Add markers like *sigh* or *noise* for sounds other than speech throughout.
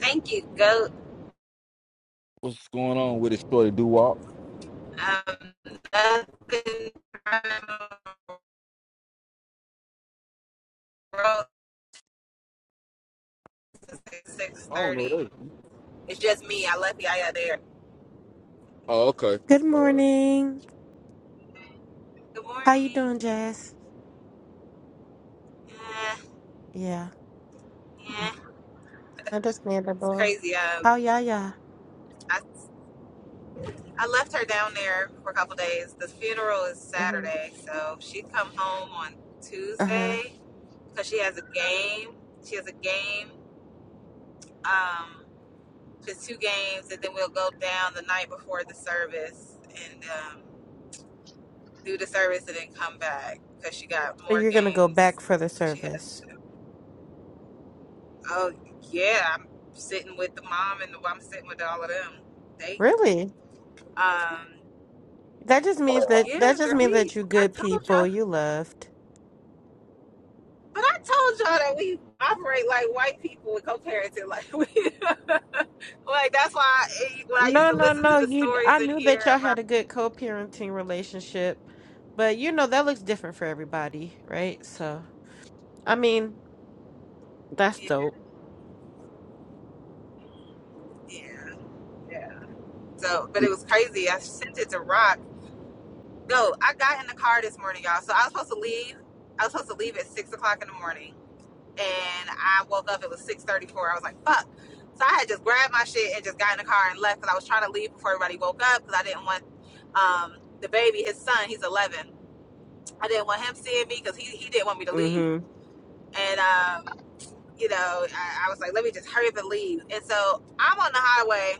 Thank you, Goat. What's going on with it, Shorty Do Wop? Um, i six I don't know thirty. that. It's just me. I left y'all out there. Oh, okay. Good All right. morning. Good How you morning. doing, Jazz? Yeah, Yeah, yeah. It's understandable. crazy. Um, How ya ya? I I left her down there for a couple days. The funeral is Mm-hmm. Saturday, so she come home on Uh-huh. Tuesday because she has a game. She has a game. Um, just two games, and then we'll go down the night before the service and. Um, do the service and then come back because she got So more you're gonna go games back for the that she has. service. Oh yeah, I'm sitting with the mom and the I'm sitting with all of them. They Really? um That just means that yeah, that just girl, means we that you I good told people. y'all, You loved. but I told y'all that we operate like white people with co-parenting, like we *laughs* like that's why I, eh, when I used No, to no, listen to no. the You. stories I and knew that hear y'all had about a good co-parenting relationship, but you know that looks different for everybody, right? So, I mean, that's yeah dope. yeah yeah. So, but it was crazy. I sent it to Rock No, I got in the car this morning, y'all. So I was supposed to leave. I was supposed to leave at six o'clock in the morning, and I woke up. It was six thirty-four. I was like, "Fuck!" So I had just grabbed my shit and just got in the car and left because I was trying to leave before everybody woke up because I didn't want um, the baby, his son, he's eleven. I didn't want him seeing me because he he didn't want me to leave. Mm-hmm. And um, you know, I, I was like, "Let me just hurry up and leave." And so I'm on the highway,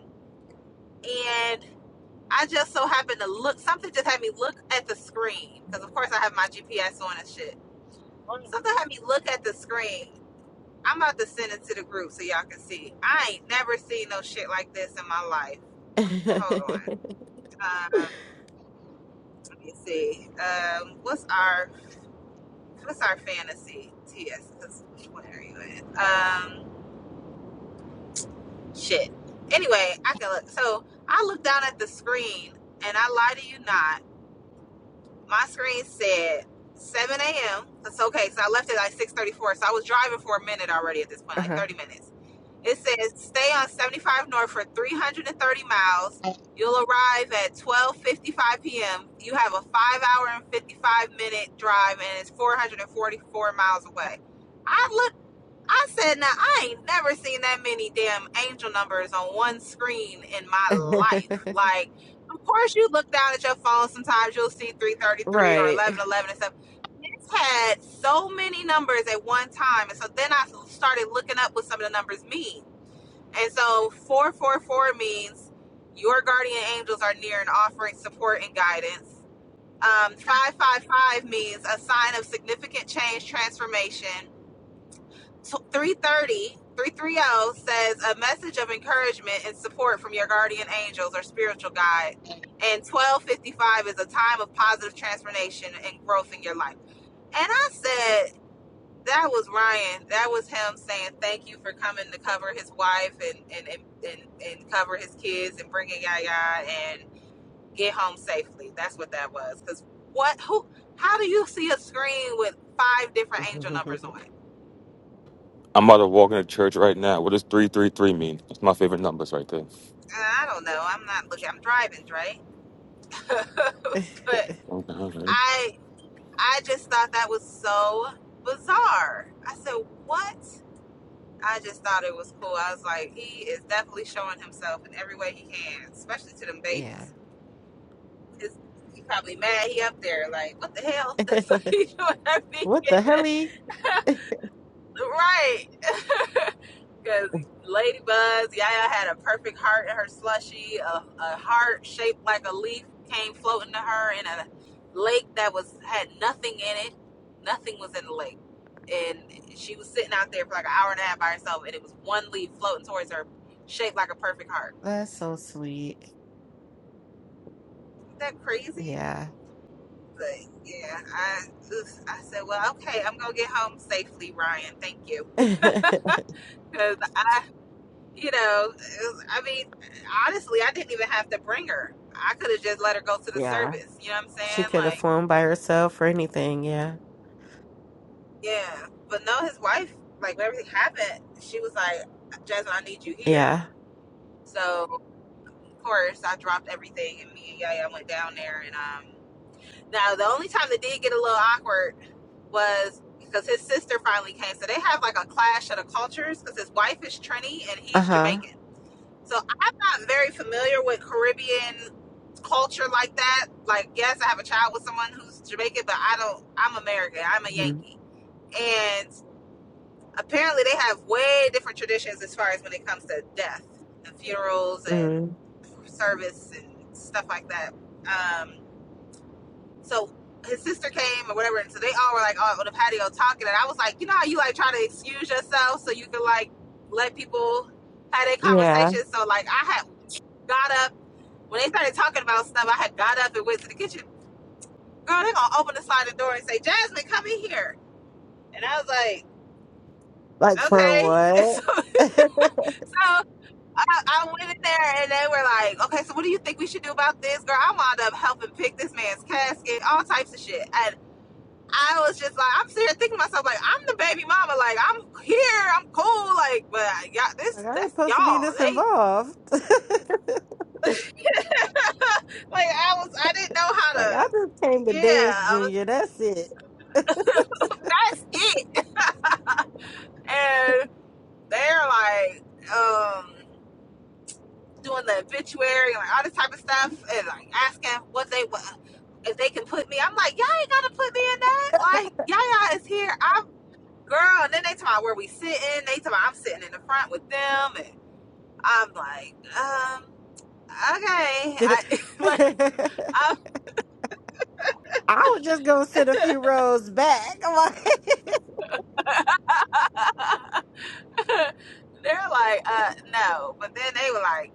and. I just so happened to look. Something just had me look at the screen because, of course, I have my GPS on and shit. Something had me look at the screen. I'm about to send it to the group so y'all can see. I ain't never seen no shit like this in my life. Hold *laughs* on. Um, let me see. Um, what's our what's our fantasy? TS. 'cause What are you in? Um, shit. Anyway, I can look. So I looked down at the screen, and I lie to you not. my screen said 7 a.m. That's okay, so I left it like 6:34. So I was driving for a minute already at this point, like uh-huh. 30 minutes. It says stay on 75 north for 330 miles. You'll arrive at 12:55 p.m. You have a five-hour and 55-minute drive, and it's 444 miles away. I I said, now I ain't never seen that many damn angel numbers on one screen in my life. Like, of course, you look down at your phone. Sometimes you'll see *laughs* 333 or right. 1111 and stuff. It's had so many numbers at one time. And so then I started looking up what some of the numbers mean. And so 444 means your guardian angels are near and offering support and guidance. Um, 555 means a sign of significant change, transformation. So, Three thirty, three three zero says a message of encouragement and support from your guardian angels or spiritual guide and 1255 is a time of positive transformation and growth in your life and i said that was ryan that was him saying thank you for coming to cover his wife and and and, and, and cover his kids and bringing yaya and get home safely that's what that was because what who how do you see a screen with five different angel numbers on *laughs* it I'm about to walk into church right now. What does 333 mean? That's my favorite numbers right there. Uh, I don't know. I'm not looking. I'm driving, right? *laughs* but Okay, okay. I I just thought that was so bizarre. I said, "What?" I just thought it was cool. I was like, "He is definitely showing himself in every way he can, especially to them yeah. babies." His, he probably mad he up there like, "What the hell?" *laughs* so *laughs* he doing what the everything helly? *laughs* *laughs* right. Because Ladybuzz, Yaya had a perfect heart in her slushy. A, a heart shaped like a leaf came floating to her in a lake that was had nothing in it. Nothing was in the lake. And she was sitting out there for like an hour and a half by herself, and it was one leaf floating towards her, shaped like a perfect heart. That's so sweet. Isn't that crazy? Yeah. But yeah, I I said, well, okay, I'm gonna get home safely, Ryan. Thank you, *laughs* because I you know, I mean, honestly, I didn't even have to bring her. I could have just let her go to the yeah. service. You know what I'm She saying? could have Like, flown by herself or anything. Yeah. yeah. But no, his wife, like, when everything happened, she was like, Jasmine, I need you here. Yeah. So, of course, I dropped everything and me and Yaya went down there. And um, now, the only time that did get a little awkward was because his sister finally came. So they have like a clash of the cultures because his wife is Trini and Uh he's huh. Jamaican. So I'm not very familiar with Caribbean culture like that. Like, yes, I have a child with someone who's Jamaican, but I don't. I'm American. I'm a hmm Yankee, and apparently they have way different traditions as far as when it comes to death and funerals and mm service and stuff like that. Um, so his sister came or whatever, and so they all were like all on the patio talking, and I was like, you know how you like try to excuse yourself so you can like let people have their Yeah. conversation. So like I had got up when they started talking about stuff. I had got up and went to the kitchen girl, they're gonna open the sliding door and say, Jasmine, come in here. And I was like, Like for okay. what? *laughs* *laughs* like And so, so I, I went in there and they were like, okay, so what do you think we should do about this? Girl, I wound up helping pick this man's casket, all types of shit. And I was just like, I'm sitting here thinking to myself, like, I'm the baby mama. Like, I'm here, I'm cool. Like, but y'all, this, I ain't that's supposed to be y'all. this They, involved. *laughs* like *laughs* like, I was, I didn't know how I to, just came to yeah, dance, I was, Junior. That's it. that's it. *laughs* And they're like, um. doing the obituary and like, all this type of stuff and like asking what they what if they can put me. I'm like, y'all ain't gotta put me in that. Like, y'all is here. I'm girl. And then they talk about where we sitting. They talk about I'm sitting in the front with them, and I'm like, um, okay. I *laughs* like *laughs* I'm. I was just gonna sit a few rows back. *laughs* I'm like- *laughs* They're like, uh, no. But then they were like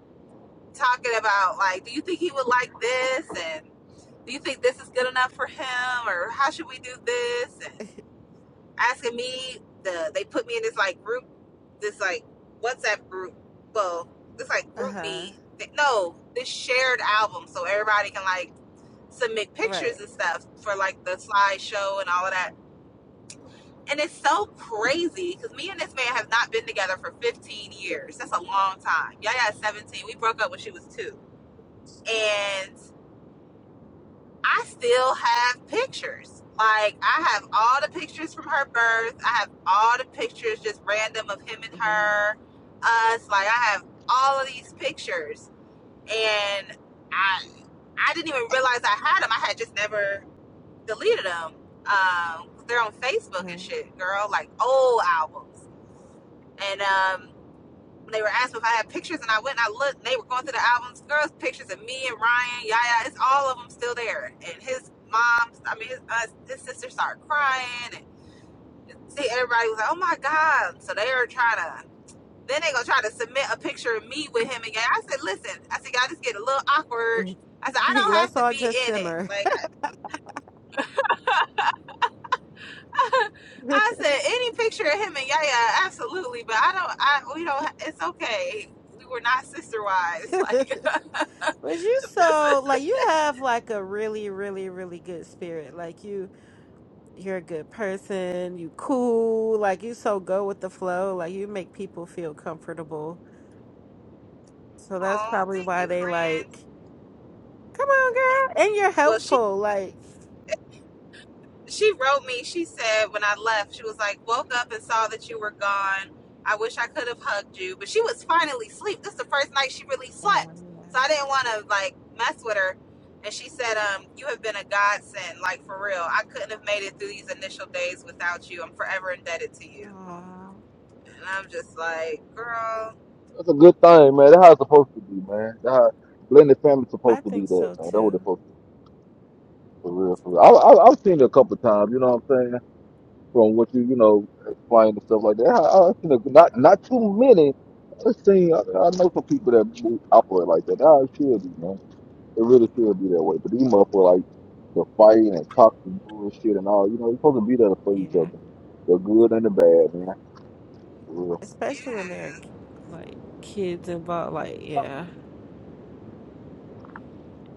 talking about like, do you think he would like this and do you think this is good enough for him or how should we do this And *laughs* asking me the they put me in this like group this like WhatsApp group well this like uh group huh. me no this shared album so everybody can like submit pictures Right. and stuff for like the slideshow and all of that and it's so crazy because me and this man have not been together for 15 years that's a long time Yaya is 17 we broke up when she was two and. I still have pictures. Like I have all the pictures from her birth. I have all the pictures just random of him and Mm-hmm. her, us. Like I have all of these pictures, and I I didn't even realize I had them. I had just never deleted them. Um, they're on Facebook and Mhm. shit, girl. Like old albums, and um, they were asking if I had pictures, and I went and I looked. They were going through the albums, girls' pictures of me and Ryan, Yaya. It's all of them still there. And his mom, I mean, his, uh, his sister started crying. And see, everybody was like, "Oh my god!" So they were trying to. Then they gonna try to submit a picture of me with him again. I said, "Listen, I said, y'all just get a little awkward." *laughs* I said, "I don't have Let's to all be just in it." simmer. Like I, *laughs* I *laughs* said, any picture of him and Yaya, absolutely. But I don't. I we don't. It's okay. We were not sister wives. *laughs* Like. But you so like you have like a really, really, really good spirit. Like you you're a good person, you cool, like you so go with the flow, like you make people feel comfortable. So that's Oh, probably thank why you, they friend. like, come on, girl. And you're Well, she helpful. Like she wrote me. She said when I left, she was like, woke up and saw that you were gone. I wish I could have hugged you, but she was finally asleep. This is the first night she really Oh slept, so I yeah. didn't want to like mess with her. And she said, um, you have been a godsend, like for real. I couldn't have made it through these initial days without you. I'm forever indebted to you. Oh, And I'm just like, girl, That's a good thing, man. That's how it's supposed to be, man. That's how blended family's supposed I to be think that, so man. That's what too. it's supposed to be, for real, for real. I, I, I've seen it a couple times, you know what I'm saying? From what you, you know, explain and stuff like that. I, I've seen it, not, not too many. but I've seen, I, I know some people that move, operate like that. That's it should be, man. It really should be that way. But these motherfuckers, like, the fighting and talking bullshit and all, you know, you're supposed to be there for each Yeah. other. The good and the bad, man. For real. Especially when they're yeah, like kids involved, like yeah.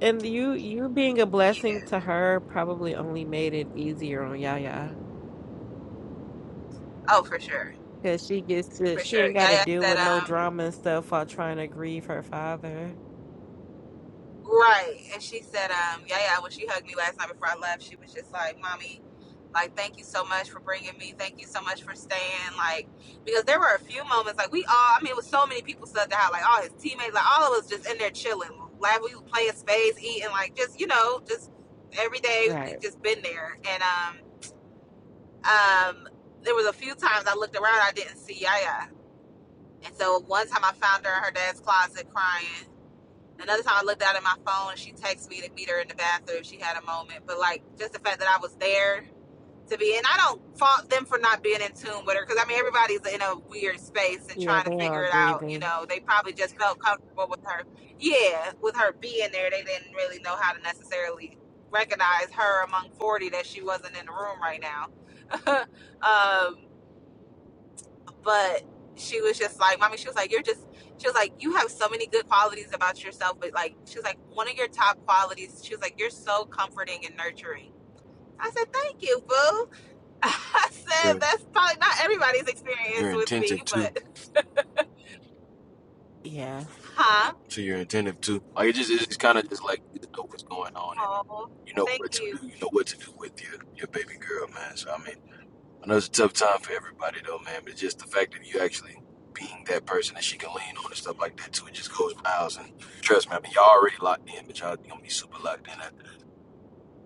And you you being a blessing yeah. to her probably only made it easier on Yaya. Oh, for sure, Cause she gets to for she sure. ain't gotta Yaya deal said, with no um, drama and stuff while trying to grieve her father. Right. And she said, um, yeah, yeah, when she hugged me last night before I left, she was just like, Mommy, like, thank you so much for bringing me. Thank you so much for staying. Like, because there were a few moments, like, we all, I mean, it was so many people stuck at the house, like, all his teammates, like, all of us just in there chilling. Like, we were playing spades, eating, like, just, you know, just every day we Right. just been there. And, um, um, there was a few times I looked around, I didn't see Yaya. And so one time I found her in her dad's closet crying. Another time I looked out at my phone and she texted me to meet her in the bathroom. She had a moment, but like just the fact that I was there to be, and I don't fault them for not being in tune with her because I mean everybody's in a weird space and Yeah, trying to they figure all it out. You grieving. know, they probably just felt comfortable with her. Yeah, with her being there, they didn't really know how to necessarily recognize her among forty that she wasn't in the room right now. *laughs* um, but she was just like, mommy, she was like, you're just, she was like, you have so many good qualities about yourself, but like, she was like, one of your top qualities, she was like, you're so comforting and nurturing. I said, thank you, boo. *laughs* I said, You're, that's probably not everybody's you're experience with me, attentive too. but, Yeah. *laughs* huh? To you're attentive too. Like it just it's just kind of just like you know what's going on and Oh, you know what thank to you. do. You know what to do with your your baby girl, man. So I mean, I know it's a tough time for everybody though, man. But just the fact that you actually being that person that she can lean on and stuff like that too, it just goes miles. And trust me, I mean, y'all already locked in, but y'all gonna be super locked in after this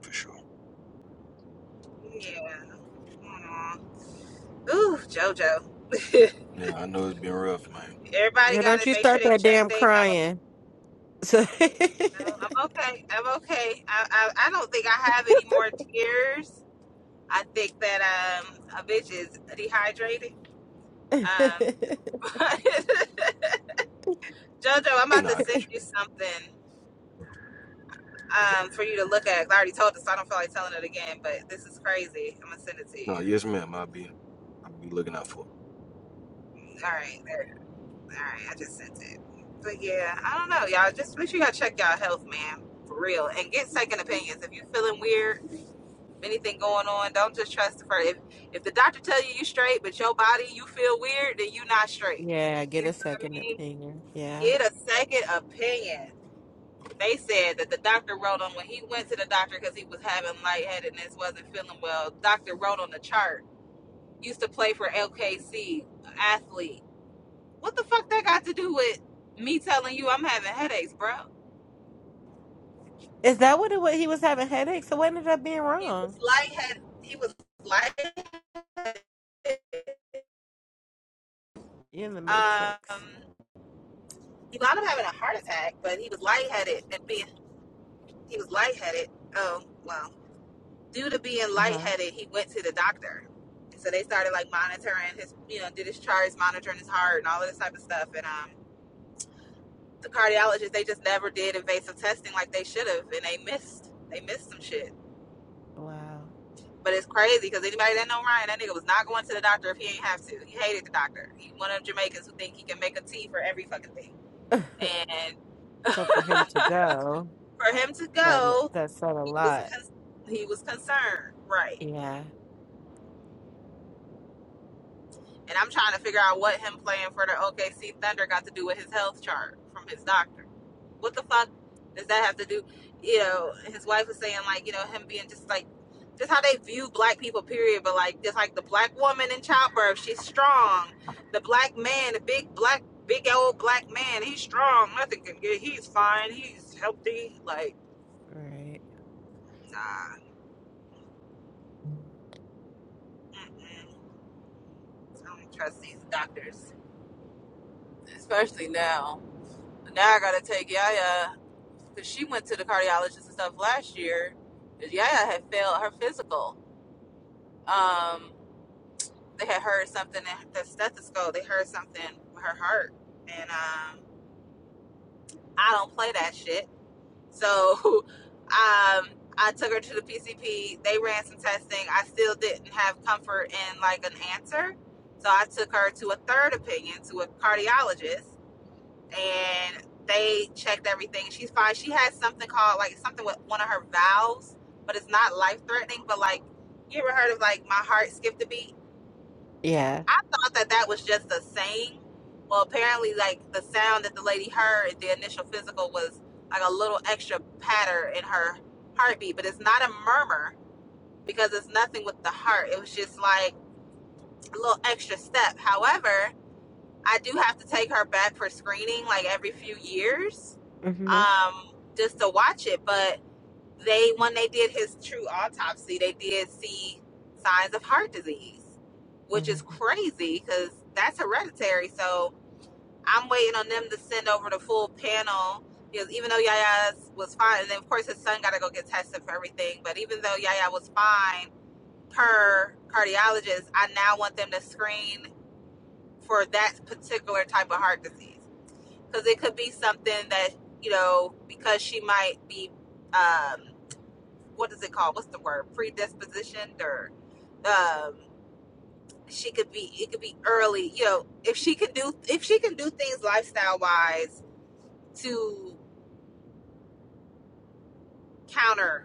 for sure. Yeah. Aw. Ooh, JoJo. *laughs* Yeah, I know it's been rough, man. Everybody Girl, got don't to you make sure start they that check damn their health. crying. *laughs* No, I'm okay. I'm okay. I, I, I don't think I have any more tears I think that um, a bitch is dehydrated. Um, *laughs* Jojo, I'm about No, to I got send you. you something um, for you to look at. I already told this, so I don't feel like telling it again. But this is crazy. I'm gonna send it to No, you. yes, ma'am. I'll be I'll be looking out for. it. All right, there. All right, I just sent it. But yeah, I don't know, y'all. Just make sure y'all check y'all health, man, for real, and get second opinions. If you feeling weird, anything going on, don't just trust the first. If if the doctor tell you you straight, but your body you feel weird, then you not straight. Yeah, get You a know what I second mean? opinion. Yeah. Get a second opinion. They said that the doctor wrote on when he went to the doctor because he was having lightheadedness, wasn't feeling well. Doctor wrote on the chart. Used to play for LKC, athlete. What the fuck that got to do with me telling you I'm having headaches, bro? Is that what it was? He was having headaches. So what ended up being He was wrong? lightheaded. He was lightheaded. You're in the Um, matrix. he wound up having a heart attack, but he was lightheaded and being he was lightheaded. Oh wow. due to being Uh-huh. lightheaded, he went to the doctor. And so they started like monitoring his, you know, did his charts, monitoring his heart and all of this type of stuff. And um, the cardiologist, they just never did invasive testing like they should have, and they missed, they missed some shit. Wow. But it's crazy because anybody that know Ryan, that nigga was not going to the doctor if he ain't have to. He hated the doctor. He one of them Jamaicans who think he can make a tea for every fucking thing. *laughs* And *laughs* so for him for to go, him to that m- go, that said a he was lot. con- he was concerned, right? Yeah, And I'm trying to figure out what him playing for the OKC Thunder got to do with his health chart from his doctor. What the fuck does that have to do? You know, his wife was saying like, you know, him being just like, just how they view black people, period. But like, just like the black woman in childbirth, she's strong. The black man, the big black, big old black man, he's strong. Nothing can get. He's fine. He's healthy. Like, right. nah, mm-mm. I don't trust these doctors, especially now. Now I gotta take Yaya. because she went to the cardiologist and stuff last year. Yaya had failed her physical. Um, they had heard something at the stethoscope. They heard something with her heart, and um, I don't play that shit. So, *laughs* um, I took her to the PCP. They ran some testing. I still didn't have comfort in like an answer, so I took her to a third opinion to a cardiologist. and they checked everything. She's fine. She has something called like something with one of her valves, but it's not life threatening. But like, you ever heard of like my heart skipped a beat? Yeah. I thought that that was just a saying. Well, apparently, like the sound that the lady heard, the initial physical was like a little extra patter in her heartbeat, but it's not a murmur because it's nothing with the heart. It was just like a little extra step. However, I do have to take her back for screening like every few years Mm-hmm. um, just to watch it. But they, when they did his true autopsy, they did see signs of heart disease, which is Mm-hmm. crazy because that's hereditary. So I'm waiting on them to send over the full panel because even though Yaya's was fine, and then of course his son got to go get tested for everything, but even though Yaya was fine per cardiologist, I now want them to screen for that particular type of heart disease because it could be something that you know because she might be um what is it called what's the word predispositioned or um she could be it could be early you know if she can do if she can do things lifestyle wise to counter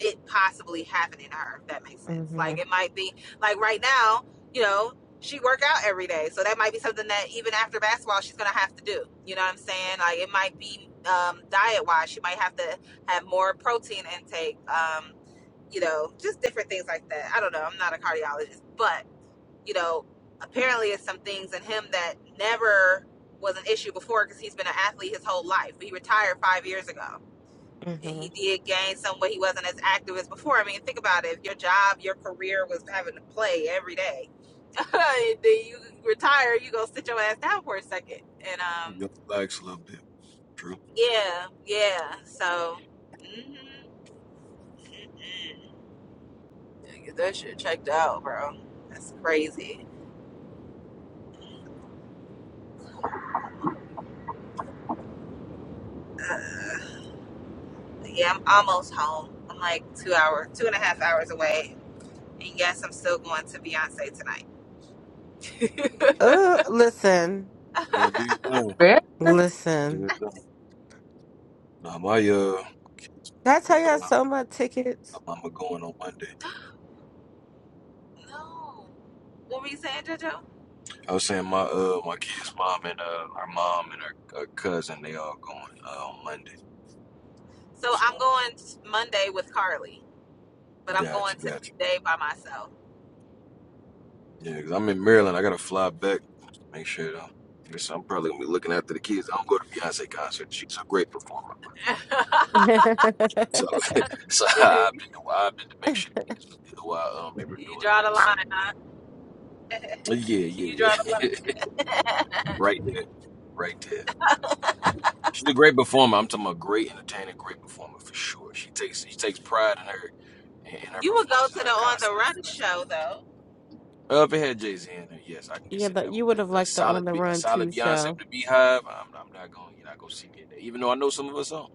it possibly happening to her if that makes sense Mm-hmm. like it might be like right now you know she work out every day so that might be something that even after basketball she's gonna have to do you know what i'm saying like it might be um, diet wise she might have to have more protein intake um, you know just different things like that i don't know i'm not a cardiologist but you know apparently it's some things in him that never was an issue before because he's been an athlete his whole life he retired five years ago Mm-hmm. he *laughs* did gain some weight. He wasn't as active as before. I mean, think about it. If your job, your career was having to play every day, *laughs* and then you retire, you go sit your ass down for a second. And um, Yep, Relax a little bit. True. yeah, yeah. So, mm-hmm. get that shit checked out, bro. That's crazy. Uh, yeah, I'm almost home. I'm like two hours, two and a half hours away. And yes, I'm still going to Beyonce tonight. Oh, listen, You gotta do your thing. Where? Do your listen. thing. Nah, my uh, Did I tell you I uh, sold my tickets? mama going on Monday. *gasps* No. What were you saying, JoJo? I was saying my uh, my kid's mom and uh, her mom and her, her cousin, they all going uh, on Monday. So So I'm going Monday with Carly, but I'm going gotcha, gotcha. today by myself. Yeah, cause I'm in Maryland. I gotta fly back. Make sure though. Yes, I'm probably gonna be looking after the kids. I don't go to Beyonce concert. She's a great performer. *laughs* *laughs* So, *laughs* so I've you been, I've been to make sure the kids was good while um, they were doing draw that. the So line, huh? yeah, You yeah, draw the yeah. line. *laughs* *laughs* right there, right there. She's a great performer. I'm talking about great entertainer, great performer for sure. She takes she takes pride in her in her you would go performance to and the her On the concert. Run show though. Uh, if it had Jay Z in there, yes, I can yeah, consider but that one. you would have But a a liked the On solid, the Be- a Run solid 2 Beyonce show. with the Beehive. I'm, I'm not going, you know, I go see me in there. Even though I know some of her songs,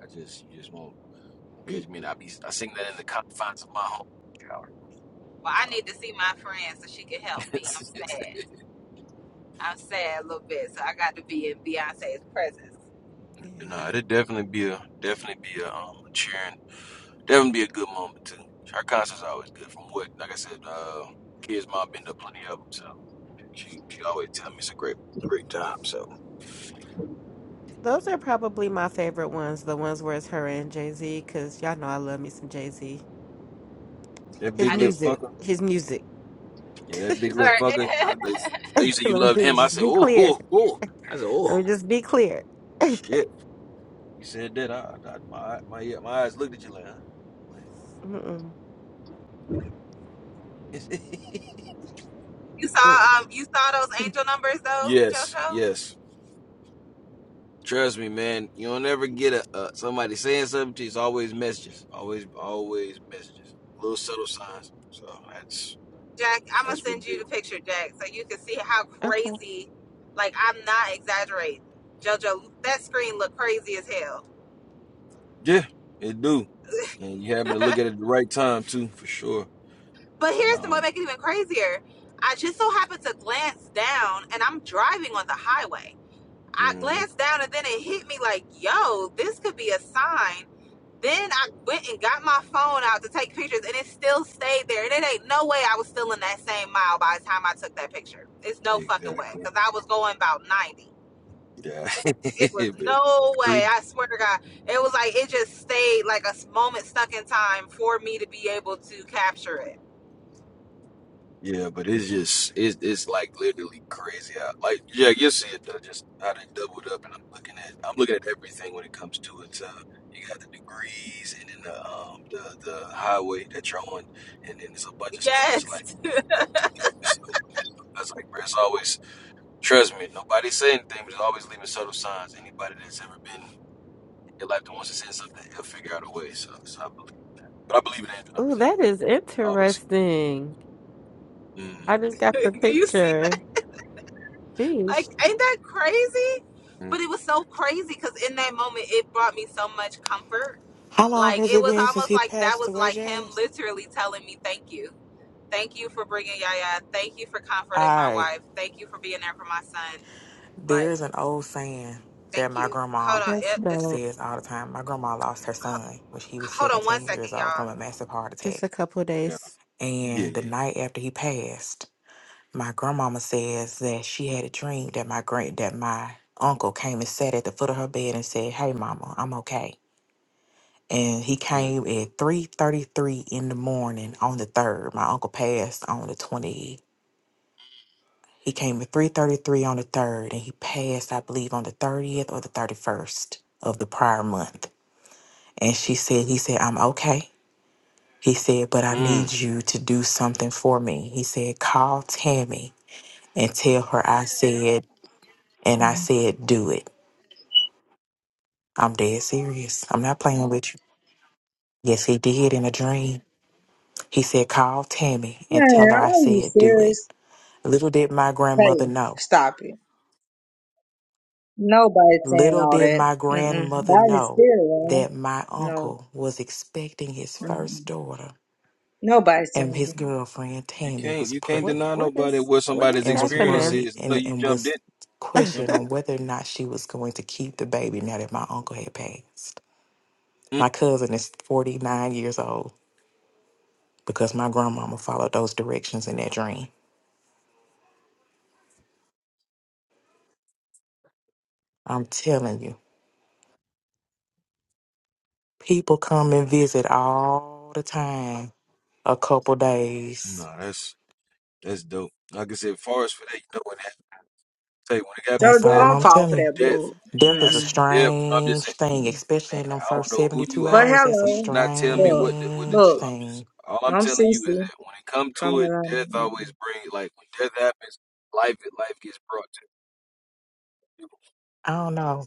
I just you just won't catch Y- me. And y- I be I sing that in the confines of my home Well, So I need to see my friend so she can help *laughs* me. I'm it's, it's, sad. I'm sad a little bit, so I got to be in Beyonce's presence. Yeah. no, it'd definitely be a definitely be a um a cheering, definitely be a good moment too. Her concerts are always good. From what, like I said, uh, Kids Mom been to plenty of them, so. She she always tell me it's a great great time. So Those are probably my favorite ones, the ones where it's her and Jay-Z, because y'all know I love me some Jay-Z. that His I big lip just did. music, All fucker, his music. yeah, that big lip right. fucker. *laughs* uh, They they you *laughs* said you Let loved me him. I just said, be oh, clear. oh, oh. I said, oh, Let me just be clear. *laughs* shit. You said that. I, I my my yeah, my eyes looked at you like, huh? Mm-mm. *laughs* you Mm. saw um you saw those angel numbers though, yes, JoJo? yes. Trust me, man. You don't ever get a uh, somebody saying something to you. It's always messages. Always, always messages. Little subtle signs. So that's Jack, I'm gonna that's what it send you do. the picture, Jack, so you can see how Okay. crazy. Like I'm not exaggerating, JoJo. That screen looked crazy as hell. Yeah, it do. *laughs* And you happen to look at it at the right time too, for sure. But But here's the um. what make it even crazier. I just so happened to glance down, and I'm driving on the highway. I hmm glanced down, and then it hit me like, "Yo, this could be a sign." Then I went and got my phone out to take pictures, and it still stayed there. And it ain't no way I was still in that same mile by the time I took that picture. It's no fucking way, Exactly. because I was going about ninety. Yeah. It was *laughs* but no way. three. I swear to God. It was like it just stayed like a s- moment stuck in time for me to be able to capture it. Yeah, but it's just it's it's like literally crazy how like yeah, you see it though, just how they doubled up and I'm looking at I'm looking at everything when it comes to it. Uh, you got the degrees and then the um the the highway that you're on and then there's a bunch of stuff that's Yes. like lumped together. So I was like, bro, it's always trust me, nobody say anything, but it's always leaving subtle signs. Anybody that's ever been in life that wants to say something, they'll figure out a way. So so I believe in that. But I believe in Andrew Oh, 100%. that is Always. interesting. Mm, I just *laughs* got Do the you see picture. that? Like, Geez, ain't that crazy? mm, But it was so crazy because in that moment, it brought me so much comfort. How long Like, has it it was been since almost he like that passed was away, like him Jazz? literally telling me, Thank you. Thank you for bringing Yaya. Thank you for All comforting my right. wife. Thank you for being there for my son. Like, There's an old saying that thank my you. grandma Hold on. that's Yep, this, dope. says all the time. My grandma lost her son when she was hold on one 17 years second, old y'all. from a massive heart Just attack. a couple yeah, days. yeah, And the yeah, night after he passed, my grandmama says that she had a dream that my grand that my uncle came and sat at the foot of her bed and said, Hey mama, I'm okay. And he yeah. Mm, came at 3.33 in the morning on the 3rd. My uncle passed on the 20th. He came at 3:33 on the 3rd and he passed I believe on the 30th or the 31st of the prior month. And she said he said I'm okay. He said but I need mm. you to do something for me. He said call Tammy and tell her I said and I Mhm. said do it. I'm dead serious. I'm not playing with you. Yes, he did in a dream. He said call Tammy and tell Man, her I are you said do it. serious? Little did my grandmother Hey, know. stop it. Nobody's saying Little all did that. my Mm-mm. grandmother Nobody's know spirit, that man. my No. uncle was expecting his What Mm-mm. first daughter, Nobody's and saying his that. girlfriend You Tammy can't, was you can't what deny pregnant what nobody is what what somebody's is and was experience happening? worried is. I know and, you and jumped in, was jump questioning in. *laughs* on whether or not she was going to keep the baby now that my uncle had passed. Mm. My cousin is 49 years old because my grandmama followed those directions in that dream. I'm telling you, people come and visit all the time, a couple days. No, that's that's dope. Like I said, far as for that, you know what happened. Tell you when it happened That's with Jojo, that, all don't I'm fall um, for telling you. that death. bull. Death I is a Mm-mm. said, death. I'm just strange saying, thing, Mm-mm. especially in them I don't first know who you 72 are, But but hours. That's a you do hello. not tell me Look, what to, what to strange do. look, I'm just thing. all I'm I'm telling you is Cece that when it comes from to it, Atlanta. death Mm-mm. always brings like when death happens, life life gets brought to you. I don't know.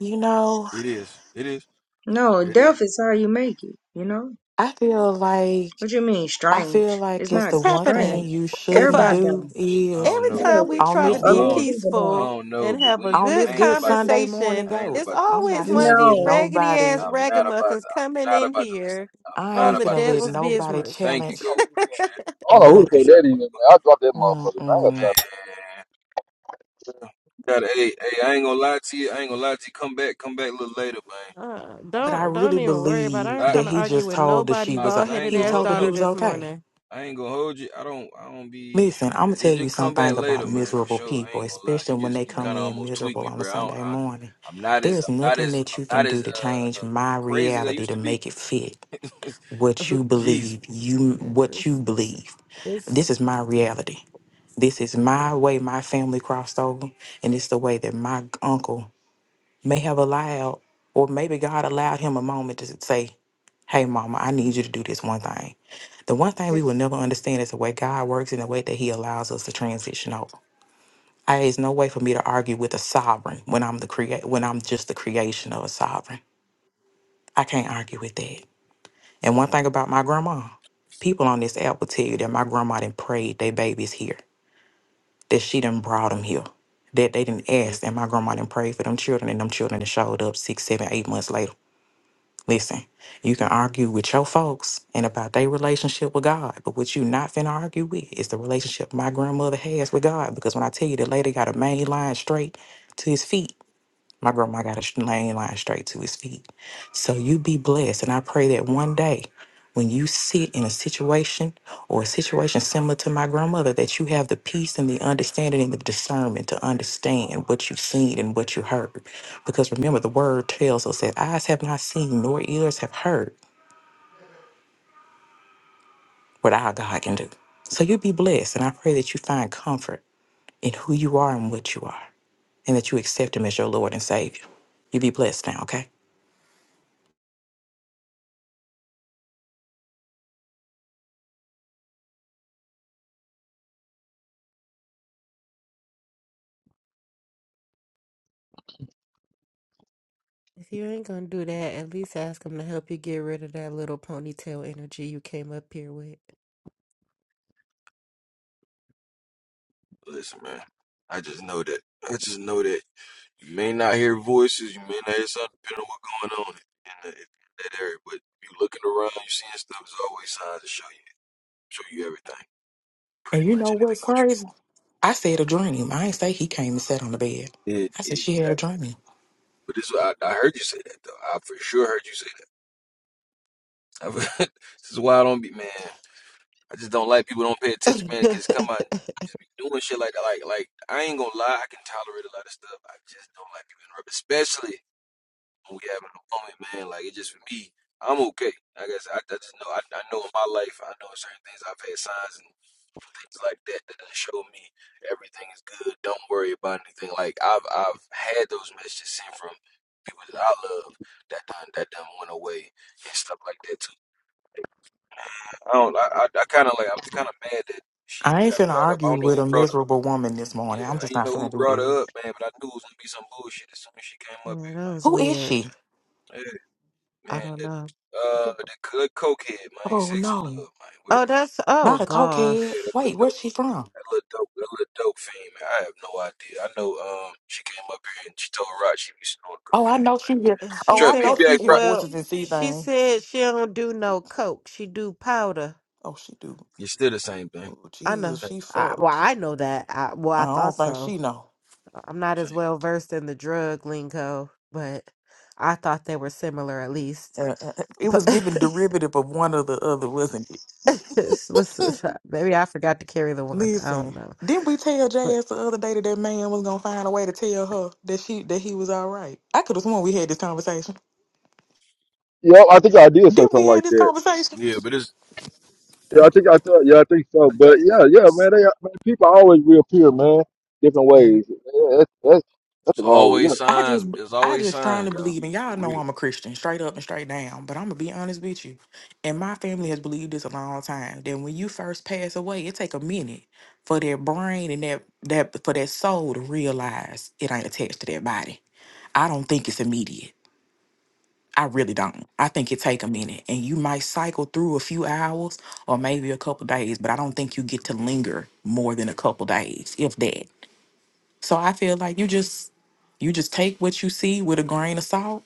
You know, It is, it is, No, it is. death is how you make it, you know? I feel like What you mean I feel strange? It's like it's not the What's one happening? strange. thing you What the shouldn't Everybody fuck? do die. I is don't Every know, time No. but we on try I, to this A I be lot good of don't, people I die. peaceful don't know, and but have we, a ain't- on good I this ain't good about to, Sunday conversation, morning I ain't go. it's about to I'm listen not always to one this. of finna let these No. raggedy ass nobody I'm not about ragamuffins to, I'm coming not in about to listen. here I'm I not on ain't the about finna to let listen devil's to this, nobody man. business. Thank you, challenge go appreciate I don't know who the fuck nothing. that is, man. I dropped that motherfucker, man. I got Mm-mm. time. it, appreciate it, man. Gotta, hey, hey, I ain't gonna lie to you. I ain't gonna lie to you. Come back, come back a little later, Uh, But I don't don't really even worry about. It. I believe ain't man. that trying to he argue just with told that nobody she I, uh, was o- cause bald I ain't headed he gonna ass hold. told her he No, daughter was this okay. morning. I ain't gonna hold you. I don't. I don't be. Listen, I'm gonna Man, tell just you just come back something later, about man. For miserable sure. I people, ain't gonna lie. especially You when just they you Uh, come kind of in almost tweaked miserable me, on a bro. I don't. Sunday I, morning. I'm not as. There's I'm not nothing as. that you I'm not can do as to uh, change uh my crazy as I reality used to to be. make it fit *laughs* but what *laughs* you Jesus, believe. You what you It's, believe. This it's is my reality. This is my way. My family crossed over, and it's the way that my uncle may have allowed, or maybe God allowed him a moment to say, "Hey, Mama, I need mm, you to do this one thing." The one thing we it, will never understand is the way God works and the way that He allows us to transition over. I, there's no way for me to argue with a sovereign when I'm the create when I'm just the creation of a sovereign. I can't argue with that. And one thing about my grandma, people on this app will tell you that my grandma didn't pray their babies here, that she done brought them here, that they didn't Mm. ask, and my grandma didn't pray for them children, and them children that showed up six, seven, eight months later. Listen, you can argue with your folks and about their relationship with God, but what you not finna argue with is the relationship my grandmother has with God. Because when I tell you the lady got a main line straight to his feet, My grandma got a sh- lane line straight to his feet. So you be blessed. And I pray that one day when you sit in a situation or a situation similar to my grandmother, that you have the peace and the understanding and the discernment to understand what you've seen and what you heard. Because remember, the word tells us that eyes have not seen nor ears have heard what our God can do. So you be blessed. And I pray that you find comfort in who you are and what you are, and that you accept Him as your Lord and Savior. You be blessed now, okay? if you ain't gonna do that, at least ask him to help you get rid of that little ponytail energy you came up here with. listen, man. I just know that. I just know that you may not hear voices. You may not hear something depending on what's going on in, in, the, in that area. But you looking around, you seeing stuff. There's always signs to show you. Show you everything. And Pretty you know much anything what's what you're crazy? I said a dream. I ain't say he came and sat on the bed. doing. It I said she exactly. had a dream. But this, I, I heard you say that though. I for sure heard you say that. *laughs* this is why I don't be man. I just don't like people don't pay attention, man. Cause come *laughs* on, just be doing shit like that. Like, like I ain't gonna lie, I can tolerate a lot of stuff. I just don't like people interrupt, especially when we having a moment, man. Like it just for me, I'm okay. Like I guess I, I just know I, I know in my life, I know certain things I've had signs and things like that that show me everything is good. Don't worry about anything. Like I've I've had those messages sent from people that I love that done that done went away and stuff like that too. I don't. I I, I kind of like. I was kind of mad that she even I ain't got finna brought up. I argue don't know with who a brought up. miserable woman this morning. Yeah, I'm I just ain't not know finna who do brought that. her up, man. But I knew it was gonna be some bullshit as soon as she came up Yeah, here, that man. was Who is weird. she? Yeah, I man. don't That, know. uh, *laughs* the good cokehead, man. Oh Sexy no, love, man. Oh, Whatever. that's oh not a cokehead. Yeah, gosh. that Wait, little where's she from? That little dope, that little dope fiend, man. I have no idea. I know um she came up here and she told Rock she was on Oh, I cocaine, know she man. hear. And she Oh, I Trip, know said, she BPA hear Rock. "Well, voices and see she things. said she don't do no coke. She do powder." Oh, she do. It's still the same thing. Oh I Jesus, know. Same she I, well, fucked. I know that. I, well, I I thought don't think so. she know. I'm not as same. well versed in the drug lingo, but I thought they were similar at least. Uh, uh, uh, it But was given derivative of one or the other, wasn't it? *laughs* listen, maybe I forgot to carry the one. I don't Listen, know. didn't we tell But Jazz the other day that that man was gonna find a way to tell her that she that he was all right? I could have sworn we had this conversation. Yeah, I think I did say Didn't something we like have this that. conversation? Yeah, but it's Yeah, I think I thought. Yeah, I think so. But yeah, yeah, man. They, man people always reappear, man. Different yeah. ways. Yeah, that's that's that's it's all. You always know, I signs. just It's I always just signs, strongly y'all. believe, and For y'all know real. I'm a Christian, straight up and straight down. But I'm gonna be honest with you, and my family has believed this a long time. That when you first pass away, it take a minute for their brain and that that for that soul to realize it ain't attached to their body. I don't think it's immediate. I really don't. I think it take a minute, and you might cycle through a few hours or maybe a couple days, but I don't think you get to linger more than a couple days, if that. So I feel like you just you just take what you see with a grain of salt,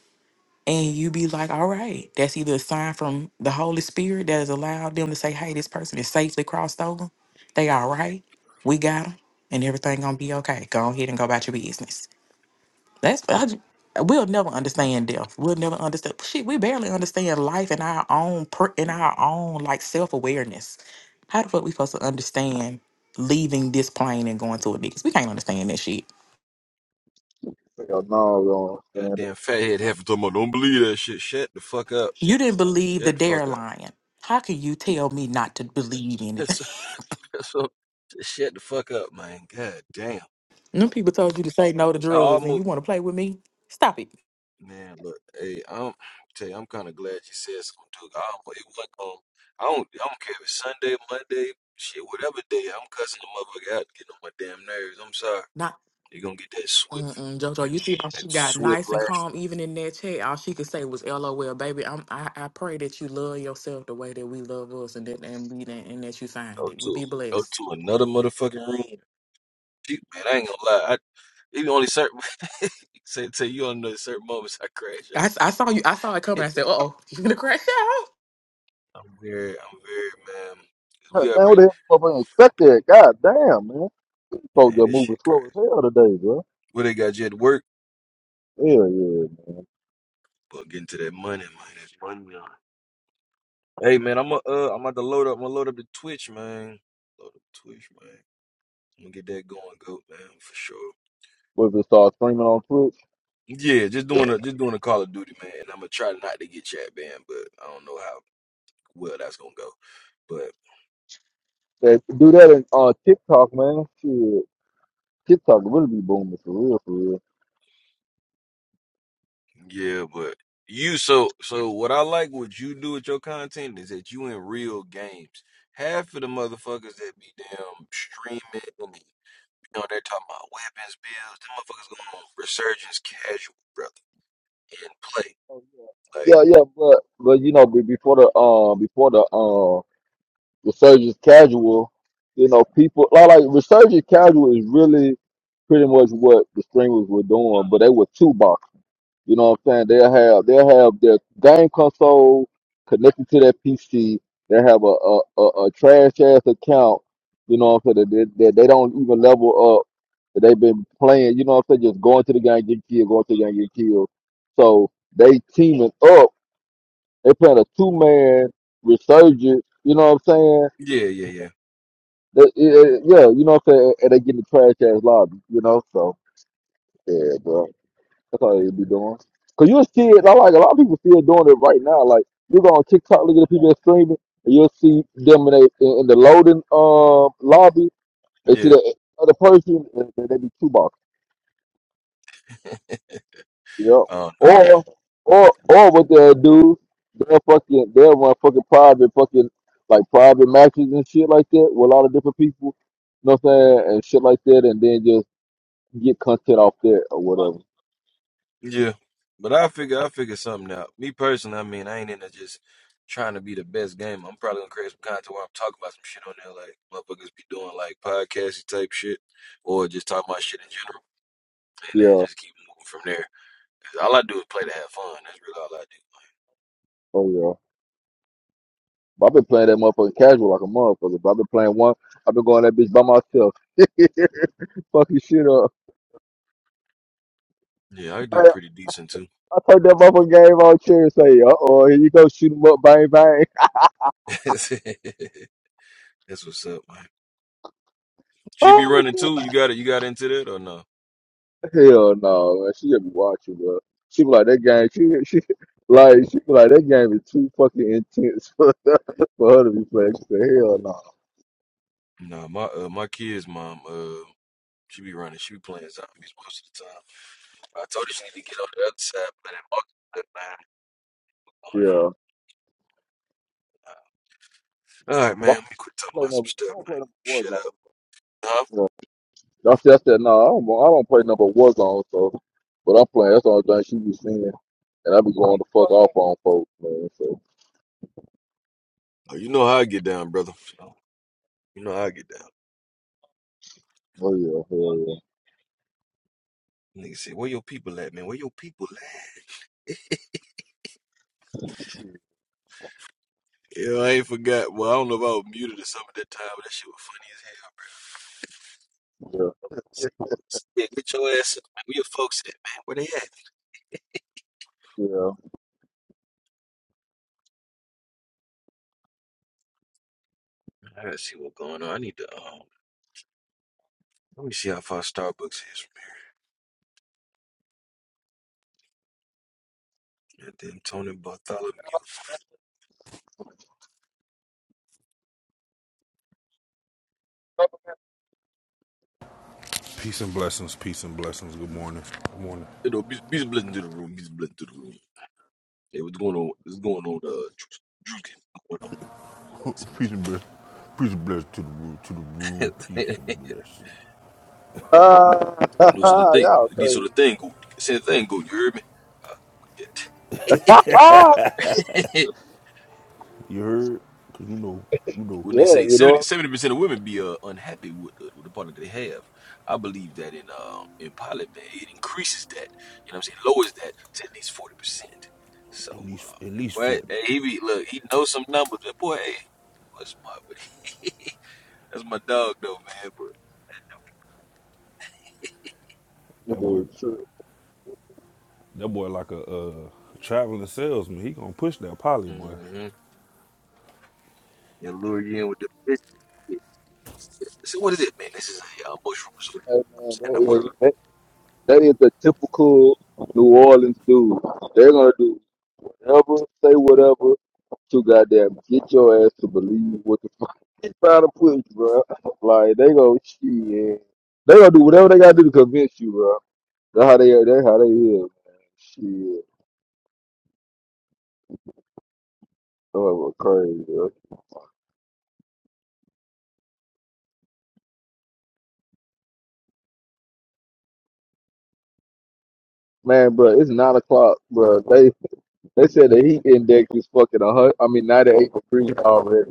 and you be like, all right, that's either a sign from the Holy Spirit that has allowed them to say, hey, this person is safely crossed over. They all right. We got them, and everything gonna be okay. Go ahead and go about your business. That's I, j- we'll never understand death. We'll never understand. Shit, we barely understand life in our own per, in our own like self awareness. How the fuck we supposed to understand leaving this plane and going to a niggas? We can't understand that shit. hell no, I don't That understand it. Damn fathead half the time. I don't believe that shit. Shut the fuck up. You didn't believe the Shut the dare fuck up. lion. How can you tell me not to believe *laughs* anything? That's, that's what, just shut the fuck up, man. God damn. *laughs* Them people told you to say no to I drugs and almost. you want to play with me? Stop it. Man, look, hey, I'm tell you, I'm kind of glad you said something too. I don't, it wasn't going I don't, I don't care if it's Sunday, Monday, shit, whatever day. I'm cussing the motherfucker out, getting on my damn nerves. I'm sorry. Not. You're gonna get that swift, Mm-mm, Jojo, you see how that she got swift nice and lash. calm even in that chat. All she could say was LOL, baby. I'm I, I pray that you love yourself the way that we love us and that and we that and that you find Go it. You to, be go blessed. to another motherfucking room. She, man, I ain't gonna lie. I, even only certain, *laughs* say, say you only know certain moments I crash I, out, s- I but saw you I saw it coming. *laughs* I said, uh oh, *laughs* you gonna crash out. I'm very, I'm very, man. Huh. We up Man, what the at, hell? Motherfucker expect that? God damn, man. These Folks man, are this moving shit slow as crazy. hell today, bro. What they got you at work? Yeah, yeah. But getting to that money, man. That's money, man. Hey, man, I'm a, uh, I'm about to load up. I'm gonna load up the Twitch, man. Load up Twitch, man. I'm gonna get that going, go, man, for sure. What if they start streaming on Twitch? Yeah, just doing a just doing a Call of Duty, man. And I'm gonna try not to get chat banned, but I don't know how well that's gonna go. But They do that on uh, TikTok, man. Shit, TikTok really be booming for real, for yeah, but you so so what I like what you do with your content is that you in real games. Half of the motherfuckers that be damn streaming and You know, they're talking about weapons bills. Them motherfuckers going on resurgence casual, brother, and play. real. Like, Yeah, yeah, but but you know, be- before the um before the um resurgence casual, you know, people like like resurgence casual is really pretty much what the streamers were doing, but they were two boxing. You know what I'm saying? They'll have they'll have their game console connected to their PC. They have a a, a, a trash ass account. You know what I'm saying? That they, that they don't even level up. That they've been playing. You know what I'm saying? Just going to the game, get killed, going to the game, get killed. So they teaming up they playing a two man resurgence. You know what I'm saying? yeah, yeah, They, eh, eh, yeah, you know what I'm saying. And they getting the trash ass lobby. You know, so yeah, bro. That's all they be doing. Cause you'll see it. I like a lot of people still doing it right now. Like you go on TikTok, look at the people that streaming, and you'll see them in, they, in, in the loading um lobby. yeah, They see yeah. the other person, and they, they be two boxing. *laughs* Yep. I don't know, man. Or or or what they'll do, they'll fucking they'll run fucking private fucking like private matches and shit like that with a lot of different people. You know what I'm saying? And shit like that and then just get content off that or whatever. Yeah, but I figure I figure something out. Me personally, I mean, I ain't into just trying to be the best game. I'm probably gonna create some content where I'm talking about some shit on there, like motherfuckers be doing like podcasty type shit, or just talking about shit in general, and then Yeah. just keep moving from there. 'Cause all I do is play to have fun. That's really all I do. Oh yeah. But I've been playing that motherfucking casual like a motherfucker. But I've been playing one I've been going that bitch by myself. *laughs* fucking shit up. Like, Yeah, I I, do I pretty decent too. turned that motherfucking game on chair and say, uh oh, here you go, shoot 'em up, bang bang. *laughs* That's what's up, man. She be *laughs* running too. You got it. You got into that or no? Hell no, man. She just be watching, bro. She be like that game. She she like she be like that game is too fucking intense *laughs* for, for her to be playing. She said, hell no. No, my uh, my kids, mom, uh, she be running. She be playing zombies most of the time. I told her she need to get on the other side, but it marked that man. Yeah. All right, man. Well, I Let me quit don't talking play about some number. I stuff. don't play Man. number Shut Warzone. up. Huh? Yeah. That's that's that. No, I don't. I don't play number Warzone. So, but I'm playing. That's the only thing she be seeing, and I be going the fuck off on folks, man. So, Oh, you know how I get down, brother. You know how I get down. oh yeah, hell Nigga said, "Where your people at, man? Where your people at?" Yeah, I ain't forgot. Well, I don't know if I was muted or something at that time, but that shit was funny as hell, yeah, yeah, bro. Said, yeah, get your ass up, man. Where your folks at, man? Where they at? yeah. I gotta see what's going on. I need to um. Let me see how far Starbucks is from here. And Then Tony Bartholomew. Peace and blessings. Peace and blessings. Good morning. Good morning. You know, be, be blessed to the room. Be blessed to the room. Hey, what's going on? What's going on? Uh, Drew, Drew, Game? What's going on? Ah, *laughs* News of the *laughs* day. y'all This sort of crazy. thing, go. Same thing, go. You heard me? Uh, *laughs* yeah. *laughs* when yeah, they say 70 you percent of women be uh, unhappy with, uh, with the partner that they have, I believe that in um in pilot man it increases that you know what I'm saying lowers that to at least forty percent. So, At least, uh, at least but forty. hey, he be look he knows some numbers, but boy, hey, what's my buddy? *laughs* that's my dog though, man. But That boy, know. that boy, like a uh, traveling salesman. He gonna push that poly boy. mm-hmm. they lure you in with the bitch. So what is it, man? This is a uh, bushroom. So Hey, I'm man, saying I put a that is that, that is the typical New Orleans dude. They're gonna do whatever, say whatever to goddamn get your ass to believe what the fuck *laughs* they trying to push, bro. *laughs* Like they go shit. They gonna do whatever they gotta do to convince you, bro. That's how they that's how they is, man. Shit. Oh crazy, bro. Man, bro, it's nine o'clock, bro. They they said the heat index is fucking a hundred. I mean, ninety eight degrees already,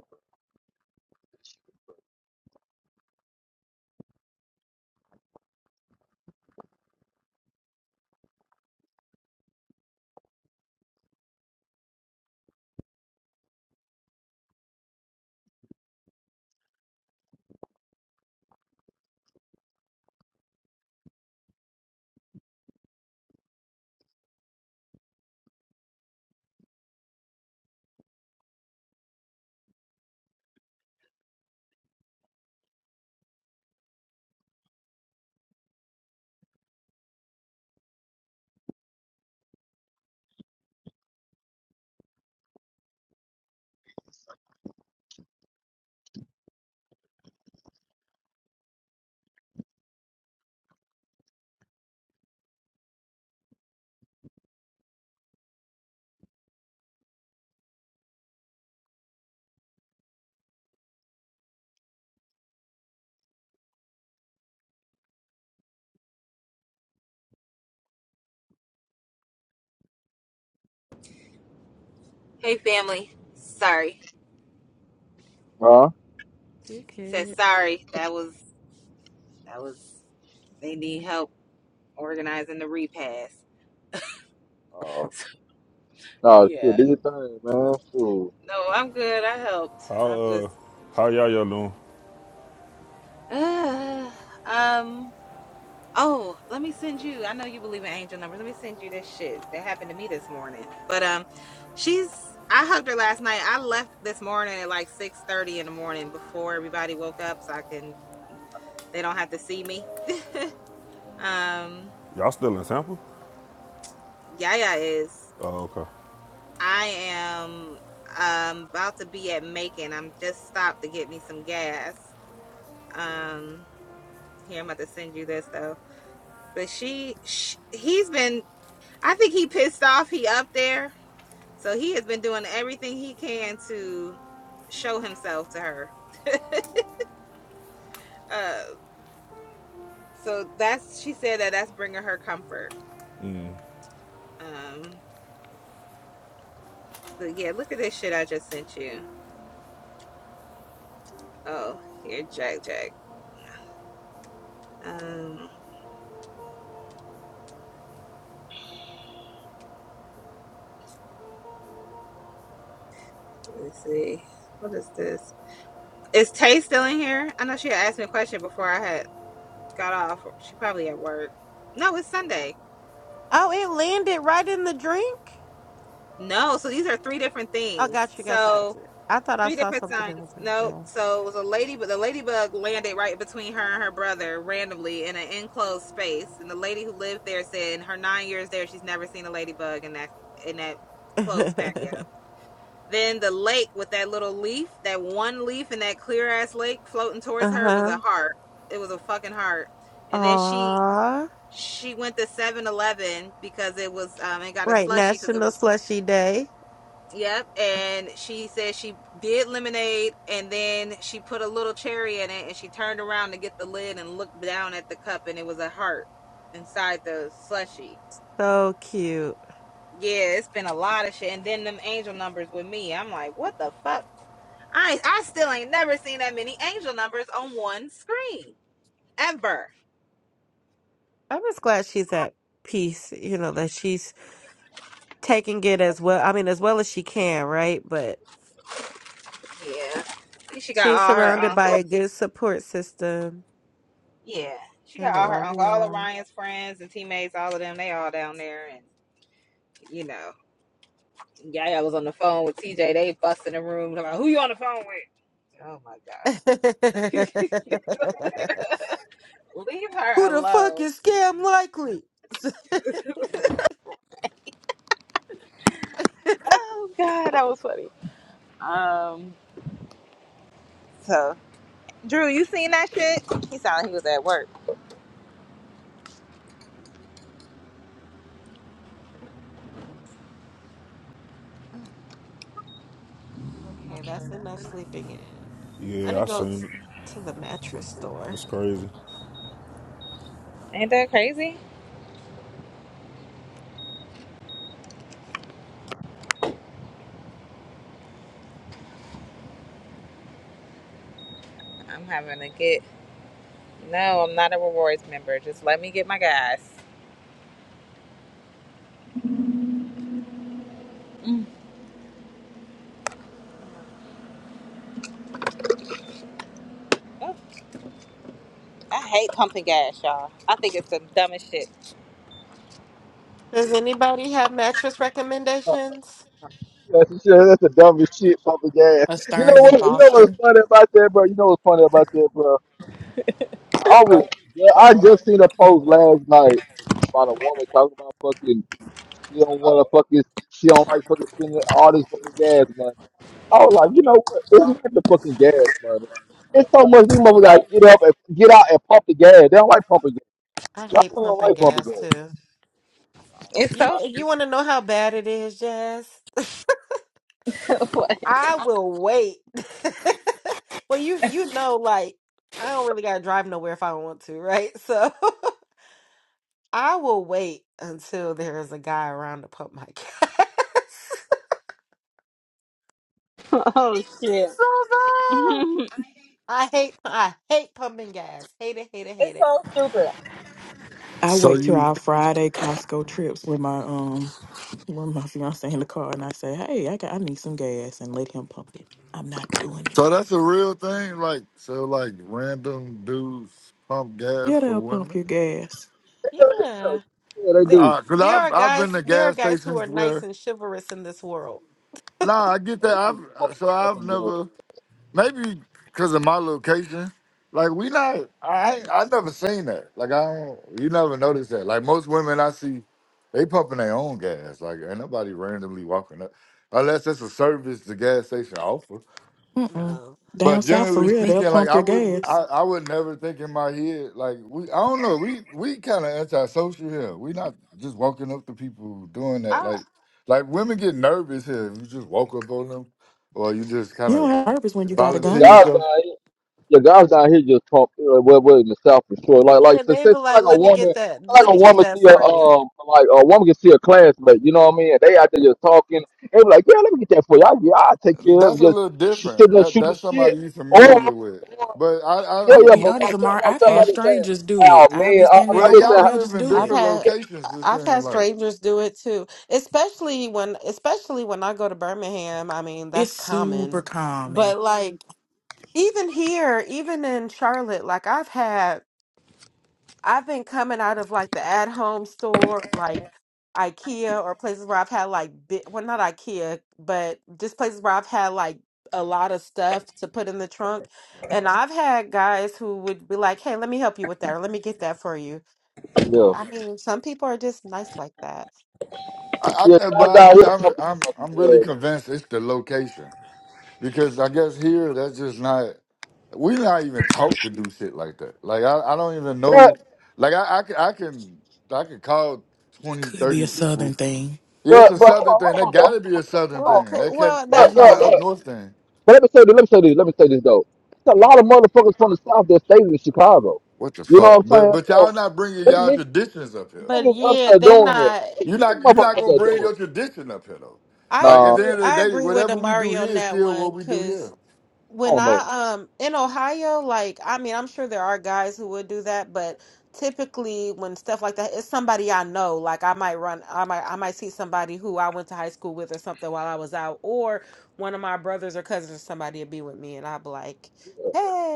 Hey family. Sorry. huh? you Said could. sorry. That was that was they need help organizing the repast. Oh. *laughs* No, shit, Yeah. do your thing, man. Fool. No, I'm good. I helped. How I'm uh, just how y'all y'all doing? *sighs* Uh, um oh, let me send you. I know you believe in angel numbers. Let me send you this shit that happened to me this morning. But um she's I hugged her last night. I left this morning at like 6:30 in the morning before everybody woke up so I can they don't have to see me. Um Y'all still in Tampa? Yaya is. Oh, okay. I am um about to be at Macon. I'm just stopped to get me some gas. Um here I'm about to send you this though. But she, sh he's been I think he pissed off he up there. So he has been doing everything he can to show himself to her. Uh so that's she said that that's bringing her comfort. Um but yeah, look at this shit I just sent you. Oh, here Jack Jack. Um let's see. What is this? Is Tay still in here? I know she had asked me a question before I had got off. She probably at work. No, it's Sunday. Oh, it landed right in the drink. No, so these are three different Oh, things. got you, got you, got So you. I thought I three saw different something signs. in the No, drink. so it was a lady, but the ladybug landed right between her and her brother randomly in an enclosed space. And the lady who lived there said, in her nine years there, she's never seen a ladybug in that in that closed patio. Yeah. Then the lake with that little leaf, that one leaf in that clear ass lake floating *laughs* towards uh her was huh. a heart. It was a fucking heart. And then she Aw, she went to Seven Eleven because it was um and got a right, slushy because it National was Slushy Day. yep. And she said she did lemonade and then she put a little cherry in it and she turned around to get the lid and looked down at the cup and it was a heart inside the slushy. So cute. Yeah, it's been a lot of shit. And then them angel numbers with me. I'm like, what the fuck? I I still ain't never seen that many angel numbers on one screen ever. I'm just glad she's at peace, you know, that she's taking it as well. I mean, as well as she can, right? But Yeah, she got she's all her surrounded by uncle. a good support system Yeah, she and got a all her lot of uncle, all of love. Ryan's friends and teammates, all of them. They all down there, and you know, Yaya was on the phone with TJ. They busting the room. Talking Who you on the phone with? Oh my *laughs* god, *laughs* leave her Who the fuck alone. is scam likely? *laughs* Oh god, that was funny. Um, so Drew, you seen that shit? He sounded like he was at work. okay, Okay, that's that's enough enough. sleeping in. I Yeah, I didn't go t- seen it. to the mattress store. That's crazy, Ain't that crazy? I'm having to get. No, I'm not a rewards member. Just let me get my gas. Mm. Oh, I hate pumping gas, y'all. I think it's the dumbest shit. Does anybody have mattress recommendations? That's the shit. That's the dumbest shit, pumping gas. A You know Stearns what? and You know what's Foster. funny about that, bro? You know what's funny about that, bro? I was, yeah, I just seen a post last night about a woman talking about fucking. She don't want to fucking. She don't like fucking spending all this fucking gas money. I was like, you know what? It's not the fucking gas money. It's so much these It's- motherfuckers gotta get up and get out and pump the gas. They don't like pumping gas. I Y'all hate don't pumping like pumping gas gas. *laughs* too. It's You so eh, you want to know how bad it is, Jazz? *laughs* stupid. *laughs* I will wait. *laughs* Well, you you know, like I don't really gotta drive nowhere if I don't want to, right? So *laughs* I will wait until there is a guy around to pump my gas. *laughs* So I hate I hate pumping gas. Hate it, hate it, hate It's it. so stupid. I So wait till you our Friday Costco trips with my um with my fiance in the car and I say, Hey, I got I need some gas and let him pump it. I'm not doing it. so that's a real thing, Mm-mm. like so like random dudes pump gas Yeah, for they'll pump your women. gas. Yeah, Yeah. yeah, yeah, they There, do. Uh, cause there I've are I've been guys to there are gas guys who stations are nice where and chivalrous in this world. nah I get They that need to pump I've the so shit out I've some gas. never maybe cause of my location like we not I ain't- I never seen that like I don't you never notice that like most women I see they pumping their own gas like ain't nobody randomly walking up unless it's a service the gas station offer Mm mm. No. Down But south for generally real, they'll speaking, like pump I your wouldn't, I, gas. I would never think in my head, like we, I don't know, we, we kind of antisocial here. We not just walking up to people doing that, I like, like women get nervous here. If you just walk up on them, or you just kind You don't of have purpose when you got a Yeah, volunteer gun. guys yourself. down here, yeah, guys down here just talk uh, well, well in the south for sure. Like, like, yeah, so, they so, be it's not like, like a let me woman, get it's that not let like a me get woman that see a for you. um, like a woman can see a classmate. You know what I mean? And they out there just talking. They be like, yeah, let me get that for you. I, yeah, I'll take care of That's it. a Just little sh- sitting different. there That shooting that's shit. somebody you Or, familiar with. or But I, I yeah, I'm gonna yeah, be but honest, myself, Amar. I've myself, huh? had I'm just saying, strangers do it. oh I'll man, be I, I'm standing at the Well, I'm just pump saying, and y'all they'll live just in do I've it. different had locations. This I've thing, had like strangers do it too, especially when especially when I go to Birmingham. I mean, It's that's super common. common. But like even here, even in Charlotte, like I've had I've been coming out of like the at home store, like IKEA or places where I've had like bi- well not IKEA, but just places where I've had like a lot of stuff to put in the trunk. And I've had guys who would be like, "Hey, let me help you with that, or let me get that for you." yeah, I mean, some people are just nice like that. I, yeah, I, but guys I down here do. I'm, talking. I'm, I'm really convinced it's the location. Because I guess here that's just not we're not even taught to do shit like that. Like I, I don't even But, know. Like I, I, can, I can, I can call It 20, could be 30 a people. southern thing. Yeah, it's but, a but hold southern on, thing. That hold on, gotta be a though, southern Well, hold it thing. could, That can. well, That's that on, not an though. that, up north thing. But let me say this, let me say this, let me say this though. It's a lot of motherfuckers from the South that stayed in Chicago. What the You know fuck? what I'm But saying? but So y'all not bringing them y'all niggas, traditions up here. but niggas up yeah, there they doing it. not. These You're not you're motherfuckers not up gonna there bring doing it. your tradition up here though. I Like Nah, at agree. the With, end of the I day, agree with whatever we do Amari here on is that still one what we do because here. I when don't know. I um in Ohio, like I mean, I'm sure there are guys who would do that, but typically when stuff like that, it's somebody I know. Like I might run, I might I might see somebody who I went to high school with or something while I was out, or one of my brothers or cousins or somebody would be with me, and I'd be like,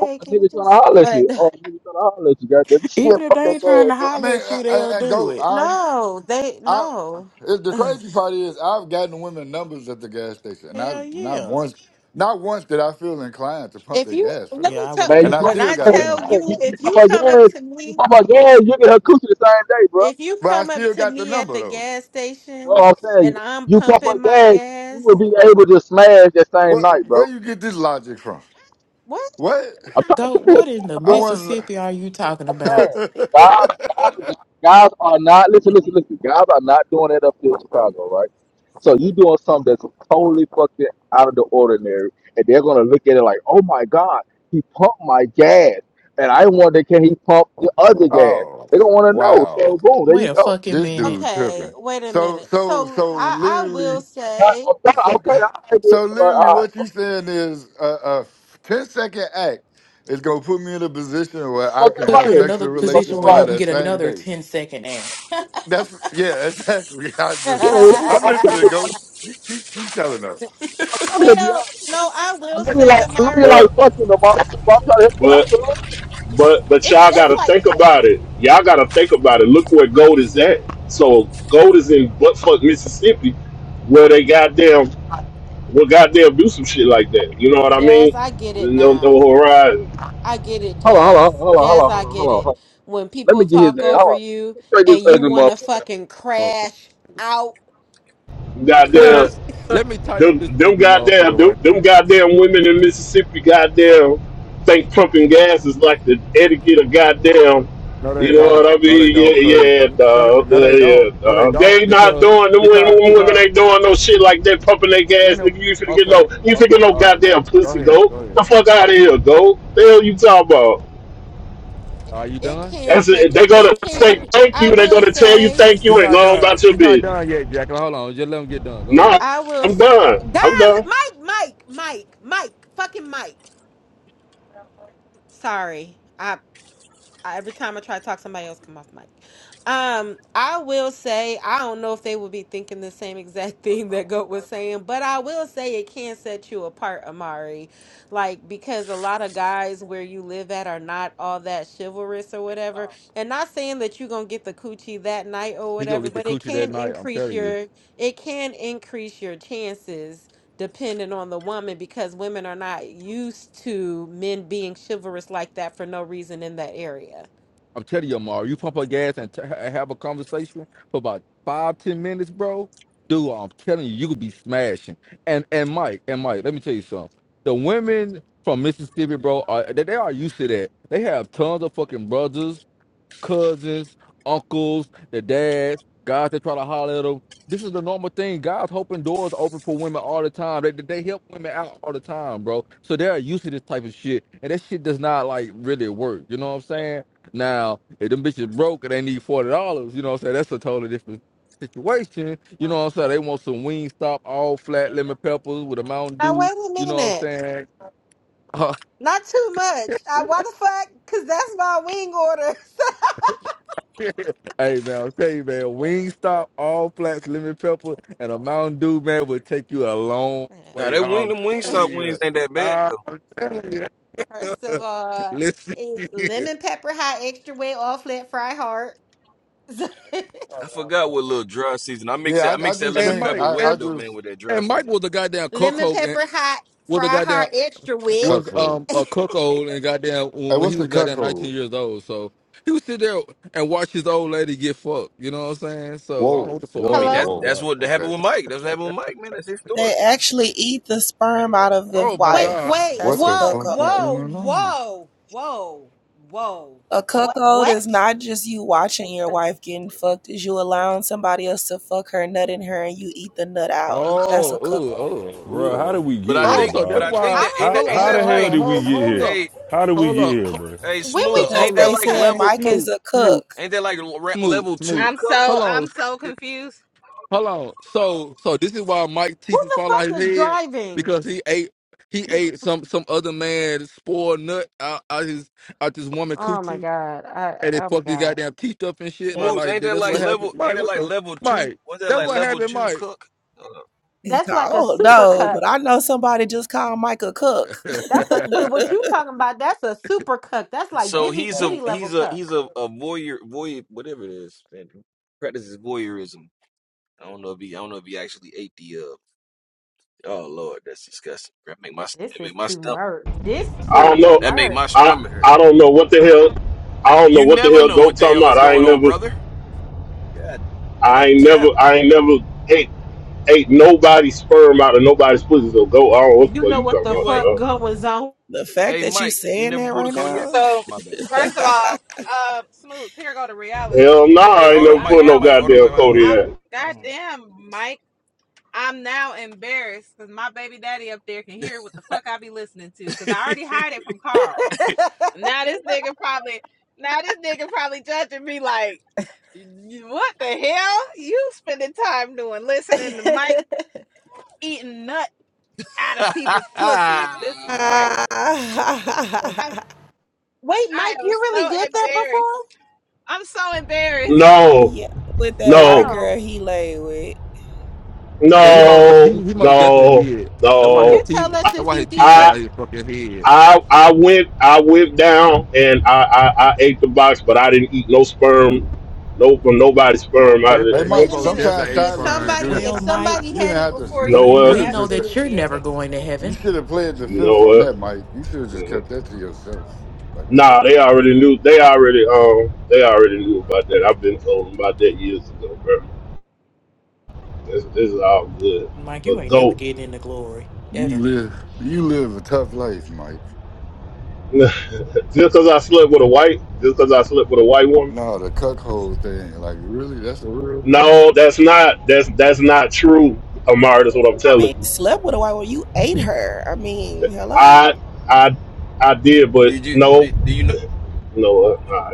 Oh, a can you nigga trying to just?" holler at But you. *laughs* Oh, a nigga trying to holler at you. Goddamn, *laughs* shit, Even if fuck they that ain't trying gas, to bro. I mean, holler at I, you, I, they'll and do it. go. No, they I no. it, *clears throat* the Ugh. crazy part is I've gotten women numbers at the gas station, and I Hell not yeah. once, not once did I feel inclined to pump If their you gas for let them, me Yeah, I would tell have Man, you and I pump, when definitely. still I *laughs* hey, got the tell number. I hey, you, you, know. you if pump you up come up gas, to you me, pump up gas, you get her coochie the same day, bro. if you But I come up still to got the me at number the though. gas You know station what I'm saying? and I'm You pump pumping up my gas, you gas, will be able to smash that same What night, where bro. you get this logic from? what? What I'm trying Go. to tell What you, in the I bro. want. Mississippi are you talking about? saying. Guys, *laughs* guys, guys are not listen, listen, listen. Guys are not doing it up here in Chicago, right? So you doing something that's totally fucking out of the ordinary, and they're gonna look at it like, oh my god, he pumped my gas, and I wonder can he pump the other gas? oh they don't want to know. So wow, boom, there Wait you a go. fucking this minute. dude Okay, tripping. wait a So minute. so So so I I literally. will Okay, say, okay, So, okay, all right, dude. so all right, literally, all right. what you saying is a, a 10 second act is gonna put me in a position you where I fucking can Put have you in right. another sexual You fucking relations position where with her you right. can that get same another day. 10 second ad. That's yeah, exactly. *laughs* I *laughs* just, Yeah, yeah, yeah, I'm okay. listening. Go, keep keep, keep telling us. I'm trying to help you well, out. no, I I will know you say, like, I know you like Amari, But fucking, the i I'm trying to help you out. but so but but it's y'all it's gotta like think about it. Y'all gotta think about it. Look where gold is at. So gold is in buttfuck Mississippi where they goddamn will goddamn do some shit like that. You know what I jazz. mean? I get it No now. no horizon. I get it, Hold on, hold on, Jazz. hold on, hold Jazz, on, hold I on, hold get on, hold it. on. When Let me people get his talk name. Hold over on. you Let me Straight this and you ugly want to motherfucker. fucking motherfucker. crash out, Let me Goddamn let *laughs* me tighten up Them, this them ugly goddamn, motherfucker them, right them here. goddamn women in Mississippi, goddamn, think pumping gas is like the etiquette of goddamn. No, they You know what don't. I No, they mean? don't. Yeah, Cause yeah, no, they- dog. no, Uh, they don't. yeah, No, they dog. They don't. ain't not Because doing them women, because women because ain't doing no shit like that, pumping their you gas, know. nigga. You finna get no, Okay, you finna get okay. no All right, goddamn Mike. Go pussy, ahead. go Go ahead. the fuck out of here, go. The hell you talking about? Are you it done? can That's it. set you. They gonna It can. say thank I you. They will gonna tell you say. thank He's you and not go on done. about your He's not business. done yet, Jacqueline. Hold on. Just let him get done. Go Nah, ahead. I will. I'm s- done. God, I'm done. Mike, Mike, Mike, Mike, fucking Mike. Sorry. I. I- every time I try to talk, somebody else come off mic. Um, I will say I don't know if they would be thinking the same exact *laughs* thing that Goat was saying, but I will say it can set you apart, Amari. Like because a lot of guys where you live at are not all that chivalrous or whatever. And not saying that you're gonna get the coochie that night or He gonna whatever, get the but it coochie that can night. I'm increase telling you. your it can increase your chances dependent on the woman because women are not used to men being chivalrous like that for no reason in that area. I'm telling you, Amari, you pump her gas and t- have a conversation for about five, ten minutes, bro. Dude, I'm telling you, you could be smashing. And and Mike, and Mike, let me tell you something. The women from Mississippi, bro, are they, they are used to that. They have tons of fucking brothers cousins, uncles, their dads, guys that try to holler at them. This is the normal thing. Guys hoping doors open for women all the time. They, they help women out all the time, bro. So they're used to this type of shit. And that shit does not like really work. You know what I'm saying? Now, if them bitches broke and they need forty dollars, you know what I'm saying? That's a totally different situation. You know what I'm saying? They want some wing stop all flat lemon peppers with a mountain Now dew, wait a you know what I'm minute. saying? *laughs* Not too much. I why the fuck? Cause that's my wing order. *laughs* Hey man, I'll tell you man, Wingstop, all flats, lemon pepper, and a Mountain Dew man would take you a long Now way. that wing, I'm them wing telling stop *laughs* wings you, ain't that bad I'm though. telling you. First of *laughs* all, Listen, is here. lemon pepper hot extra wet all flat fry hard. *laughs* I forgot what little dry season. I mix Yeah, that. I I, I mix that just lemon and think Mike, pepper I, wet I and, though, just man, with that dry and Mike season. was a goddamn lemon cuckold, and pepper hot was a fry goddamn hard extra a wet. was cuckold. um *laughs* a cuckold, and goddamn when Hey, when he what's a was goddamn 19 cuckold? years old, so he would sit there and watch his old lady get fucked. You know what I'm saying? So I don't know what Whoa, the fuck I Mike mean, whoa, Hello? that's talking whoa. that's about. what Okay, happened with Mike. That's what happened with Mike, man. That's his story. They actually eat the sperm out of the Oh my Wait, god. wife. wait, what That's a the whoa, fuck is cuckold. whoa, going on? whoa, whoa, whoa. A cuckold What? is not just you watching your wife getting fucked, is you allowing somebody else to fuck her, nut in her, and you eat the nut out. That's Oh, a ooh, cuckold. oh, bro. How did ooh. we But get I I Oh, here, think, so but that's dog? I think why. that ain't How that, I Hold don't on, ain't how even. hold that the on, hold hell like, on, did we hold, get hold here? up, hey, How did we hold get up, here, hold bro? hey, When we up, Smoots, Because ain't make hold that up. they this like said turn, level? Mike is Smooth, a smooth, cook. Ain't that like re- smooth, level two smooth. I'm cook? so Hold on, I'm so confused. hold on. So, so this is why Mike who Tiffy the fall out his fuck is head driving? because he ate, he ate some some other man's spoiled nut out, out his out this woman Oh my coochie, god! I and it oh my fucked his god! goddamn teeth up and *laughs* shit. I Like, Smoots, like ain't that that's like what level? happened. Ain't Mike, that what like the level two? Mike? What's that That's like what level happened, two Mike. cook? Uh, That's like a don't super know, but cuck. I know somebody just called Mike a cook. *laughs* That's a but what the you talking about? That's a super cuck. That's like so Diddy he's a Diddy level he's a cuck. he's *laughs* a, a voyeur voyeur whatever it is. Man, practices voyeurism. I don't know if he I don't know if he actually ate the uh Oh Lord, that's disgusting. That make my This that is make my too stomach much. This I don't too know. that make my I much. stomach hurt. I don't know what the hell. I don't know You what the never hell know go what the talking hell is about. I going ain't on, never. brother. God, I God ain't never. damn. I ain't never ate ate nobody's sperm out of nobody's pussy. So go. I don't know what the You fuck know you what talking the You about. ain't. fuck Dog. goes on? fact Hey, that you Mike, you saying never that pulled a right Kodiak. now. So My bad. first of all, uh, Smoots, here go to reality. Hell no. Hey, hey, I ain't hold never on, I'm Mike, put Mike, no now Mike, in, hold on, goddamn Mike, Mike, code hold in. I'm on, that. hold goddamn Mike. I'm now embarrassed because my baby daddy up there can hear what the fuck I be listening to. Cause I already hide it from Carl. *laughs* Now this nigga probably now this nigga probably judging me like. What the hell? You spending time doing listening to Mike eating nut out of people's pussies. on. This is *laughs* crazy. I, *laughs* Wait, I Mike, am you really so did that before? embarrassed. I'm so embarrassed. No. yeah, with that white No. Oh, girl he lay with. Yeah, would he you? most he, No. he most definitely No. did. That's why Would his you No. tell teeth us that's if why you his teeth did? fell I. out his fucking head. I, I went I went down and I, I, I ate the box, but I didn't eat no sperm, no from nobody's Most sperm out Hey, of definitely he Wait Mike. it. a most minute. definitely Sometimes ate Did silence is fine. somebody, good. if Well, Mike, somebody You didn't had it have to. You before know You, you, you you could what? we have know just. that you're absolutely ate never it. going to You heaven. should have played the You know fifth on what? that, Mike. You should have just Mhm. kept that to yourself. Like it's Nah, they okay. already knew. They already um, they already knew about that. I've been told them about that years ago, bro. This, this is all good. Mike, you But ain't never goat, getting into glory You ever. live you live a tough life, Mike. *laughs* just because I slept with a white, just because I slept with a white woman. No, the cuckold thing. Like really, that's a real thing. No, that's not. That's that's not true, Amari. That's what I'm I telling mean, you you. slept with a white woman. You ate her. I mean, hello? I I I did, but did you? no, Did, do you know? no, uh, all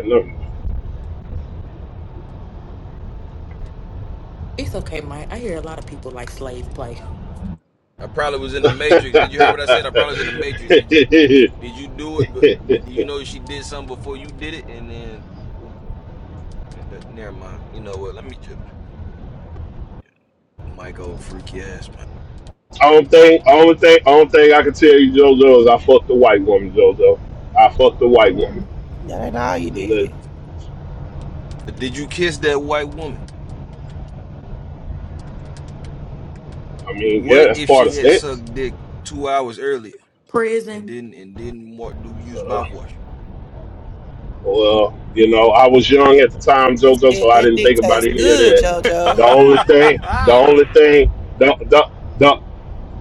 It's okay, Mike. I hear a lot of people like slave play. I probably was in the right, Matrix. Did you hear what I said? I probably was in the Matrix. Did you? Did you do it? But no. *laughs* did you know she did something before you did it? And then, and that, never mind. You know what? Let me just Mike, old freaky ass, man. Only thing, only thing, only thing I can tell you, JoJo, is I fucked the white woman, JoJo. I fucked the white woman. That ain't all you And the, did. Did you kiss that white woman? I mean, yeah, What that's if part of she had sex. sucked dick two hours earlier and Prison didn't and didn't wa- do use Uh, mouthwash? well, you know, I was young at the time, You JoJo, said so I that didn't dick think about tastes And then any of you good, would. that. *laughs* JoJo. The only thing, the I only thing, the the the,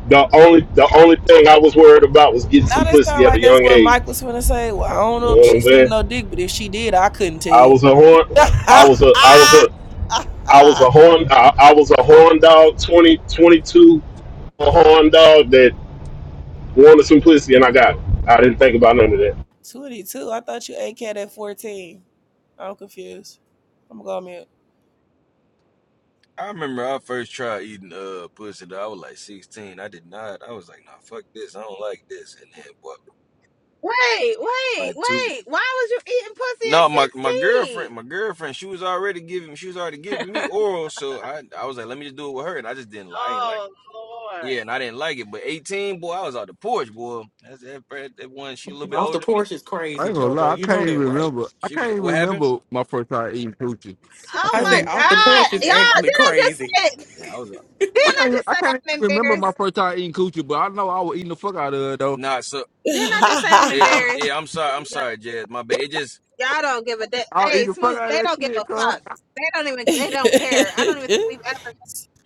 the only the only thing I was worried about was getting Now some that sound pussy at a like that's young what age. Mike was gonna say. Well, I don't know You if know what she I'm sucked saying? no dick, but if she did, I couldn't I tell. was a horn. I *laughs* was a. I was a. I was a horn. I, I was a horn dog. 20 22. a horn dog that wanted simplicity, and I got it. I didn't think about none of that. *laughs* 22. I thought you ate cat at 14. I'm confused. I'm gonna go on remember I first tried eating uh pussy. Though. I was like sixteen. I did not. I was like, nah, fuck this. I don't like this. And then what? Wait, wait, Like two years. wait. Why was you eating pussy No, my my at girlfriend, 16? my girlfriend, she was already giving, she was already giving me oral. So I I was like, let me just do it with her, and I just didn't lie. I ain't like. Oh Lord. Yeah, and I didn't like it. But 18, boy, I was out the porch, boy. That's that, that, one. She a little bit off older the than me. porch is *laughs* I crazy, ain't gonna lie, Jojo. I You can't know even that, right? remember. I She can't was. even What happened? remember my first time eating coochie. I Oh I can't my say even off the God. porch is Y'all, actually didn't I just crazy. say Yeah, I was. out. I didn't can't I even, just I say can't I'm even remember my embarrassed? first time eating coochie, but I know I was eating the fuck out of it though. Nah, so Didn't I just say I'm yeah, I'm embarrassed? yeah, I'm sorry. I'm sorry, Jazz. My bad. It just Y'all don't give a da- I was hey eating the fuck smooth. out They of that don't give shit, a cuz. fuck. They don't even. mute. They don't care. I don't even think we've *laughs* ever.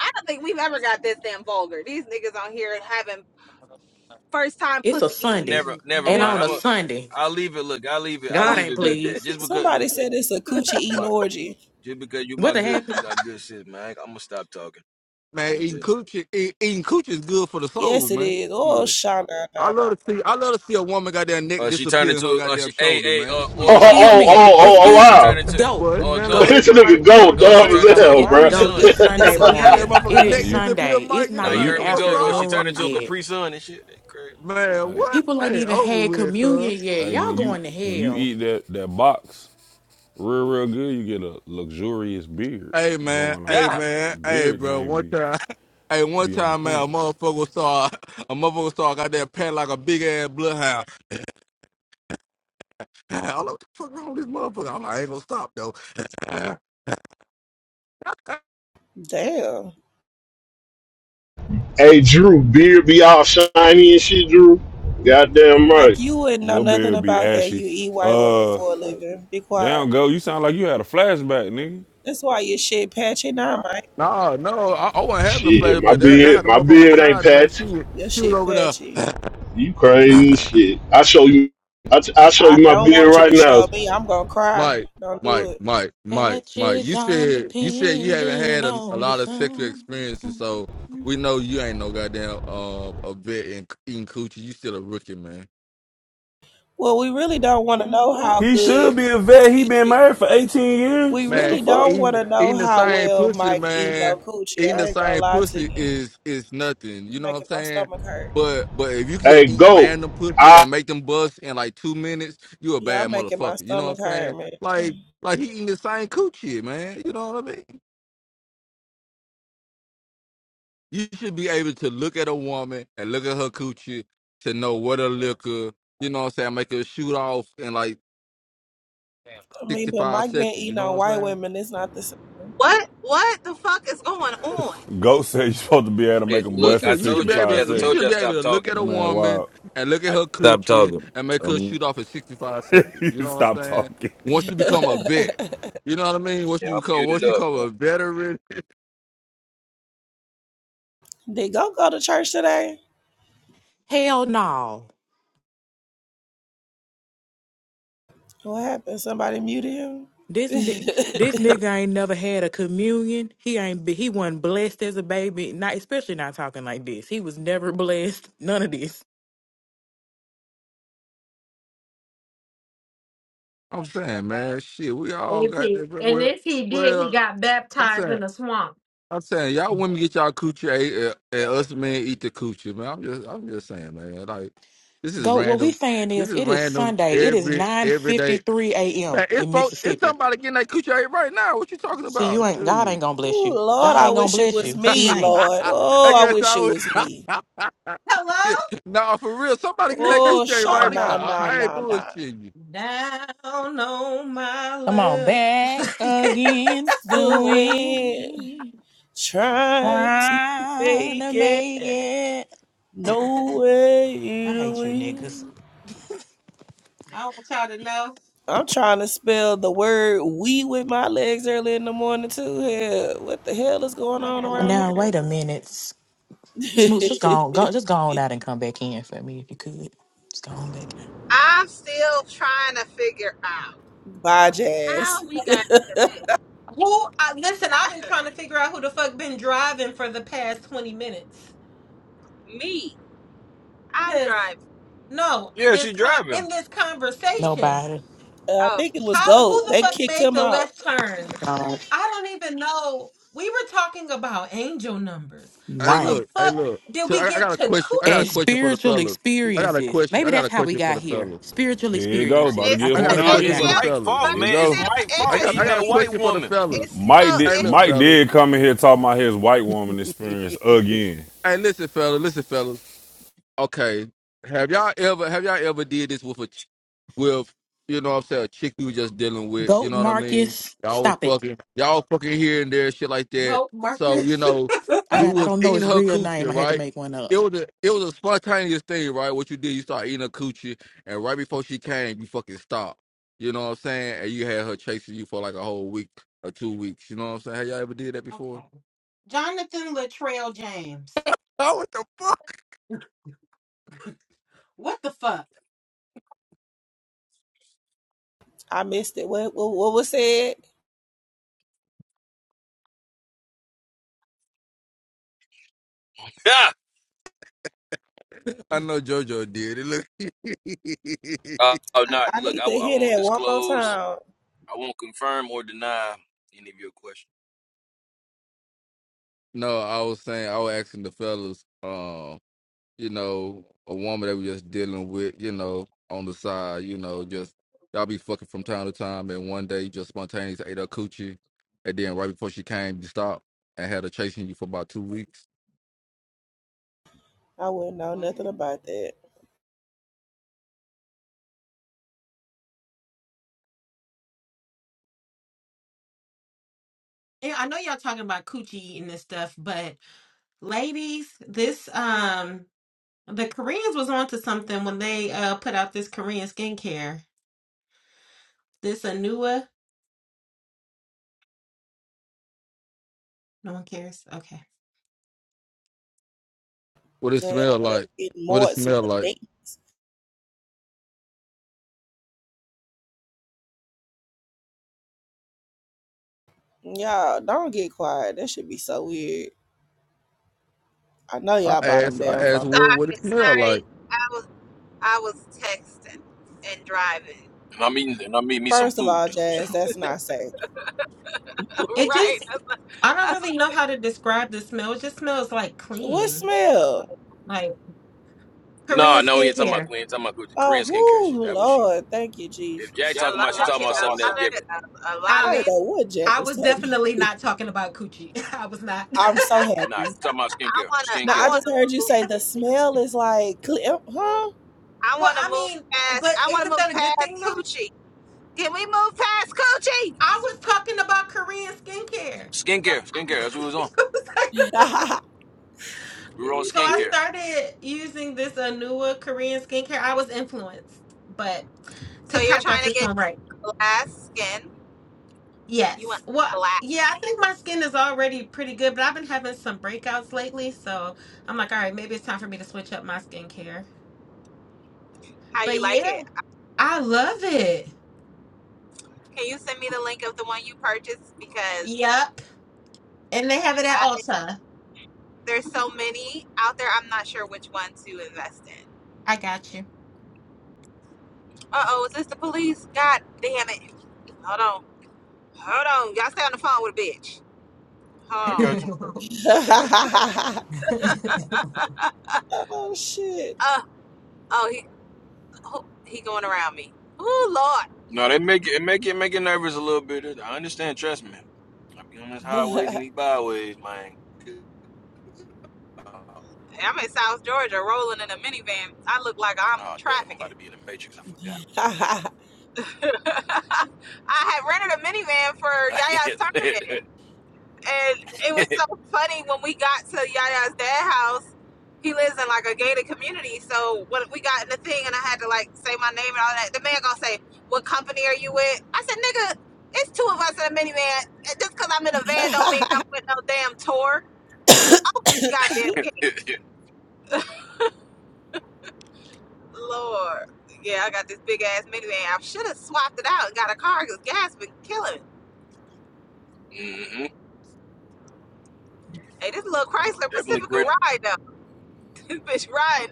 I don't think we've ever got this damn vulgar. These niggas on here having first time It's a pussy Sunday, never, eating never and mind. on I'm a a. memories. Sunday, I'll leave it. Look, I'll leave it. I'll God Ugh. leave ain't it be, Jazz. pleased. Just because Somebody look, just said it's a coochie eating my, orgy. just because you What my done good, happened? you got good sis, man. I, am gonna stop talking. Man, Let me eating just. coochie eat, eating coochie is good for the soul, Yes, it man. is. Oh, Shit. sha na, I na. na. love to see I love to see a woman goddamn neck Uh, she turned disappear in her into a. Uh, she goddamn a shoulder, a man. or Oh, or Shit. Excuse or a oh, oh, goat me. or a oh, oh Excuse goat. me. She turned wow. into Go, Boy, it's or a nothing *laughs* like goat go, it's this nothing nigga like or this a go with goat. shit go, She dumb like turned as go. into a hell, It My that. bro. *laughs* Capri neck go. Sun. It's The doesn't Sunday motherfucker got that disappear. morning. motherfucker It Hey, is neck you, disappear, Sunday. It's Mike. You be Now not hey, you you, like, even heard me what's go, or wrong? she turned afternoon into a yet. Capri Sun and shit. They crazy. Man, hey, what? People ain't Hey, even over had with, cuz. communion yet. hey, Y'all when you going to when you hell. eat that that box Real, real good. You get a luxurious beard Hey man, going on. hey Yeah. man, hey Beard bro. game One be time, *laughs* hey one be on time, man, point. a motherfucker saw a motherfucker saw got that pet like a big ass bloodhound. *sighs* *laughs* I'm like, what the fuck wrong with this motherfucker? I'm like, I ain't gonna stop though. *sighs* Damn. *laughs* hey, Drew, beard be all shiny and shit, Drew. Goddamn Mike, right. you wouldn't know Your nothing beard be about that. ashy. You eat white women Uh, for a living. Be quiet. down go. You sound like you had a flashback, nigga. That's why your shit patchy now, Mike. *laughs* no, no, I, I wasn't having the Shit, flash, my but that that how beard, the my motherfucker was beard ain't sounding, man. She patchy. was Your she was shit over there. patchy. You crazy *sighs* as shit. I show you, I, I show I you my don't beard want you right to now. show me. I'm gonna cry. Mike, Don't Mike, do it. Mike, Mike, Mike. Patches, You I'm said you said you haven't depending had a, a on you, lot of sexual son. experiences, so we know you ain't no goddamn um a vet in eating coochie. You still a rookie, man. Well, we really don't want to know how He good. should be a vet. He Excuse been me. married for 18 We years. What the Man, really fuck? don't want eating to eating know the how same well pussy, Mike eat man. no coochie. Eating the I ain't gonna same lie to you. pussy is is nothing. You You're know what I'm making my saying? stomach hurt. But but if you can just Hey, eat go. random pussies I, and make them bust in like two minutes, you a Y'all bad making motherfucker. my You know stomach what I'm hurt, saying? man. Like like he eating the same coochie, man. You know what I mean? You should be able to look at a woman and look at her coochie to know what a liquor, you know what I'm saying, make her shoot off in like I mean, but 65 Mike been seconds, you eating know what on I'm white saying? women. It's not the same. What? What the fuck is going on? Goat said you supposed to be able to Hey, make him You look, bust in I should you should told be you, 65 able Jazz. to I you told seconds. should you I be able stopped to look at talking, This a man. man woman wild. and look at I her stopped coochie talking. and make her So shoot off in 65 seconds. You You *laughs* know what stop I'm saying? talking. Once you become a vet, Did you know what I mean? Once yeah, you I'm become once muted you up become now. a veteran, *laughs* go go to church today? Hell no. What happened? Somebody muted him? *laughs* This ni- this nigga ain't never had a communion. He ain't be, he wasn't blessed as a baby. Not especially not talking like this. He was never blessed. None of this. I'm saying, man, shit, we And all if got he, that. and Well, if he did, he well, got I'm baptized saying in the swamp. I'm saying y'all women get y'all coochie ate, and, and us men eat the coochie, man. I'm just I'm just saying, man. Like this is Go. What we random. saying This is, is it is random Sunday. It is every nine every fifty day. three a.m. Man, it's in folk, it's Mississippi. somebody getting that coochie ate right now. What you talking See, you about? ain't God ain't Dude. gonna bless you. Ooh, Lord, God I ain't gonna wish it bless was you. *laughs* He me, ain't. Lord. I Oh, I guess wish I it was was me. Hello? *laughs* *laughs* No, for real. Somebody getting that Oh, coochie ate Oh, sha right my na now. I, God. na I ain't na na. bullshitting you. Down on my Come on, luck. back *laughs* against the The wind wind. trying to Trying to make it make it. no way I to hate you niggas. win. I want y'all to know. I'm trying to spell the word we with my legs early in the morning too. Hell, what the hell is Oh going my on god. around Now wait a minute. here? Smooth, just go on, go just go on out and come back in for me if you could. Just go on back out. I'm still trying to figure out *laughs* Bye, Jazz. how we got to this. Who? I, listen, I've been trying to figure out who the fuck been driving for the past twenty minutes. Me, I'm Cause driving. no, Yeah, she this con driving. in this conversation, Nobody. Uh, I Oh, think it was how the Gold. who the They fuck kicked made him the out. left turn? No. I don't even know. We were talking about angel numbers. Hey How the Right. look, hey fuck look. did So we I, I get got a to question. I got a And question coochie? for the spiritual fellas. I got a experiences. question. Maybe I got that's a how we question for got the here. fellas. Spiritual Here you go. About to experiences. I it's get I think got that's a horny how Nah, we it's question got it's for again. the still, here. Mike's fellas. Here fault, but you man. it's It's go. Mike's still I fault got I eating interesting. got a that white question for the woman. It's fellas. Mike still Hey, did, interesting. look, Mike fellas. did come in here talking about his white woman experience again. Hey, listen, fellas. Listen, fellas. okay. Have y'all ever have y'all ever did this with a ch- with you know what I'm saying a chick you just dealing with? You Goat know what I mean? Marcus. Y'all was Stop it. fucking y'all was fucking here and there, shit like that. Nope, So you Marcus. know *laughs* I okay. you got I was don't know eating his her real name. I coochie, had to right? make one up. It was a it was a spontaneous thing, right? What you did, you start eating her coochie, and right before she came, you fucking stopped. You know what I'm saying? And you had her chasing you for like a whole week or two weeks. You know what I'm saying? Have y'all ever did that before? Jonathan Latrell James. *laughs* Oh, what the fuck? What the fuck? I missed it. What what, what was said? *laughs* Yeah. *laughs* I *laughs* know JoJo did it. Look, Uh, *laughs* oh, I, no, I look, need I, to w- I hear won't that one more disclose. time. I won't confirm or deny any of your questions. no, I was saying I was asking the fellas, um, you know, a woman that we just dealing with, you know, on the side, you know, just y'all be fucking from time to time, and one day you just spontaneously ate her coochie, and then right before she came, you stopped and had her chasing you for about two weeks. I wouldn't know nothing What? about that. Yeah, I know y'all talking about coochie eating and stuff, but ladies, this um the Koreans was onto something when they uh put out this Korean skincare. This Anua, no one cares. Okay. What it They smell over there like? getting What more it at some smell like? thing. Y'all don't get quiet. That should be so weird. I know I y'all bought them asked, I damn asked, phone. what what it smell like? Sorry, I was. I was texting and driving. And I'm eating, and I'm eating me some First of food all, too. So Jazz, that's not safe. *laughs* It right. just That's, a I don't that's really know how to describe the smell. It just smells like What clean. smell? Like no, Korean no, we ain't talking about skincare. Queen. Talking about the Oh, Korean skincare shit. whoo, That was she on. Lord, thank you, If Jesus. Jack Jack, like a talking lot I about, of don't she know what talking you the- about a talking about something else lot something. of different. a a lot of I Um didn't these. know what Jack I was was talking. definitely about. not talking about coochie. *laughs* I was not. *laughs* *laughs* I'm so I, happy. Nice. Talking about I skincare. wanna Now I I Skincare. just wanna heard you move. say the smell is like, cle- huh? I Well, wanna I move mean, past. but I wanna isn't move that a good past thing though? coochie. Can we move past coochie? I was talking about Korean skincare. So, Skincare. Skincare. That's what we was on. *laughs* *laughs* We were on so I skincare. started using this Anua Korean skincare. I was influenced, but so you're TikTok got trying to this get one right. glass skin. You Yes. want the Well, glass. yeah, I think my skin is already pretty good, but I've been having some breakouts lately. So I'm like, all right, maybe it's time for me to switch up my skincare. How you But like yeah, it? I love it. Can you send me the link of the one you purchased because Yep. And they have it at I, Ulta. there's so many out there. I'm not sure which one to invest in. I got you. Uh oh, is this the police? God damn it. Hold on. Hold on. Y'all stay on the phone with a bitch. I Hold on. got you. What? *laughs* oh shit. Uh, oh, he oh, he going around me. Oh, Lord. No, they make it, it make it make it nervous a little bit. I understand, trust me. I be on these highways *laughs* I'm and these byways, man. Uh, Hey, I'm in South Georgia rolling in a minivan. I look like I'm oh damn, I'm about trafficking. to be in the matrix. I forgot. *laughs* I had rented a minivan for Yaya's tournament. Damn. And it was so funny when we got to Yaya's dad house. He lives in like a gated community, so when we got in the thing and I had to like say my name and all that, the man gonna say, "What company are you with?" I said, "Nigga, it's two of us in a minivan. And Just cause I'm in a van don't mean I'm with no damn tour." Oh goddamn gate, *laughs* Lord. Yeah, I got this big ass minivan. I should have swapped it out and got a car because gas been killing. me. hmm Hey, this little Chrysler Definitely Pacifica great ride though. *laughs* This bitch riding.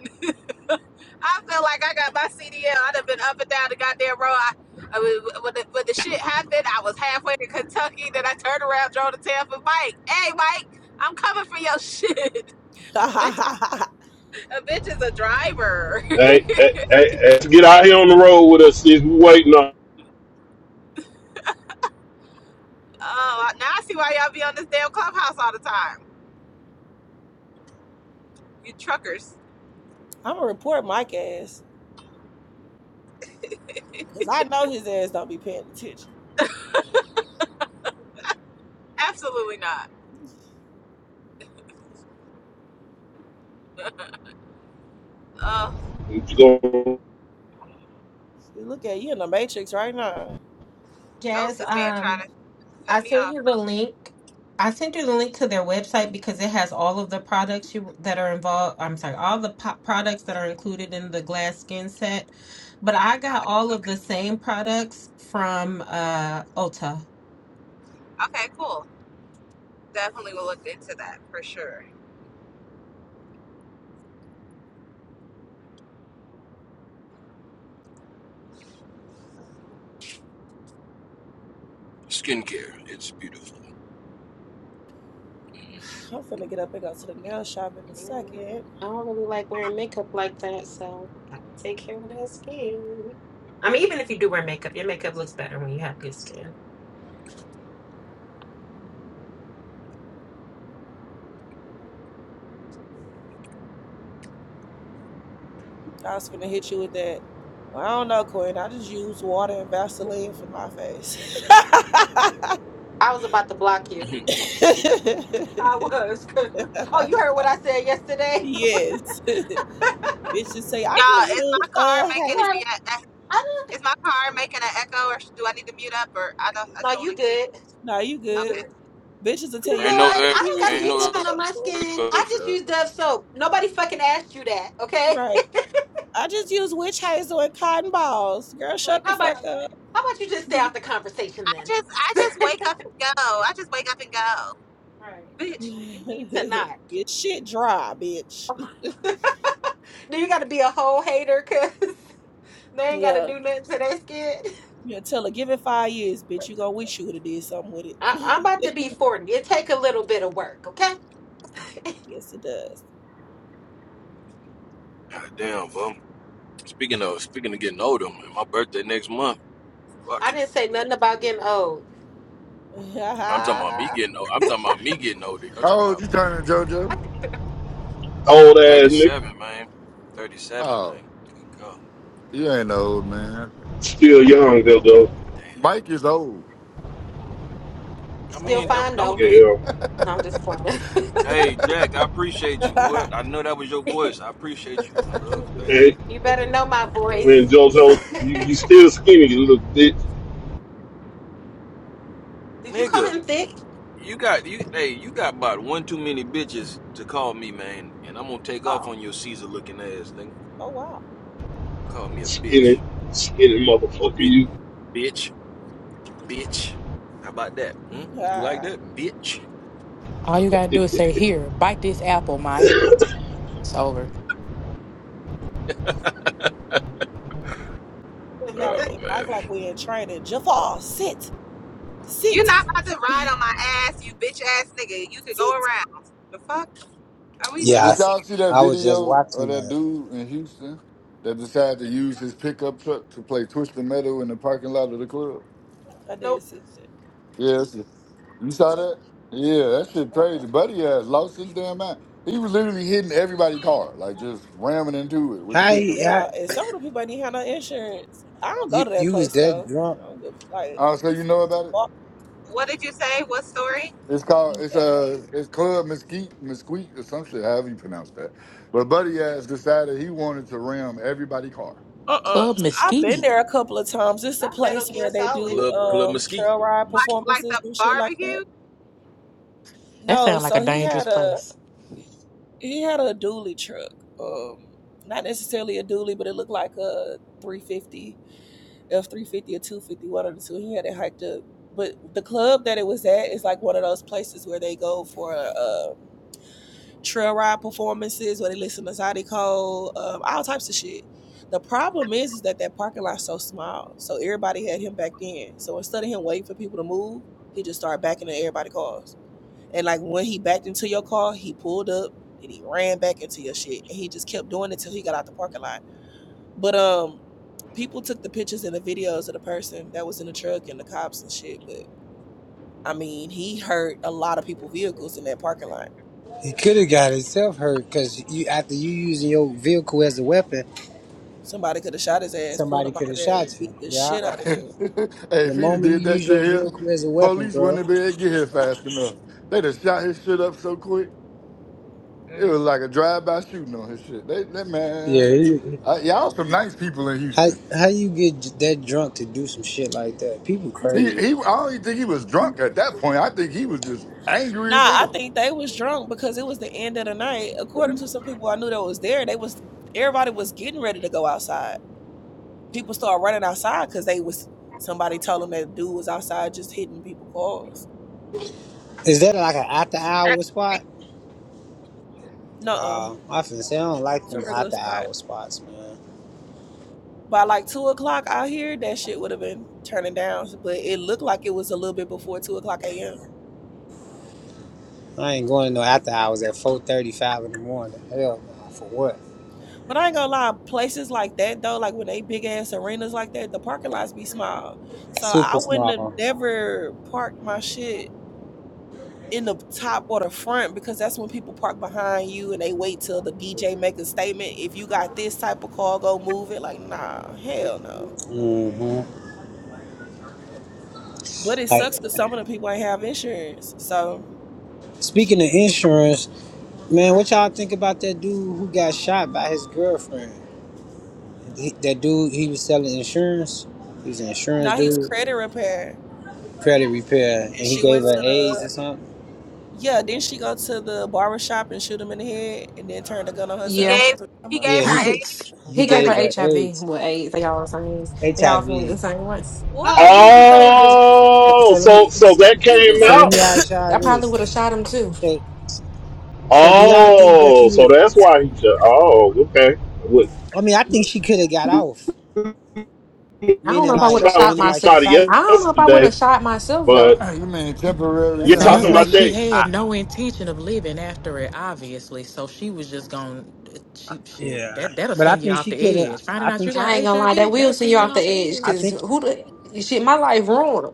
I feel like I got my CDL. I'd have been up and down the goddamn road. I, I mean, when the, when the shit happened, I was halfway to Kentucky. Then I turned around, drove to Tampa. Mike, hey, Mike, I'm coming for your shit. *laughs* a, bitch, a bitch is a driver. *laughs* hey, hey, hey, hey, get out here on the road with us. If we waiting on Oh, now I see why y'all be on this damn clubhouse all the time. You truckers. gonna report Mike ass because I know his ass don't be paying attention. Absolutely not. Oh, you, You look at you in the matrix right now. *laughs* nope, Jazz, this man um, trying to cut I me sent off. you the link. I sent you the link to their website because it has all of the products you that are involved. I'm sorry, all the po- products that are included in the glass skin set. But I got Okay, all of the same products from uh Ulta. okay, cool. Definitely will look into that for sure. skincare. It's beautiful. I'm finna get up and go to the nail shop in a Mm, second. I don't really like wearing makeup like that, so gotta take care of that skin. I mean, even if you do wear makeup, your makeup looks better when you have good skin. I was finna hit you with that. Well, I don't know, Quinn. I just use water and Vaseline for my face. *laughs* I was about to block you. Mhm. I *laughs* was. *laughs* Oh, you heard what I said yesterday? *laughs* yes. *laughs* Bitches say Y'all, I just is my use car uh making it hazel. be What? at I didn't Is my car making an echo, or do I need to mute up? Or I don't. I No, just want you to keep. good. No, you You good. Okay. good. Bitches will tell You Okay. you, ain't good. I no like, just I don't use gotta ain't use witch no nothing on my hazel. skin. I because just uh, use Dove soap. Nobody fucking asked you that, okay? *laughs* Right. I just use witch hazel and cotton balls. Girl, Like, shut the how about fuck up. how about you just stay out the conversation I then? just, I *laughs* just wake up and go. I just wake up and go, Right. bitch. Well, you need to not. *laughs* Your shit dry, bitch. *laughs* Then you gotta be a whole hater? Cause *laughs* they ain't gotta Yeah. do nothing to their skin. Yeah, tell her, give it five years, bitch. You gonna wish you would have did something with it. I, I'm about to be forty. It take a little bit of work, okay? *laughs* Yes, it does. God damn, bro. Speaking of speaking of getting older, man, my birthday next month. Fuck. I didn't say nothing about getting old. I'm talking about me *laughs* getting old. I'm talking about me getting older. I'm How talking old about you turning, JoJo? old ass nigga. 37, man. 37, man. Oh, Good God, you ain't old, man. Still young though, though. damn. Mike is old. I oh, Still mean, that. don't, fine don't though. hey, Yeah. No, I'm just fine. hey, Jack. I appreciate you. Whoever, *laughs* I know that was your *laughs* voice. I appreciate you, my *laughs* love. You Thank you, And, you better know my and voice. *laughs* JoJo, you, you still skinny, you little bitch. Did you call nigga. him thick? You got you. Hey, you got about one too many bitches to call me, man. And I'm gonna take off Oh, on your Caesar looking ass, nigga. oh, wow. Call me a Skinny, bitch, skinny motherfucker. bitch, You. bitch, bitch. How about that? Hmm? You *laughs* like that, bitch? All you gotta do *laughs* is say here, bite this apple, Mike. It's over. *laughs* You gotta Oh get man, Mike like we in training. Jafar, sit, You're sit, not about to ride on my ass, you bitch ass nigga. You could go sit. around. The fuck are we Uh, Yeah, Did doing y'all here? see that I was just video of watching that that. dude in Houston that decided to use his pickup truck to play Twisted Metal in the parking lot of the club? I did nope. sit there. Yes. You saw that? Yeah, that shit crazy. Buddy has lost his damn mind. He was literally hitting everybody's car, like just ramming into it with the How Uh, pickup he, Get how, truck. out. And some of the people ain't even have no insurance. I don't go you to that you was place that though. drunk? I don't give like Uh, so you it's know about it? What did you say? What story? It's called Yeah. it's uh it's Club Mesquite Mesquite or some shit, however you pronounce that. But Buddy has decided he wanted to ram everybody's car. uh uh-uh. uh. Club I've been Mesquite. there a couple of times. It's a Not Metal place Gear where they Solid. do club, club um mesquite, trail ride mesquite. Like performances the and shit like that. barbecue? That No, sounds like a so he dangerous had a place. he had a dually truck. Um, not necessarily a dually, but it looked like a 350 F three fifty or two fifty, one of the two. He had it hiked up. But the club that it was at is like one of those places where they go for uh, trail ride performances, where they listen to Zydeco, Cole, um, all types of shit. The problem is, is that that parking lot's so small, so everybody had him backed in. So instead of him waiting for people to move, he just started backing into everybody's cars. And like when he backed into your car, he pulled up and he ran back into your shit, and he just kept doing it till he got out the parking lot. But um, people took the pictures and the videos of the person that was in the truck and the cops and shit. But I mean, he hurt a lot of people' vehicles in that parking lot. He could have got himself hurt because you after you using your vehicle as a weapon, Somebody could have shot his ass, pulled somebody him out could of have there, and shot you. beat the Yeah, shit out *laughs* of hey, him. the if he'd have moment did you that use shit your here, vehicle as a weapon, police wouldn't bro. have been able to get here fast enough. They'd have shot his shit up so quick. It Mm-mm. was like a drive-by shooting on his shit. They, that Yeah. man, He, uh, y'all some nice people in how Houston. how you get that drunk to do some shit like that? People He, crazy. he, I don't even think he was drunk at that point. I think he was just angry Nah, as I hell. think they was drunk because it was the end of the night. According to some people I knew that was there, they was everybody was getting ready to go outside. People started running outside because they was somebody told them that dude was outside just hitting people cars. Is that like an after hour That's spot? Nuh-uh. Uh, I finna say I don't like It's a them regular after spot. hour spots, man. by like two o'clock out here, that shit would have been turning down. But it looked like it was a little bit before two o'clock a.m. I ain't going to no after hours at four thirty five in the morning. Hell, no, for what? But I ain't gonna lie, places like that though, like when they big ass arenas like that, the parking lots be small. So Super I wouldn't have small. never parked my shit in the top or the front because that's when people park behind you and they wait till the DJ make a statement. If you got this type of car, go move it. Like, nah, hell no. hmm But it Like sucks because some of the people ain't have insurance. So speaking shit. of insurance, man, what y'all think about that dude who got shot by his girlfriend? He- that dude, he was selling insurance. He's an insurance Now he's dude, credit repair. credit repair, and And he she gave went her to AIDS the or something. yeah, then she go to the barber shop and shoot him in the head and then turn the gun on He Yeah, herself. gave, That's what I'm he talking gave Yeah, he her he AIDS. Yikes. he he Y'all gave say her gave he gave her HIV. AIDS, Well, AIDS. They all the same. They all from HIV. the same race. what? Oh, he deserved it. So, Oh, so let me so He, so that he came so let deserved out. me it. about. ask y'all I probably this. would have shot him too. So so do y'all think that she Oh, was? so that's why he. ju- Oh, okay. With I mean, I think she could have got off. I don't know Meaning if I would like have shot meaning like myself. she somebody probably. I don't know if I would yesterday, have shot myself but though. Hey, you mean temporary That's you're what I'm Sounds talking saying. like about insanity? she that. had no intention of living after it, obviously. So she was just going to cheap shit. Yeah, That that'll but I send you think off she the could have. edge. Finding I out think. you she- got I ain't gonna lie. That HIV, will that'll send you send you off the off the edge I edge. because think. who the shit? My life ruined.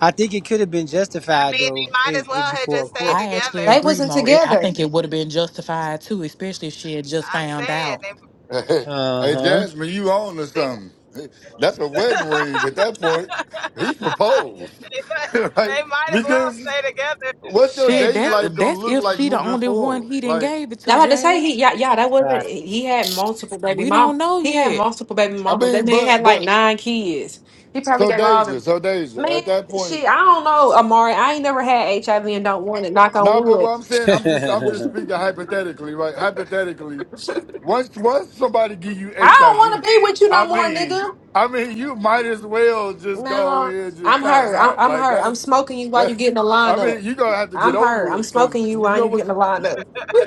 I think it could have been I justified mean, they though, might if, as if well have before a just stayed court. I actually together. They agree, wasn't Mo. It, I together. think it would have been justified too, especially if she had just I'm found saying out. *laughs* Uh hey, huh. Jasmine, you on to they. something? Hey, That's a they wedding *laughs* ring at that point. He *laughs* proposed, they, might, *laughs* like they might as well because stay together. what's your Shit, Shit, dating that's life *laughs* gonna that's look if like she the moving only one forward? he didn't Like, gave it I to, had to say he Jazz. yeah yeah that wasn't. Right. He had multiple baby We mom. don't know He had yet. multiple baby I mamas. That mean, man but had like but nine kids. He probably so gave all Deja, them. so Deja, Man, at that point. shit, I don't know, Amari. I ain't never had HIV and don't want it. Knock on No, but wood. what I'm *laughs* saying, I'm just I'm just speaking hypothetically, right? Hypothetically, *laughs* once once somebody give you I HIV, don't want to be with you no I V, I more, mean, nigga. I mean, you might as well just go in No, just I'm try to her. I'm, not I'm like her. I'm that's smoking you while you that. getting the I line up. mean, you gonna have to I'm get her. over I'm it because smoking you you while know you getting what's. the line up.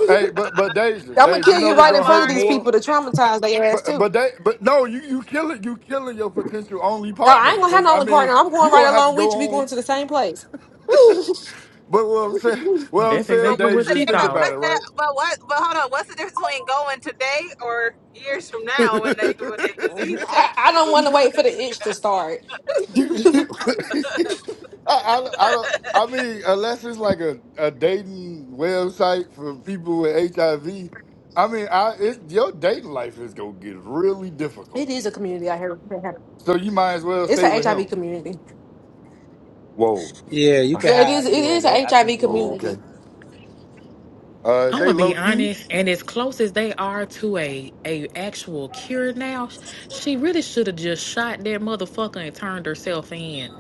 Hey, but but Deja, I'm gonna Deja, you kill know you what's right in gonna front hurt of these Amari. more. people to traumatize their ass But too. but they but no, you you killing you killing your potential only No, I partner ain't gonna have because no I only mean partner. I'm going you right gonna have to along go with you. We going on. to the same place. *laughs* But what I'm saying, I, what I'm That's saying, But exactly what's what Deja, the is she think difference? thought. about it, What's that? right? But what? But hold on. What's the difference between going today or years from Dude, now *laughs* when the, when the disease take I don't you? want to wait for the itch to start. I, I, I don't. I mean, unless it's like a, a dating website for people with HIV, I V, I mean, I it, your dating life is gonna get really difficult. It is a community out here. So you might as well It's stay an with HIV him. community. Whoa. yeah, you could Yeah, it is. have. It Yeah, is they, an I think. HIV *laughs* Yeah. okay. community. Uh, is I'm gonna they low be key? honest, and as close as they are to a a actual cure now, sh- she really should have just shot that motherfucker and turned herself in.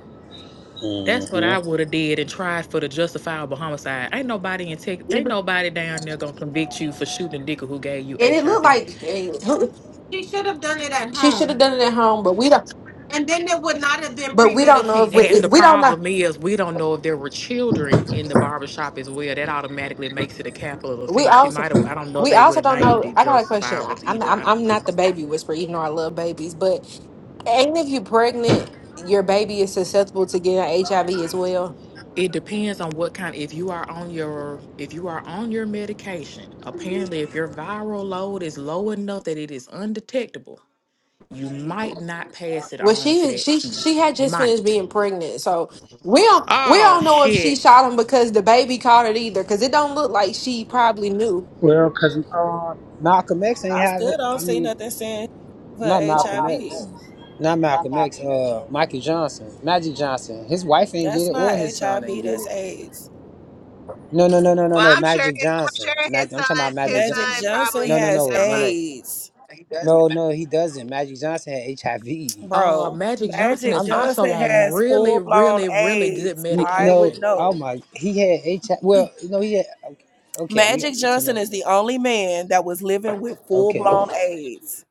That's what I Mm-hmm. would have did and tried for the justifiable homicide. Ain't nobody in tech, It- ain't And nobody down there gonna convict you for shooting a nigga who gave you it looked HIV. like eh, *laughs* He should have done it at she should have home. done it at home, but we don't. And then it would not have been But we don't know if we premeditated. And if the we don't know. problem is, we don't know if there were children in the barbershop as well. That automatically makes it a capital We offense. She also might have, I don't know if we they would also have don't named know. it I got a question. I, justifiables I'm either. I'm I don't I'm not know. the baby whisperer, even though I love babies. But ain't if you are pregnant, your baby is susceptible to getting HIV as well. It depends on what kind. If you are on your if you are on your medication, apparently if your viral load is low enough that it is undetectable, you might not pass it Well, on to she that she kid. she had You just might. finished being pregnant, so we don't we Oh don't know if she shit. shot him because the baby caught it either. Because it don't look like she probably knew. Well, cause uh, Malcolm X *coughs* ain't I have still it. don't I see mean, nothing saying for not Malcolm HIV. X, not Malcolm X. Uh, Michael Johnson, Magic Johnson. His wife ain't get That's it, not or his son ain't HIV, get that's it. AIDS. No, no, no, no, no, Well, no. I'm sure. Magic I'm Johnson. sure his Mag- I'm talking about son. His Magic. Magic Jo- son Johnson probably. no, no, has no, Never no, mind. no. AIDS, No, no, he doesn't. Magic Johnson had HIV. Uh bro. Magic Johnson Magic is I'm also Johnson on has really, full blown really, really good AIDS. n- I would no, medication. oh know. my, he had HIV. Well, no, he had. Okay, we Magic Johnson is the only man that was living with full okay, blown AIDS.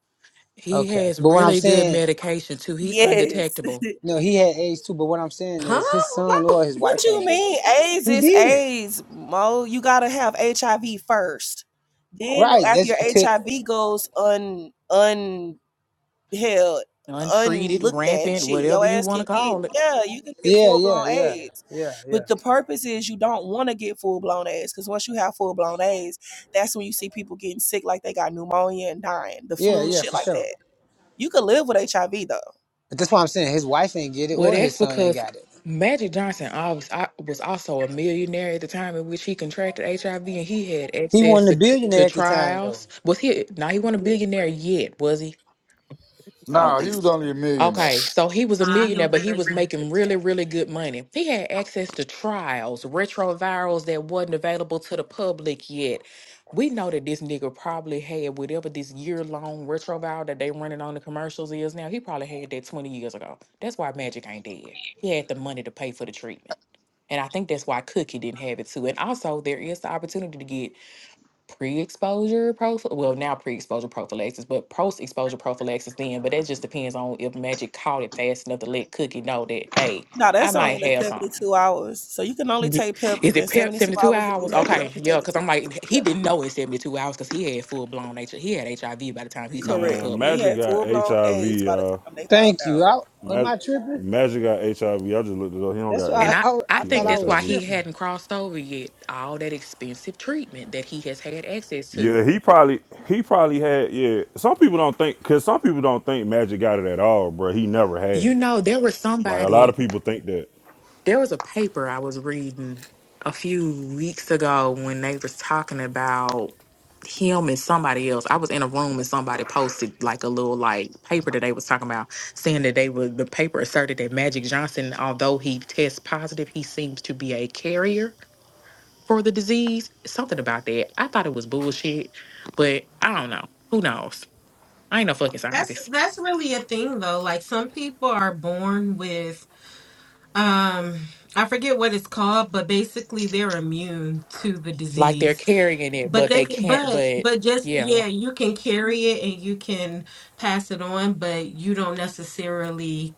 He okay. has But what I'm really good saying, medication too. He's Yes. undetectable, *laughs* no, he had AIDS too. But what I'm saying Huh? is, his son No. or his wife What you ain't did it. mean? AIDS He is did AIDS, Mo. You gotta have HIV first. Then right. after That's your to, HIV goes un un held untreated, unlooked at rampant, shit. whatever Your you ass want can to get call it. yeah, you can get yeah, full yeah, blown yeah, AIDS. yeah, yeah, But the purpose is you don't want to get full blown AIDS because once you have full blown AIDS, that's when you see people getting sick like they got pneumonia and dying, the yeah, flu, yeah, shit for like sure. that. You can live with HIV though. But that's why I'm saying his wife ain't get it Well, or that's his son ain't because got it. Magic Johnson always I, was also a millionaire at the time in which he contracted HIV, and he had He access wasn't to, a c- to billionaire at the time though. trials. Was he? Now he wasn't a billionaire yet, was he? I don't Nah, think he was only a millionaire. Okay, so he was a Nah, he millionaire, was a but he was millionaire. making really, really good money. He had access to trials, retrovirals that wasn't available to the public yet. We know that this nigga probably had whatever this year-long retroviral that they running on the commercials is now. He probably had that 20 years ago. That's why Magic ain't dead. He had the money to pay for the treatment. And I think that's why Cookie didn't have it too. And also there is the opportunity to get pre-exposure prophylaxis. Well, now pre-exposure prophylaxis, but post-exposure prophylaxis then. But that just depends on if Magic caught it fast enough to let Cookie know that, hey, No, I that's only might in the have some. 72 hours. So you can only Ye- take PEP Is it within pep 72 72 hours if hours? you have an Okay, yeah, unprotected because I'm like, he PEP. didn't know in 72 hours because he had full-blown H. I V. He had HIV by the time he told in Correct. Man, He public. Magic had got full blown HIV, AIDS by the y'all. time they found Thank you. out. I, am Mag- I tripping? Magic got HIV. I V. I just looked it up. He don't That's got And why I, I, AIDS. I, I I He got thought think I that's was why HIV. he tripping. hadn't crossed over yet. All that expensive treatment that he has had access to. Yeah, he probably he probably had yeah. Some people don't think cause some people don't think Magic got it at all, bro. He never had You it. know, there was Like a lot somebody. of people think that. There was a paper I was reading a few weeks ago when they was talking about him and somebody else. I was in a room and somebody posted like a little like paper that they was talking about, saying that they were the paper asserted that Magic Johnson, although he tests positive, he seems to be a carrier for the disease. Something about that. I thought it was bullshit, but I don't know. Who knows? I ain't no fucking That's scientist. that's really a thing though. Like some people are born with um I forget what it's called, but basically they're immune to the Like disease. they're carrying it, But but they they can, can't. but But but just yeah, yeah, you can carry it and you can pass it on, but you don't necessarily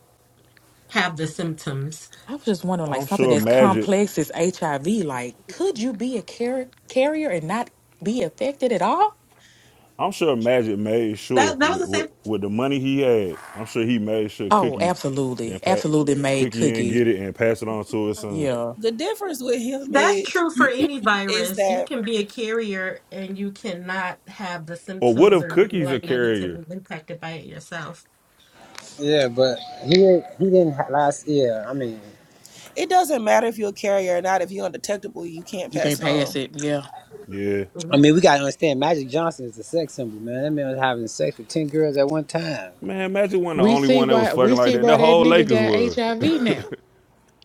have the symptoms. I was just wondering, like I'm something sure as Magic complex as HIV, like could you be a car- carrier and not be affected at all? I'm sure Magic made sure That that with was the with, same. with the money he had, I'm sure he made sure Oh, Cookie then absolutely, pat absolutely, made Cookie and cookie. get it and pass it on to his son. Yeah, The difference with him That's is, true for any is virus. You that can be a carrier and you cannot have the Or what symptoms if or be Cookie's a like carrier? negatively impacted by it yourself. Yeah, but he he didn't ha- last year. I mean, it doesn't matter if you're a carrier or not. If you're undetectable, you can't you pass can't it on. pass it. Yeah. Yeah. Mm-hmm. I mean, we gotta understand. Magic Johnson is a sex symbol, man. That man was having sex with ten girls at one time. Man, Magic wasn't the We only see one that was why we fucking like see that. why The that whole nigga Lakers got was. HIV now.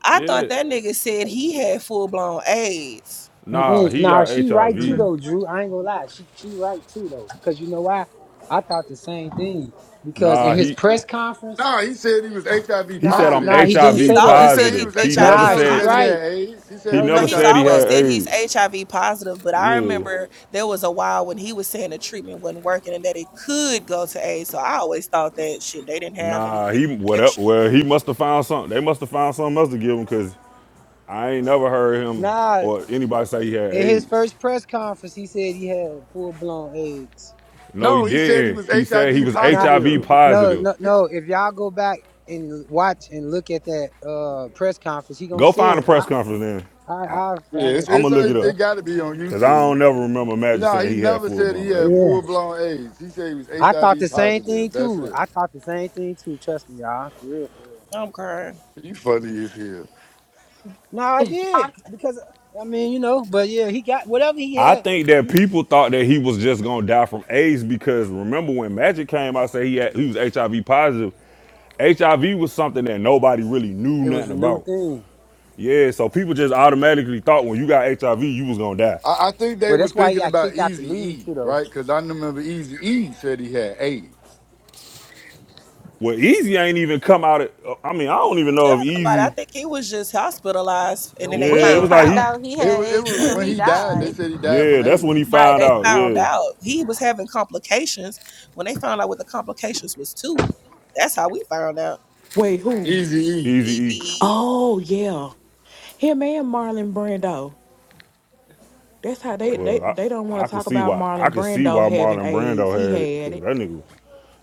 *laughs* I yeah. thought that nigga said he had full blown AIDS. Nah, Mm-mm. he Nah, got she right too HIV. Mm. though, Drew. I ain't gonna lie, she she right too though, because you know why? I thought the same thing. Because Nah, in his he press conference, Nah, he said he was HIV he said nah, I'm nah, he positive. No, didn't he's HIV say He that. always said said he he's positive. was He HIV. He never HIV Nah, never she said said he positive. had right. AIDS. He said he he No, was No, never no, he's said HIV he always had said positive. he's AIDS. HIV positive, but I Yeah. remember there was a while when he was saying the treatment wasn't working and that it could go to AIDS. So I always thought that shit, they didn't have Nah, anything he what up? extra. Well, he must have found something. They must have found something else to give him because I ain't never heard him nah. or anybody say he had In his AIDS. first press conference, he said he had full blown AIDS. No, he No, he said he didn't. was He said he HIV was Nah, HIV n- positive. n- no, positive. no, no. If y'all go back and watch and look at that uh press conference, he gonna Go say find a it. I, press conference then. I, I Yeah, finally it's, I'ma put it's it look it up, bro. up. it got to be on Cause I don't YouTube. never remember Magic No, saying he he had never full said he blown had AIDS, Yeah, full bro. blown AIDS. He said he was I thought the HIV same thing positive. That's too. it. I thought the same thing too. Trust me, y'all. For real, for real. I'm crying. You funny as hell. No, I Huh? did because I mean, you know. But yeah, he got whatever he I had. think that people thought that he was just gonna die from AIDS because remember when Magic came out said he had, he was HIV positive. HIV was something that nobody really knew It was nothing a new about. thing. Yeah, so people just automatically thought when you got HIV you was gonna die. I, I think they Well, was that's why he thinking got about kicked out the Easy league E, too, though. right? Because I remember Easy E said he had AIDS. Well, Easy ain't even come out. At, I mean, I don't even know Tell if nobody. I Easy. think he was just hospitalized and then they We Yeah, it didn't was found like find out. he. out he It had was it AIDS *clears throat* was until when he he died. They died. said he died from Yeah, that's when AIDS. he right, found they out. found Yeah, out he was having complications. When they found out what the complications was too, that's how we found out. Wait, Right. who? Easy E. Easy Easy E. E. EDE. Oh, yeah, him and Marlon Brando. That's how they they Well, Mm. they don't want I I to could talk see about why I Marlon could see Brando why having Marlon AIDS. Brando He had it had because it. that nigga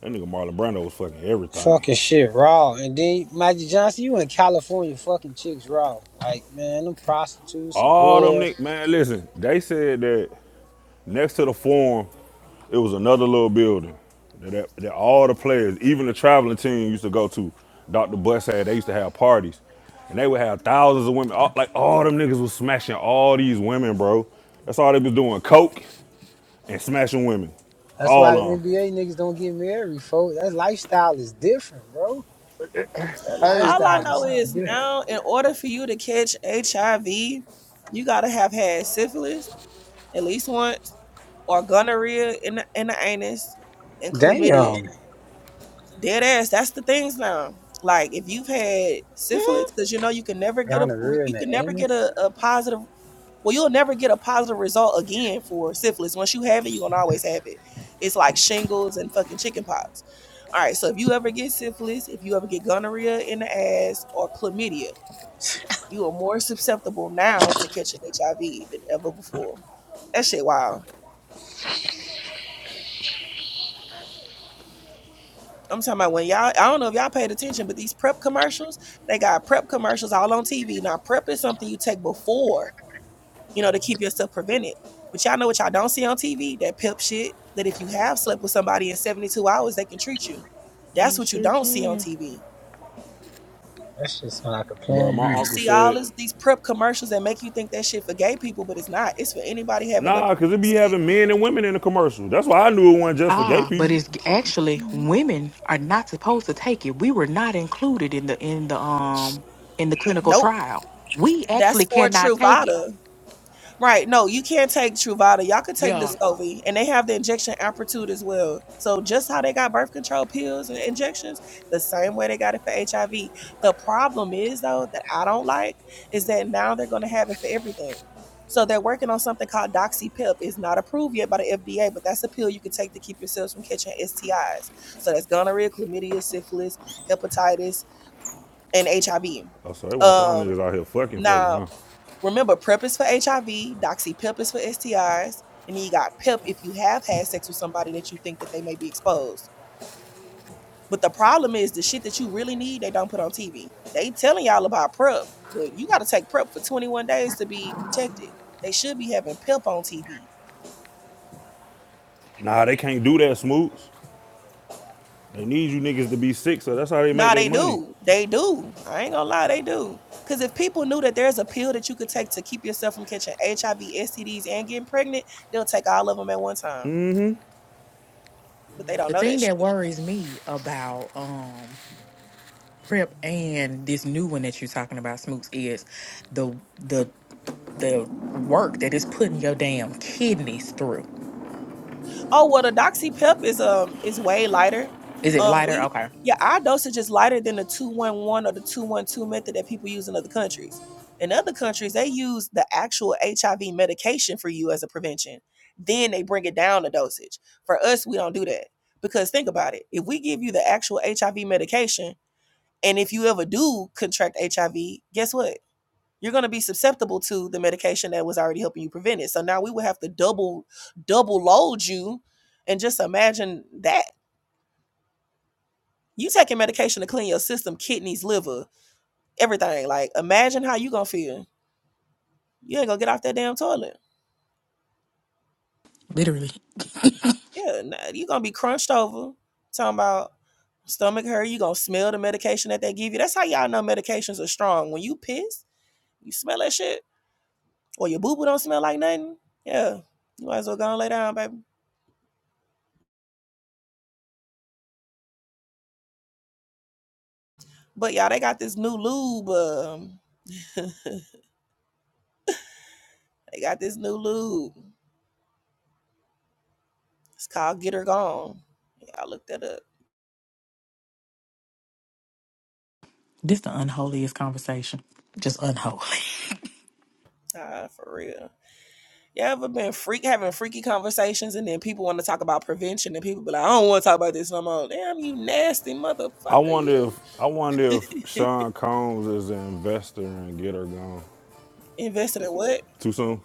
that nigga Marlon Brando was fucking everything. Fucking shit, raw. And then Magic Johnson, you in California, fucking chicks raw. Like man, them prostitutes and All them whores. niggas, man. Listen, they said that next to the forum, it was another little building that, that all the players, even the traveling team, used to go to. Dr. Bus had they used to have parties, and they would have thousands of women. All, like all them niggas was smashing all these women, bro. That's all they was doing, coke and smashing women, That's why all the of them, NBA niggas don't get married, folks. That lifestyle is different, bro. That Hey, All I lifestyle is know something is different. now, in order for you to catch HIV, you gotta have had syphilis at least once, or gonorrhea in the, in the anus, and chlamydia. Damn. Dead ass. That's the things now. Like if you've had *laughs* syphilis, Huh? because you know you can never get a Gonorrhea in you the can never get anus. a, a positive. Well, you'll never get a positive result again for syphilis. Once you have it, you're gonna always have it. It's like shingles and fucking chickenpox. All right, so if you ever get syphilis, if you ever get gonorrhea in the ass or chlamydia, you are more susceptible now to catching HIV than ever before. That shit wild. I'm talking about when y'all, I don't know if y'all paid attention, but these prep commercials, they got prep commercials all on TV. Now, prep is something you take before, you know, to keep yourself prevented. But y'all know what y'all don't see on TV? That pep shit that if you have slept with somebody in 72 hours, they can treat you. That's They what you sure don't see on can. TV. That's just like a bro. plan B. My You uncle see all said this, these prep commercials that make you think that shit for gay people, but it's not. It's for anybody having up. Nah, cause it be having men and women in the commercial. That's why I knew it wasn't just for gay Ah, but people. it's g- actually Mm-hmm. women are not supposed to take it. We were not included in the in the um in the clinical Nope trial. We That's actually for cannot take it. Truvada. Right. No, you can't take Truvada. Y'all could take Yeah. Descovy. And they have the injection amplitude as well. So just how they got birth control pills and injections, the same way they got it for HIV. The problem is though, that I don't like is that now they're gonna have it for everything. So they're working on something called DoxyPip. It's not approved yet by the FDA, but that's a pill you can take to keep yourselves from catching STIs. So that's gonorrhea, chlamydia, syphilis, hepatitis, and HIV. Oh, so they want y'all Um niggas out here fucking, fucking, now huh? Remember, PrEP is for HIV, DoxyPIP is for STIs, and then you got PIP if you have had sex with somebody that you think that they may be exposed. But the problem is the shit that you really need, they don't put on TV. They telling y'all about PrEP, but you got to take PrEP for 21 days to be protected. They should be having PIP on TV. Nah, they can't do that, Smoots. They need you niggas to be sick, so that's how they make Nah, their they money. do. They do. I ain't gonna lie, they do. Because if people knew that there's a pill that you could take to keep yourself from catching HIV, STDs, and getting pregnant, they'll take all of them at one time. But they don't The know that thing shit. that worries me about um prep and this new one that you're talking about, Smoots, is the the the work that is putting your damn kidneys through. Oh well, the Doxy Pep is um is way lighter. Is it Um, lighter? we Okay. yeah, our dosage is lighter than the two one one or the two one two method that people use in other countries. In other countries, they use the actual HIV medication for you as a prevention. Then they bring it down the dosage. For us, we don't do that because think about it. If we give you the actual HIV medication, and if you ever do contract HIV, guess what? you're going to be susceptible to the medication that was already helping you prevent it. So now we would have to double double load you, and just imagine that you taking medication to clean your system, kidneys, liver, everything. Like imagine how you gonna feel. You ain't gonna get off that damn toilet. Literally. *laughs* Yeah, nah, you gonna be crunched over. Talking about stomach hurt. You gonna smell the medication that they give you. That's how y'all know medications are strong. When you piss, you smell that shit, or your boo boo don't smell like nothing. Yeah, you might as well go and lay down, baby. But y'all, they got this new lube. Um, they got this new lube. It's called Get Her Gone. Y'all look that up. this the unholiest conversation. Just unholy. Ah, for real. You ever been freak having freaky conversations and then people want to talk about prevention and people be like, I don't want to talk about this no more. Damn, you nasty I motherfucker. wonder You if I wonder if Sean Combs is an investor and get her gone. invested in what? Too soon?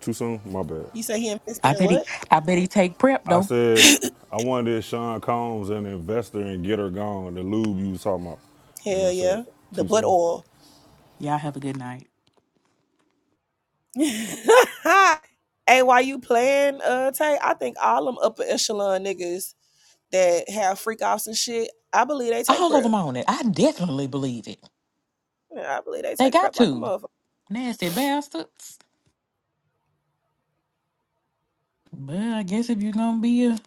Too soon? My bad. You say he invested I in bet he what? I bet he take prep I though. *coughs* said I wonder if Sean Combs an investor and get her gone. The lube you was talking about, *laughs* and I Hell said yeah. The too butt soon. oil. Y'all have a good night. *laughs* hey, why you playing, uh, Tay? I think all them upper echelon niggas that have freak offs and shit, I believe they take All of prep. them on it. I definitely believe it. Yeah, I believe they They take got prep like a to. motherfucker. Nasty bastards. But I guess if you're gonna be a,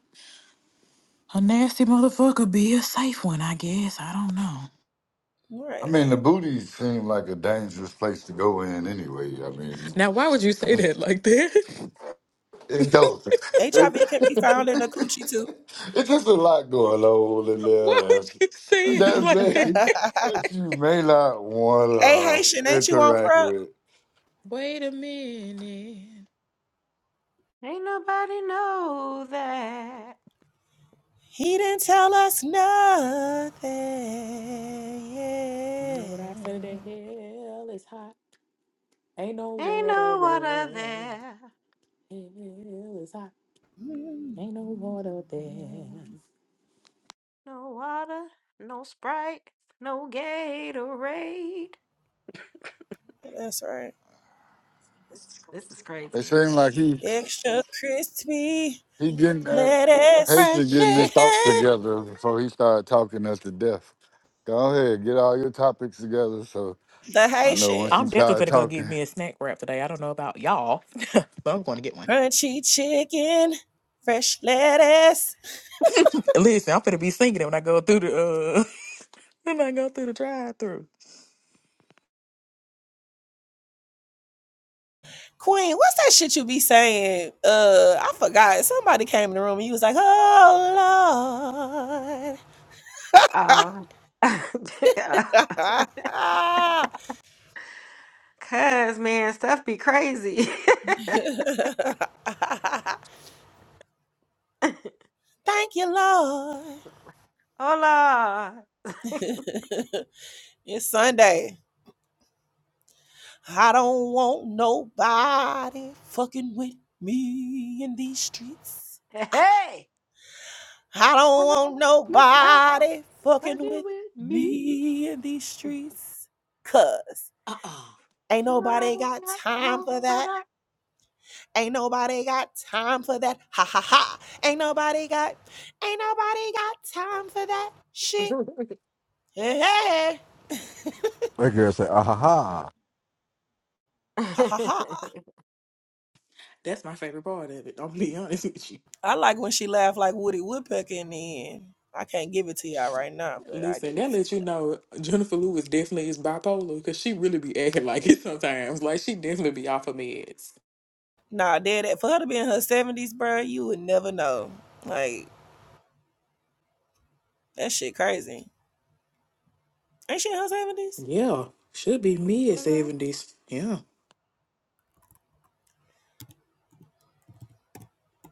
a nasty motherfucker, be a safe one, I guess. I don't know. All I Right. mean the booty seemed like a dangerous place to go in anyway. I mean, Now why would you say that like that? It *laughs* don't. It, HIV *laughs* can be found in a coochie too. it's just a lot going on in why there would that's, you say it that *laughs* hey like that? may that you may not want Haitian, to ain't you on interact prep? with. Wait a minute. Ain't nobody know that. He didn't tell us nothing. You know Yeah. what I say? That hell is hot. Ain't no Ain't water no water there. there. Hell is hot. Ain't no water there. No water. No Sprite. No Gatorade. That's right. This is It crazy. seemed like he Extra crispy he getting that lettuce. Haitian Fresh getting his *laughs* thoughts chicken. together before he started talking us to death. Go ahead, get all your topics together. So The I know once Haitian. he I'm started definitely gonna go get talking. me a snack wrap today. I don't know about y'all, but I'm going to get one. Crunchy chicken. Fresh lettuce. *laughs* Listen, I'm gonna be singing it when I go through the uh *laughs* when I go through the drive through. Queen, what's that shit you be saying? Uh, I forgot. Somebody came in the room and you was like, "Oh Lord, Um, *laughs* *laughs* cuz man, stuff be crazy. *laughs* thank you, Lord." Hola, *laughs* it's Sunday. I don't want nobody fucking with me in these streets. hey, I I don't don't want know about nobody fucking you with with me, me in these streets. Cause Uh-uh. ain't and I nobody don't got like time how for that. fat I- Ain't nobody got time for that. Ha ha ha. Ain't nobody got, ain't nobody got time for that shit. Hey, hey. That girl said, ah ha ha. Ha ha *laughs* ha. That's my favorite part of it. I'm gonna be *laughs* honest with you. I like when she laughed like Woody Woodpecker in the end. I can't give it to y'all right now, but I Listen, give it that to lets you you. know Jennifer Lewis definitely is bipolar because she really be acting *laughs* like it sometimes. Like she definitely be off of meds. Nah, dead at for her to be in her seventies, bro. you would never know. Like that shit crazy. Ain't she in her seventies? Yeah, should be mid Mhm. seventies. Yeah.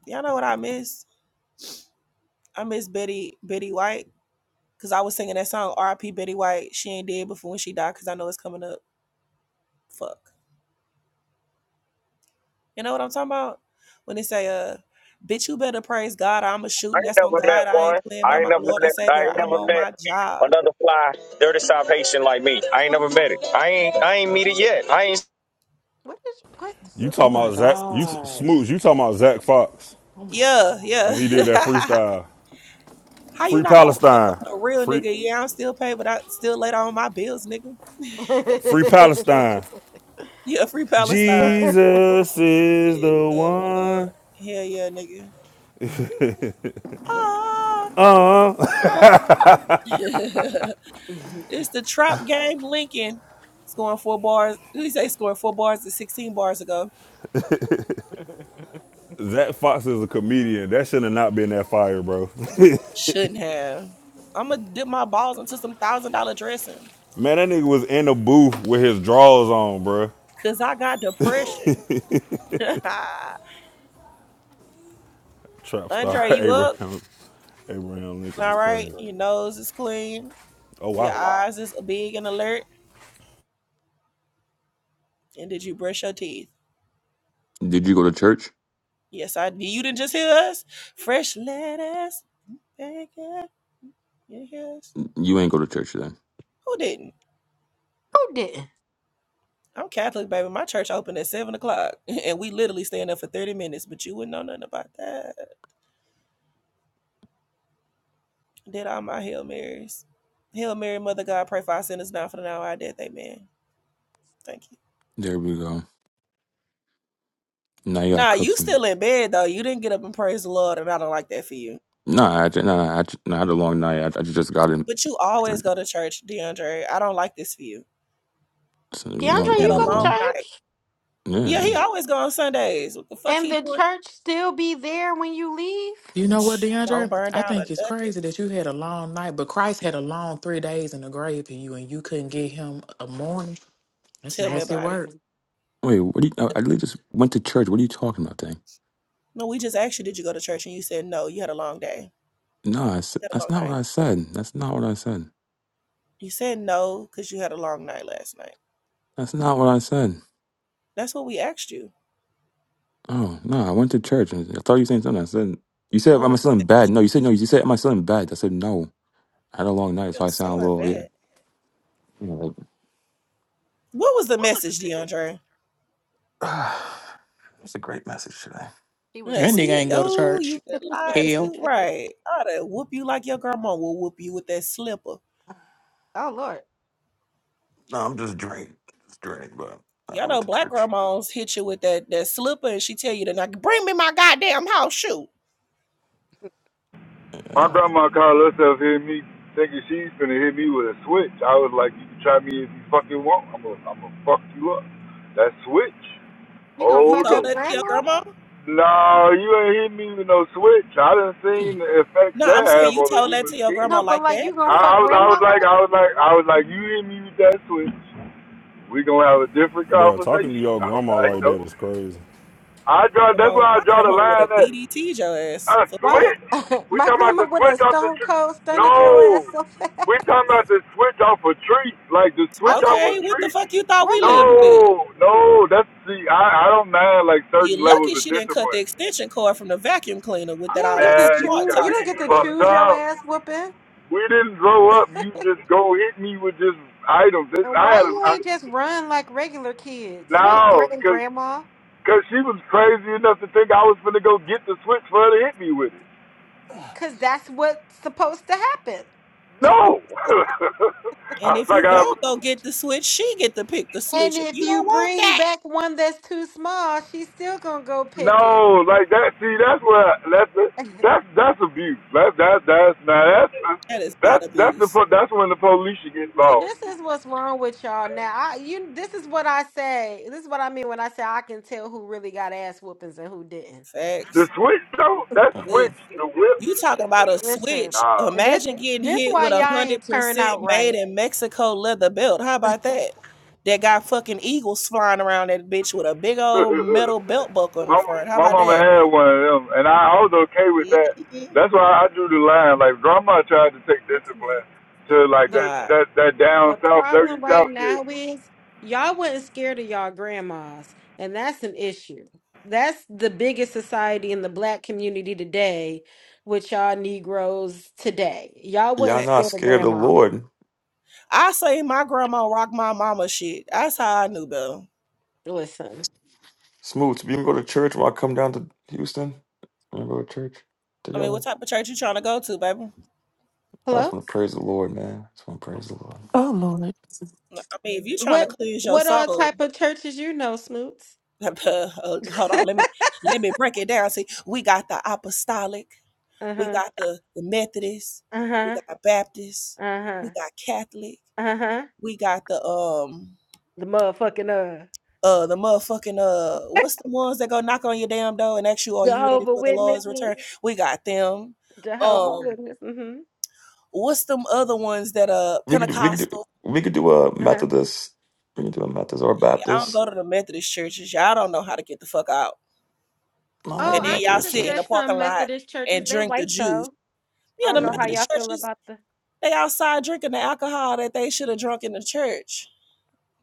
Y'all know what I miss? I miss Betty Betty White because I was singing that song R.I.P. Betty White. She ain't dead before when she died because I know it's coming up. Fuck. You know what I'm talking about? When they say, uh, bitch, you better praise God. I'm a I shooting. ain't That's on never met God. I one. ain't playing by I ain't my never Lord and met. I Savior. ain't I'm never on met my job. another fly dirty South Haitian like me. I ain't never met it. I ain't. I ain't meet it yet. I ain't. What is what? You What the Oh What? talking fuck my about is Zach? this? You t- god. Smoots? You talking about Zach Fox? Oh my Yeah, god. When he did that yeah. freestyle, *laughs* How you free not gonna fuck Palestine, on a real free nigga? Yeah, I'm still paid, but I still later on my bills, nigga. *laughs* free Palestine. *laughs* Yeah, free Who Palestine. Jesus is It's the the one. one. Hell yeah, nigga. *laughs* it's the trap game Lincoln scoring four bars. Who you say scoring four bars to 16 bars ago? That Fox is a comedian. That should have not been that fire, bro. *laughs* Shouldn't have. I'm gonna dip my balls into some thousand dollar dressing Man, that nigga was in the booth with his drawers on, bro. because I got depression. *laughs* Trap star Andre, *laughs* you up? Abraham Abraham Lincoln is All right. crazy. Your nose is clean. Oh Your wow, eyes is big and alert. And did you brush your teeth? Did you go to church? Yes, I did. You didn't just hear us? Fresh lettuce. Bacon. You You ain't go to church then. Who didn't? did? I'm Catholic, baby. My church opened at 7 o'clock. *laughs* And we literally staying there for 30 minutes, but you wouldn't know nothing about that. Did all my Hail Marys. Hail Mary, Mother God, pray for our sinners now for the hour of our death. Amen. Thank you. There we go. Now you got to Nah, cook you for me. still in bed though. You didn't get up and praise the Lord, and I don't like that for you. Nah, I, ju- nah, I, ju- nah, I had a long night. I, I just got in. But you always go to church, DeAndre. I don't like this for you. So, you know, You like, DeAndre, you had you know, a like, go to long what? night. church, Yeah, Yeah. he always go on Sundays. What the fuck and he the doing? church still be there when you leave? You know what, Don't DeAndre? burn I down or think it's nothing. crazy that you had a long night, but Christ had a long three days in the grave for you, and you couldn't get him a morning. That's Tell me That's nasty about it. work. crazy. Wait, what do you, I, I literally just went to church. What are you talking about, thing? No, we just asked you, did you go to church? And you said no. You had a long day. No, I, s- You had a that's long not what night. I said. That's not what I said. You said no because you had a long night last night. That's not what I said. That's what we asked you. Oh, no, I went to church. and I thought you were saying something. I said, you said, What am I was the still in thing? bed? No, you said, no, you said, am I still in bed? I said, no. I had a long night, Your so I sound a son little yeah. bad. You know, What was the message, DeAndre? like, *sighs* it's a great message today. She was Like, That nigga See asleep. you. ain't go to Oh, church. you been *laughs* lied to, right? I done whoop you like your grandma will whoop you with that slipper. oh Lord, No, I'm just drained, just drained. But I Y'all went know to black church, grandmas hit you with that that slipper, and she tell you to not bring me my goddamn house shoe. and My uh, grandma called herself hit me thinking she's finna hit me with a switch. I was like, you can try me if you fucking want. I'm gonna I'm gonna fuck you up. That switch. you gonna You Oh fuck told no. up that to your grandma? grandma? No, you ain't hit me with no switch. I done seen the effects No, that I'm saying have you on the told that human to your skin. No, grandma but like like that. you I, gonna I fuck was I was grandma like up? I was like I was like you hit me with that switch. We gonna have a different bro, talking to conversation. your *laughs* I'm grandma like, like no. that is crazy. I draw. That's Grandma, why I my draw the grandma would have line at. DDT'd your ass A for Why? fun. switch? *laughs* We My talking about grandma the would switch have off the stone tree? cold stunned your No. ass so *laughs* fast. We talking about the switch off a tree, like the I switch off know a Okay, what the tree. fuck you thought what we right. lived with? No, no. That's see, I I don't mind like certain You levels lucky of she didn't cut the discipline. extension cord from the vacuum cleaner with You that don't all get that to Man, you smart choose. gotta You be talking don't you get to doing. fucked choose your up. ass whooping. We didn't grow up. You just go hit me with just items. This, And I why had a you I, ain't just run like regular kids? You ain't no, threaten because grandma, because she was crazy enough to think I was gonna go get the switch for her to hit me with it. cause that's what's supposed to happen. No. *laughs* I And was if like you I don't go get the switch, she get to pick the And switch. if You don't you want bring that. back one that's too small, she's still gonna go pick it. No, like that. See, that's what that's *laughs* that's that's abuse. That's that's that's now that's That is not that's that's the abuse. po- that's when the police should get See, involved. this is what's wrong with y'all now. I, you, this is what I say. This is what I mean when I say I can tell who really got ass whoopings and who didn't. The Facts. switch though, that mm-mm. switch, the whip. You talking about a Listen, switch. Nah, this, Imagine getting this hit why with a y'all hundred ain't turn out percent made right. in Mexico leather belt. How about that? That got fucking eagles flying around that bitch with a big *laughs* old metal belt buckle in the my front. How my about mama that? had one of them, and I, I was okay with that. Mhm. That's why I drew the line. Like grandma tried to take discipline Listen, to like The, that Nah. that that the down south dirty problem south right shit. now is y'all wasn't scared of y'all grandmas, and that's an issue. That's the biggest society in the black community today, with y'all Negroes today. Y'all y'all wasn't not scared of scared of the grandma. Lord. I say my grandma rock my mama shit. That's how I knew better. Listen, Smooth, you can go to church while I come down to Houston. We go to church I mean, together. what type of church you trying to go to, baby? I just hello. want to praise the Lord, man. I just want to praise the Lord. Oh, Lord. Nah, I mean, if you trying to What cleanse your what all soul, type of churches you know, Smoots? *laughs* uh, hold *laughs* on, let me let me break it down. See, we got the apostolic. We Uh-huh. got the, the Methodists, we Uh-huh. got Baptists, Uh-huh. we got Catholic, Uh-huh. we got the um The motherfucking uh uh the motherfucking uh what's the ones that go knock on your damn door and ask you are you ready Jehovah for the Lord's return? Witnesses. We got them. Jehovah Um Witness. Mm-hmm. what's them other ones that uh We could do, we could do, Pentecostal? we could do a Uh-huh. Methodist. We could do a Methodist or a Yeah, I don't Baptist. go to the Methodist churches. Y'all don't know how to get the fuck out. Not like a Oh, And then I can y'all Methodist sit in the church. suggest parking some lot Methodist and churches. They drink the white juice. though. I Yeah, the don't know Yeah, how Methodist y'all feel churches, about the they outside drinking the alcohol that they should have drunk in the church.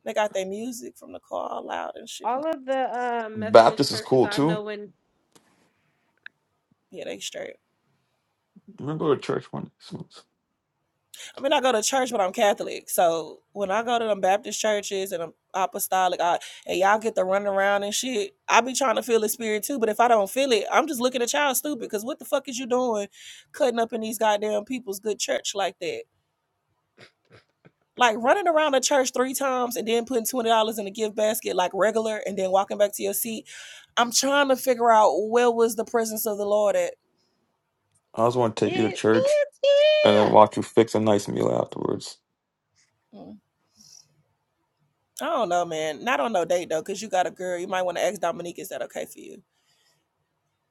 They got their music from the car all loud and shit. Mm, all of the um Methodist Baptist is churches cool I too. know in Yeah, they straight. We can go to church one. day. I mean, I go to church, but I'm Catholic. So when I go to them Baptist churches and them apostolic, I, and y'all get the run around and shit, I be trying to feel the spirit too. But if I don't feel it, I'm just looking at y'all stupid. Because what the fuck is you doing cutting up in these goddamn people's good church like that? Like running around the church three times and then putting $20 in the gift basket like regular and then walking back to your seat I'm trying to figure out where was the presence of the Lord at. I just want to take you to it church is and then here. watch you fix a nice meal afterwards. Mm. I don't know, man. Not on no date though, because you got a girl. You might want to ask Dominique, is that okay for you?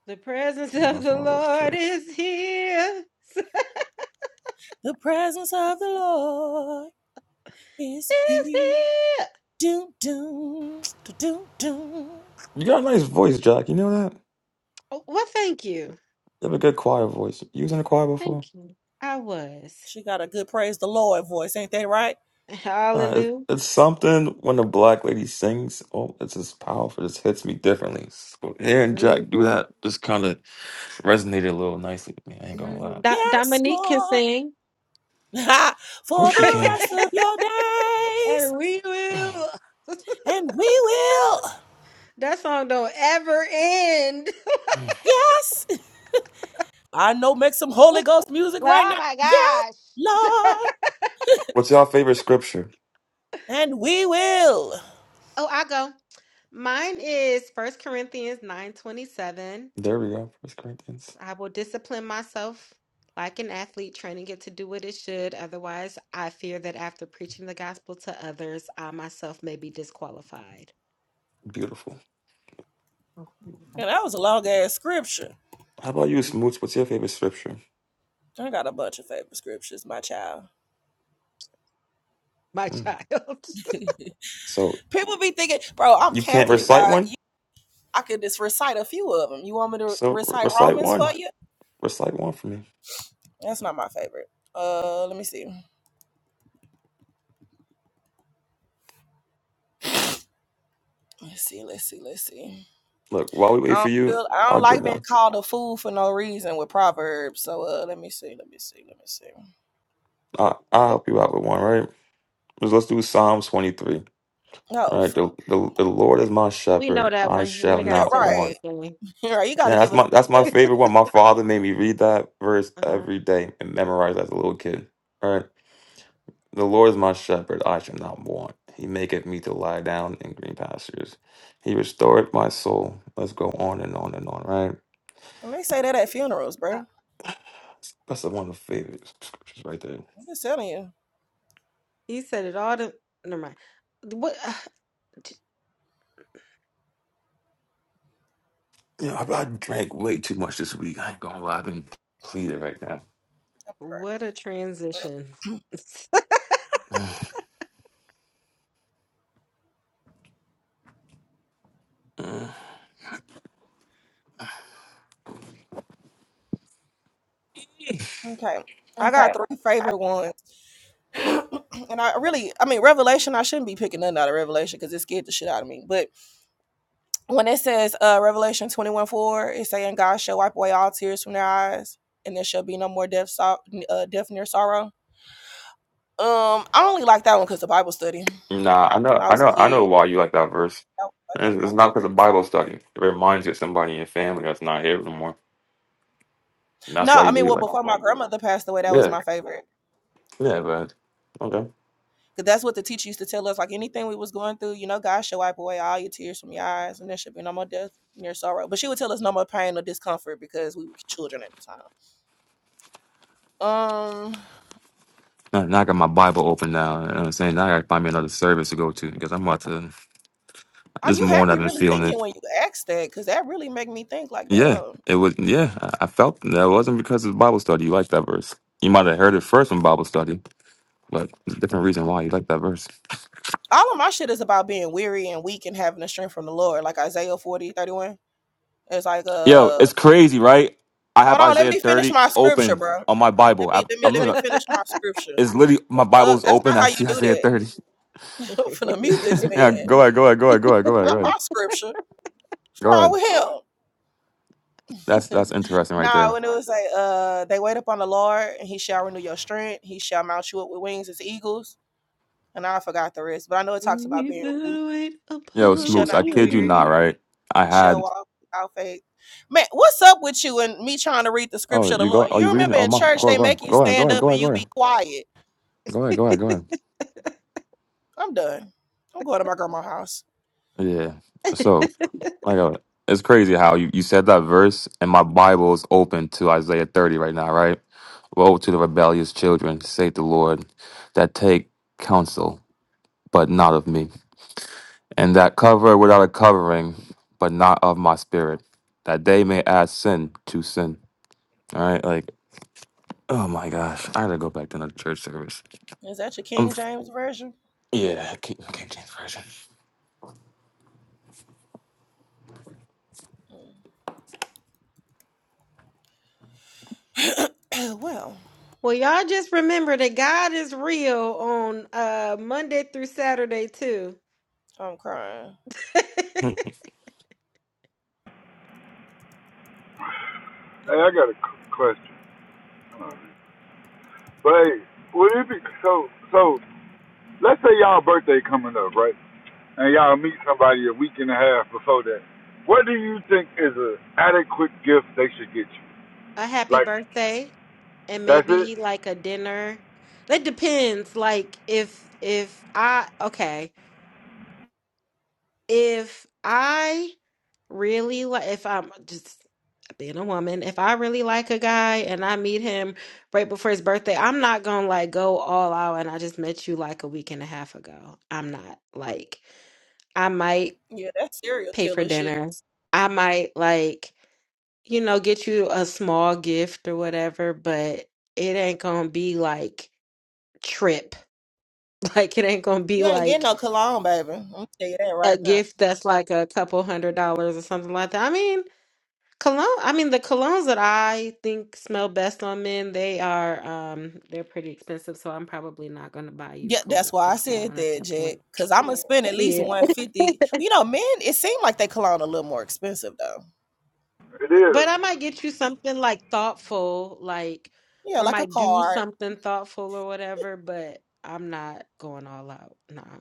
The presence And of that's the want to go to Lord church. is here. *laughs* Is The presence of the Lord is here. here. Do do do do do. You got a nice voice, Jack. You know that? Oh, well, thank you. You have a good choir voice. You was in a choir before? Thank you. I was. She got a good praise the Lord voice, ain't that right? *laughs* Nah, it, Hallelujah. it's something when a black lady sings. Oh, it's just powerful. It just hits me differently. So hearing Jack do hmm that just kind of resonated a little nicely with me. I ain't gonna *laughs* lie. Of Yes, Dominique can Lord. sing. *laughs* for course *laughs* you the can. rest of your days. and we will. *laughs* And we will, That song don't ever end. yes, I know, make some Holy *laughs* Ghost music Well, right oh now. my Yeah, gosh. Lord, What's your favorite scripture? and we will. *laughs* oh, I go. Mine is First Corinthians 9:27. There we go. First Corinthians. I will discipline myself like an athlete training it to do what it should. Otherwise, I fear that after preaching the gospel to others, I myself may be disqualified. Beautiful. And that was a long ass scripture. How about you, Smoots? What's your favorite scripture? I got a bunch of favorite scriptures, my child. My Mm. child. *laughs* So People be thinking, bro, I'm you can't Catholic, recite dog. one? You, I could just recite a few of them. You want me to So re- recite recite Romans for one. you? Recite one for me. That's not my favorite. Uh, let me see. Let's see. Let's see. Let's see. Look, while we wait I for don't you, feel I I'll don't give like being one. called a fool for no reason with proverbs. So uh, let me see, let me see, let me see. I I'll help you out with one, right? Let's, let's do Psalms twenty three. No, All f- right, the, the the Lord is my We know shepherd; that I one. You shall ain't gotta yeah, not say the right, want. whole thing. *laughs* right. You got to Yeah, that's give us my that's something. my else. favorite one. My father made me read that verse Uh-huh. every day and memorize as a little kid. All right, the Lord is my shepherd; I shall not want. He maketh me to lie down in green pastures. He restored my soul. Let's go on and on and on. Right, And they say that at funerals, bro. Uh, that's one of the favorite scriptures right there. I'm just telling you. he said it all. The never mind. What? *sighs* t- You know, I, I drank way too much this week. I ain't gonna lie, I've been depleted right now. what a transition. *sighs* Mm. Okay, I Okay. got three favorite ones, *coughs* *clears throat* and I really, I mean, Revelation. I shouldn't be picking nothing out of Revelation because it scared the shit out of me. But when it says uh, Revelation twenty one four, it's saying God shall wipe away all tears from their eyes, and there shall be no more death, so- uh, death near sorrow. Um, I only like that one because the Bible study. nah, I know, when I I was a know, I know kid. why you like that verse. That was like one of It's, it's my not because of favorites. Bible study. It reminds you of somebody in your family that's not here anymore, and that's No, why I you mean, really well, like. before my grandmother passed away, that was Yeah, my favorite. yeah, but okay. Cause that's what the teacher used to tell us. Like anything we was going through, you know, God shall wipe away all your tears from your eyes, and there should be no more death near sorrow. But she would tell us no more pain or discomfort because we were children at the time. Um, Now, now I got my Bible open now. You know what I'm saying now I gotta find me another service to go to because I'm about to. oh, This you had morning I've me been really feeling thinking it. when you asked that, cause that really make me think. Like, Yeah, damn, it was. Yeah, I, I felt that it wasn't because of Bible study. You like that verse. You might have heard it first from Bible study. But there's a different reason why you like that verse. all of my shit is about being weary and weak and having the strength from the Lord. Like Isaiah forty thirty one. It's like Yo, uh it's crazy, right? I have Hold on, let Isaiah me finish 30 my scripture, open bro. on my Let Bible. me I, let me *laughs* I'm let me looking. finish my scripture. It's literally my The fuck? Bible's That's open. not I how you see do Isaiah that. 30. *laughs* I'm finna mute this *laughs* yeah, man. go ahead, go ahead, go ahead, go ahead, go ahead, go Not ahead, my scripture. What's go wrong ahead. with That's him? that's interesting *laughs* right there. nah, when it was like, uh, they wait upon the Lord and he shall renew your strength. He shall mount you up with wings as eagles. And I forgot the rest, but I know it talks about You being weak. better wait Yo, You upon shall the Smoots, I not be kid you weary. not, Lord. right? I You shall had. walk without faith. Man, what's up with you and me trying to read the Oh, scripture of the you go. Lord? Oh, you You reading? remember Oh, in my. church Go ahead, they go ahead, make you go ahead, go stand ahead, go up and ahead, go you ahead, be quiet. go ahead, go ahead, go ahead. I'm done. I'm going to my grandma's house. Yeah. so, *laughs* Like, uh, it's crazy how you, you said that verse, and my Bible is open to Isaiah 30 right now, right? Woe to the rebellious children, saith the Lord, that take counsel, but not of me, and that cover without a covering, but not of my spirit, that they may add sin to sin. All right, like, oh my gosh, I gotta go back to another church service. Is that your I'm, King f- James version? yeah, King, King James Version. Mm. *clears throat* well, Well, y'all just remember that God is real on uh Monday through Saturday too. I'm crying. *laughs* A Hey, I got a c- question. But hey, would it be so so? Let's say y'all birthday coming up, right? and y'all meet somebody a week and a half before that. What do you think is an adequate gift they should get you? happy Like birthday and that's it. maybe like a dinner. That depends. Like if if I okay. if I really like, if I'm just being a woman, if I really like a guy and I meet him right before his birthday, I'm not gonna like go all out and I just met you like a week and a half ago. I'm not like, I might Yeah, that's serial pay for killer shit. dinner. I might like, you know, get you a small gift or whatever, but it ain't gonna be like trip. *laughs* Like, it ain't gonna be You ain't getting like no cologne, baby. I'm gonna tell you that right a now. gift that's like a couple hundred dollars or something like that. I mean, Cologne, I mean the colognes that I think smell best on men, they are um they're pretty expensive, so I'm probably not going to buy you a Yeah, that's col- why a I said cologne at that, that Jack. point. Cause I'm gonna spend at least Yeah. one fifty. *laughs* You know, men. It seemed like they cologne a little more expensive though. It is. But I might get you something like thoughtful, like Yeah, or like a might do card. something thoughtful or whatever, but I'm not going all out. Nah.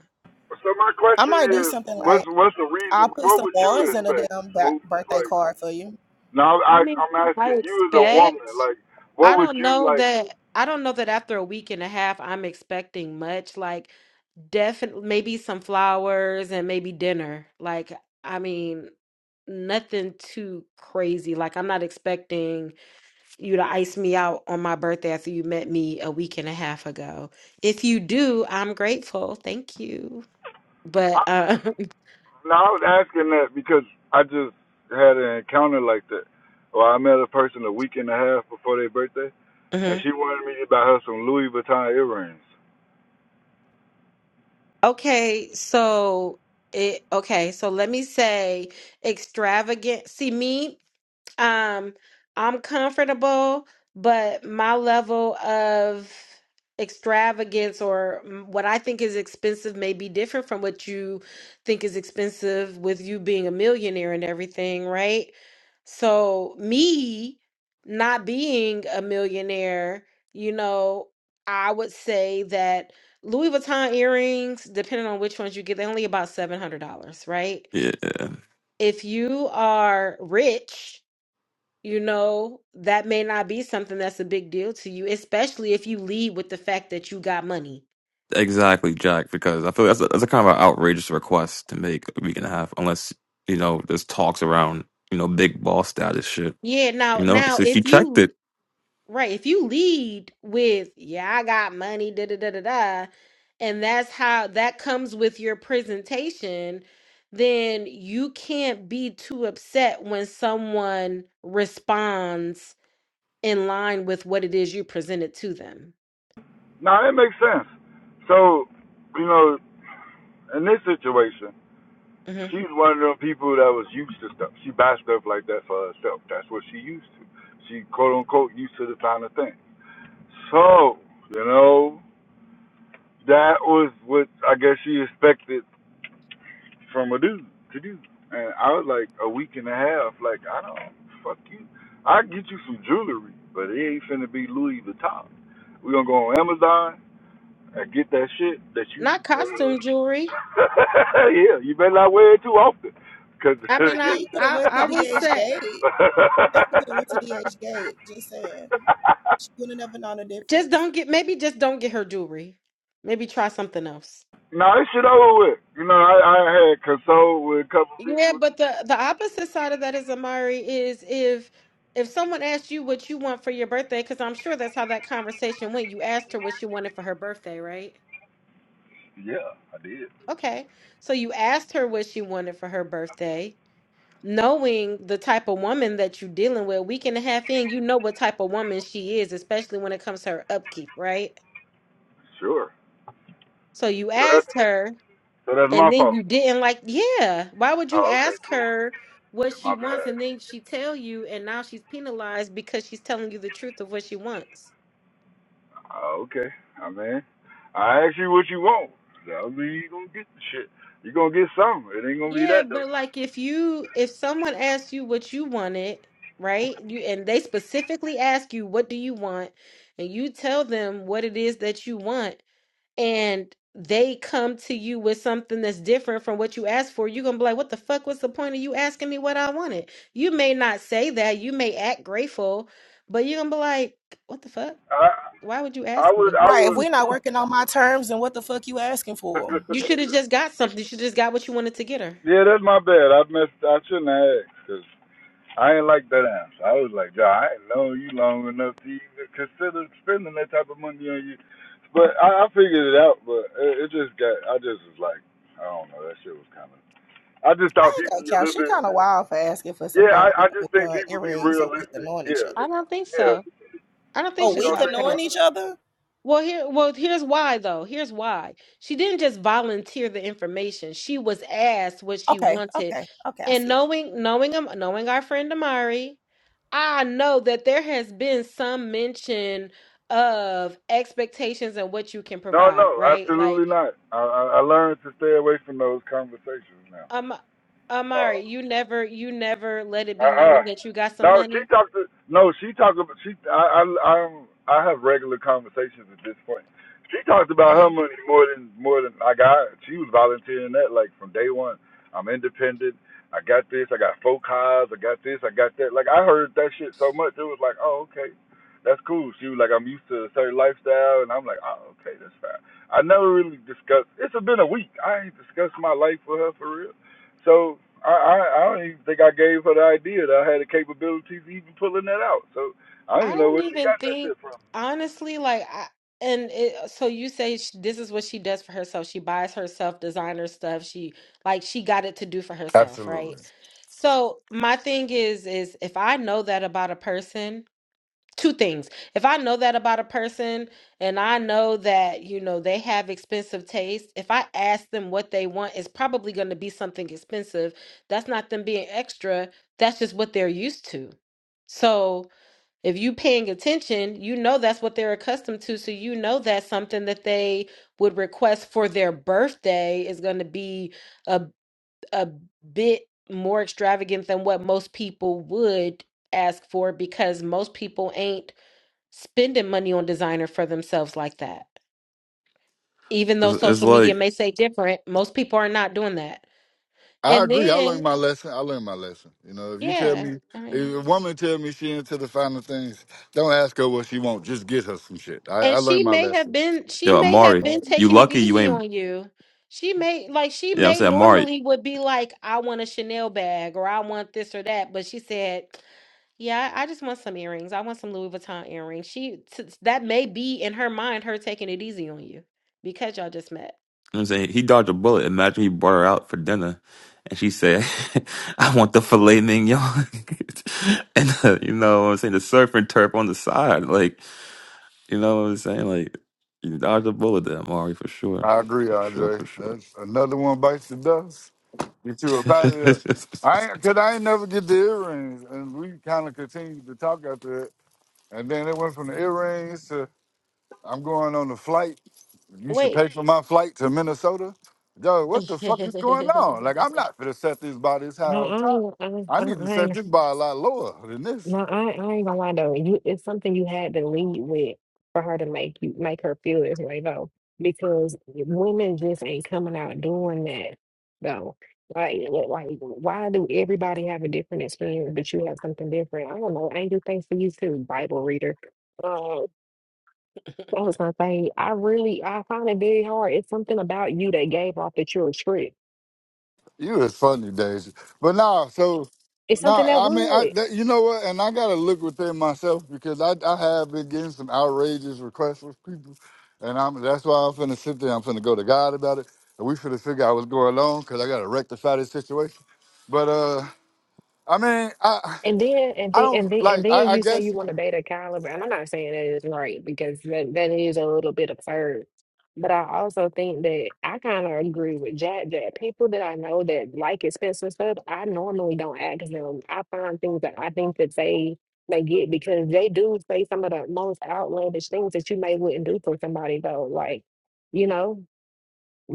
So my I question might do is, something like what's what's the I'll reason? put What some would you ones in a expect, damn ba- Smooth? birthday Like card for you. now, I I, mean, I'm I asking you as a woman. expect Like, I what would don't you know like? that I don't know that after a week and a half I'm expecting much. Like Definitely, maybe some flowers and maybe dinner. Like, I mean, nothing too crazy. Like, I'm not expecting you to ice me out on my birthday after you met me a week and a half ago. If you do, I'm grateful. Thank you. I, But, uh, now I was asking that because I just had an encounter like that. Well, I met a person a week and a half before their birthday, *laughs* and mhm. she wanted me to buy her some Louis Vuitton earrings. okay, so it, okay, so let me say extravagant. See, me. Um, I'm comfortable, but my level of extravagance or mm, what I think is expensive may be different from what you think is expensive with you being a millionaire and everything, right? So, me not being a millionaire, you know, I would say that Louis Vuitton earrings, depending on which ones you get, they're only about $700, right? Yeah. If you are rich, you know, that may not be something that's a big deal to you, especially if you lead with the fact that you got money. Exactly, Jack, because I feel that's a, that's a kind of an outrageous request to make a week and a half, unless, you know, there's talks around, you know, big boss status shit, Yeah, now you know? now So she if checked you it. right, if you lead with, yeah, I got money, da da da da da, and that's how that comes with your presentation, then you can't be too upset when someone responds in line with what it is you presented to them. Now that makes sense. So, you know, in this situation, hmm she's one of them people that was used to stuff. She buys stuff like that for herself. That's what she used to. She quote unquote used to the kind of thing. So, you know, that was what I guess she expected from a dude to do. And I was like a week and a half, like, I don't fuck you. I get you some jewelry, but it ain't finna be Louis Vuitton. We're gonna go on Amazon I get that shit that you. Not costume jewelry. Uh, *laughs* yeah, you better not wear it too often, cause. *laughs* I I mean, I mean, you could have I went to I would DH say Gate. Definitely could have went to DH Gate. Just saying, she would have never known the Just difference. don't get maybe just don't get her jewelry. Maybe try something else. no, this shit over with. You know, I, I had consoled with a couple Yeah, people. but the the opposite side of that is Amari is if if someone asked you what you want for your birthday, because I'm sure that's how that conversation went. You asked her what she wanted for her birthday, right? Yeah, I did. Okay. So you asked her what she wanted for her birthday, knowing the type of woman that you're dealing with, week and a half in, you know what type of woman she is, especially when it comes to her upkeep, right? Sure. So you So that's asked her. so that's my And then fault. you didn't like, yeah. Why would you Oh, okay, ask cool. her what Yeah, she my wants and bad. then she tell you and now she's penalized because she's telling you the truth of what she wants? Oh, okay. I mean, I asked you what you want. That mean you gonna get the shit. You gonna get something. It ain't gonna be Yeah, that though. but like if you if someone asks you what you wanted, right? You and they specifically ask you what do you want and you tell them what it is that you want and they come to you with something that's different from what you asked for, you're gonna be like, What the fuck was the point of you asking me what I wanted? You may not say that, you may act grateful, but you're gonna be like, What the fuck? I. Why would you I ask would, me? I Right? If would. we're not working on my terms, then what the fuck you asking for? *laughs* You should have just got something. You should just got what you wanted to get her. yeah, that's my bad. I missed. I shouldn't have asked 'cause I ain't like that answer. I was like, yeah, I ain't known you long enough to even consider spending that type of money on you. But I, I figured it out. But it, it just got. I just was like, I don't know. That shit was kind of. I just I thought ain't people gonna be a count. little She bit. kind of wild for asking for some Yeah, damn I, I just think uh, people be earrings a week of realistic. knowing each Yeah, other. I don't think yeah. so. I don't think A You she's don't week of wild think for that. so? knowing each other? Well, here, well, here's why though. Here's why. She didn't just volunteer the information. She was asked what she Okay, wanted. okay, okay. I And see. knowing, knowing him, knowing our friend Amari, I know that there has been some mention of expectations and what you can No, no, provide, right? Like, absolutely not. I, I, I learned to stay away from those conversations now. um, No. Amari, you never, you never let it be Uh-uh. known that you got No, some she money. talked to no, she talked about she I I I'm, I have regular conversations at this point. She talked about Uh-huh. her money more than more than I got. She was volunteering that like from day one. I'm independent. I got this. I got four cars. I got this. I got that. Like I heard that shit so much, it was like, oh okay, that's cool. She was like, I'm used to a certain lifestyle, and I'm like, oh okay, that's fine. I never really discussed. It's been a week. I ain't discussed my life with her for real. So I, I, I don't even think I gave her the idea that I had the capabilities of even pulling that out. So I don't I even know don't where she even got that shit think, from. honestly, like I and it, uh, so you say sh this is what she does for herself. She buys herself designer stuff. She like she got it to do for herself, right? Absolutely. So my thing is is if I know that about a person, two things. If I know that about a person and I know that, you know, they have expensive taste, if I ask them what they want, it's probably going to be something expensive. That's not them being extra. That's just what they're used to. So if you paying attention, you know that's what they're accustomed to. So you know that's something that they would request for their birthday is going to be a a bit more extravagant than what most people would ask for because most people ain't spending money on designer for themselves like that. Even though It's, it's social media like, may say different, most people are not doing that. I And agree. I learned then, my lesson. I learned my lesson. You know, if you tell yeah, me, I mean. if a woman tell me she into the final things, don't ask her what she want. Just get her some shit. I, I And learned she my may have lesson. been she yo, may have Amari, been you taking it lucky you easy ain't, on you. She may like she yeah, I'm may saying, Amari, you know normally would be like, I want a Chanel bag or I want this or that, but she said, Yeah, I I just want some earrings. I want some Louis Vuitton earrings. She t- that may be in her mind her taking it easy on you because y'all just met. what I'm saying, he dodged a bullet. Imagine he brought her out for dinner and she said, *laughs* I want the filet mignon. *laughs* and, uh, you know what I'm saying, the surf and turf on the side. Like, you know what I'm saying? Like, you dodged a bullet there, Amari, for sure. I agree, For sure, Andre. for sure. That's another one bites the dust. Get you about it. I ain't, cause I ain't never get the earrings, and we kind of continued to talk after it, and then it went from the earrings to I'm going on a flight. You should Wait. pay for my flight to Minnesota. Yo, what the *laughs* fuck is going on? Like, I'm not gonna set this by this high up top. I, I, I need to I, I set this by a lot lower than this. No, I, I ain't gonna lie though. You, it's something you had to lead with for her to make you make her feel this way though, because women just ain't coming out doing that though. Like, li- like, like, why do everybody have a different experience, but you have something different? I don't know. Angel, thanks for you too, Bible reader. Uh, that was my thing. I really, I find it very hard. It's something about you that gave off that you're a trick. You is funny, Daisy. But nah, so It's something that nah, I mean, I would. that, you know what? And I gotta look within myself because I I have been getting some outrageous requests from people, and I'm that's why I'm finna sit there. I'm finna go to God about it, and we finna figure out what's going on because I gotta rectify this situation. But uh, I mean, I And then and I then don't and then and like. then I, I you say you guess want to date a caliber, and I'm not saying that is right because that, that is a little bit absurd. But I also think that I kind of agree with Jack that people that I know that like expensive stuff, I normally don't ask them. I find things that I think that they they get because they do say some of the most outlandish things that you may wouldn't do for somebody though. Like, you know,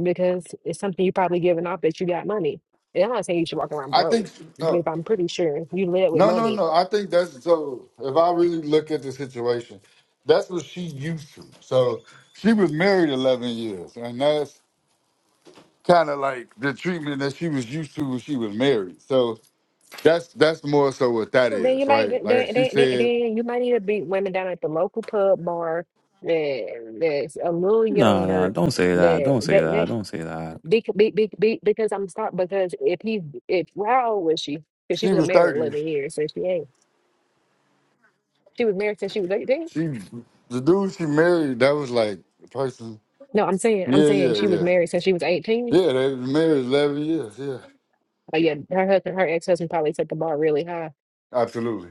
because it's something you probably giving off that you got money. And I'm not saying you should walk around I think broke, but no, if I'm pretty sure you live with no, no, money, no. I think that's so. If I really look at the situation, that's what she used to. So she was married eleven years, and that's kind of like the treatment that she was used to when she was married. So that's that's more so what that well, then you is, might right? then, Like then, she then, said, then you might need to be women down at the local pub bar that that's a little no, no, younger don't say that. that Don't say that, that that. Don't say that. Bec be, be, be, because I'm start because if he if how old was she? Because she she was was married thirty. eleven years, so she ain't. She was married since she was eighteen. She the dude she married that was like the person. No, I'm saying I'm Yeah, yeah, saying she was yeah, married since she was eighteen. yeah. They was married eleven years. Yeah, But yeah, her husband, her ex husband probably set the bar really high. absolutely.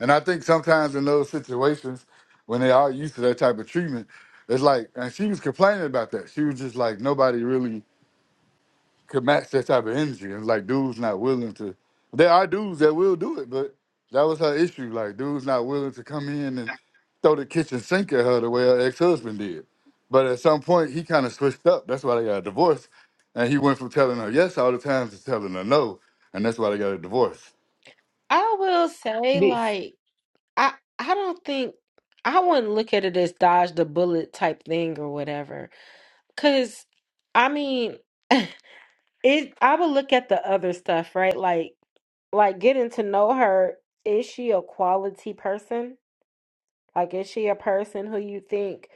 And I think sometimes in those situations, when they are used to that type of treatment, it's like, and she was complaining about that. She was just like, nobody really could match that type of energy. And like, dudes not willing to. There are dudes that will do it, but that was her issue. Like, dudes not willing to come in and throw the kitchen sink at her the way her ex husband did. But at some point, he kind of switched up. That's why they got a divorce. And he went from telling her yes all the time to telling her no. And that's why they got a divorce. I will say Be- like I I don't think I wouldn't look at it as dodge the bullet type thing or whatever. Cause I mean *laughs* It I would look at the other stuff, right? Like like getting to know her. Is she a quality person? Like, is she a person who you think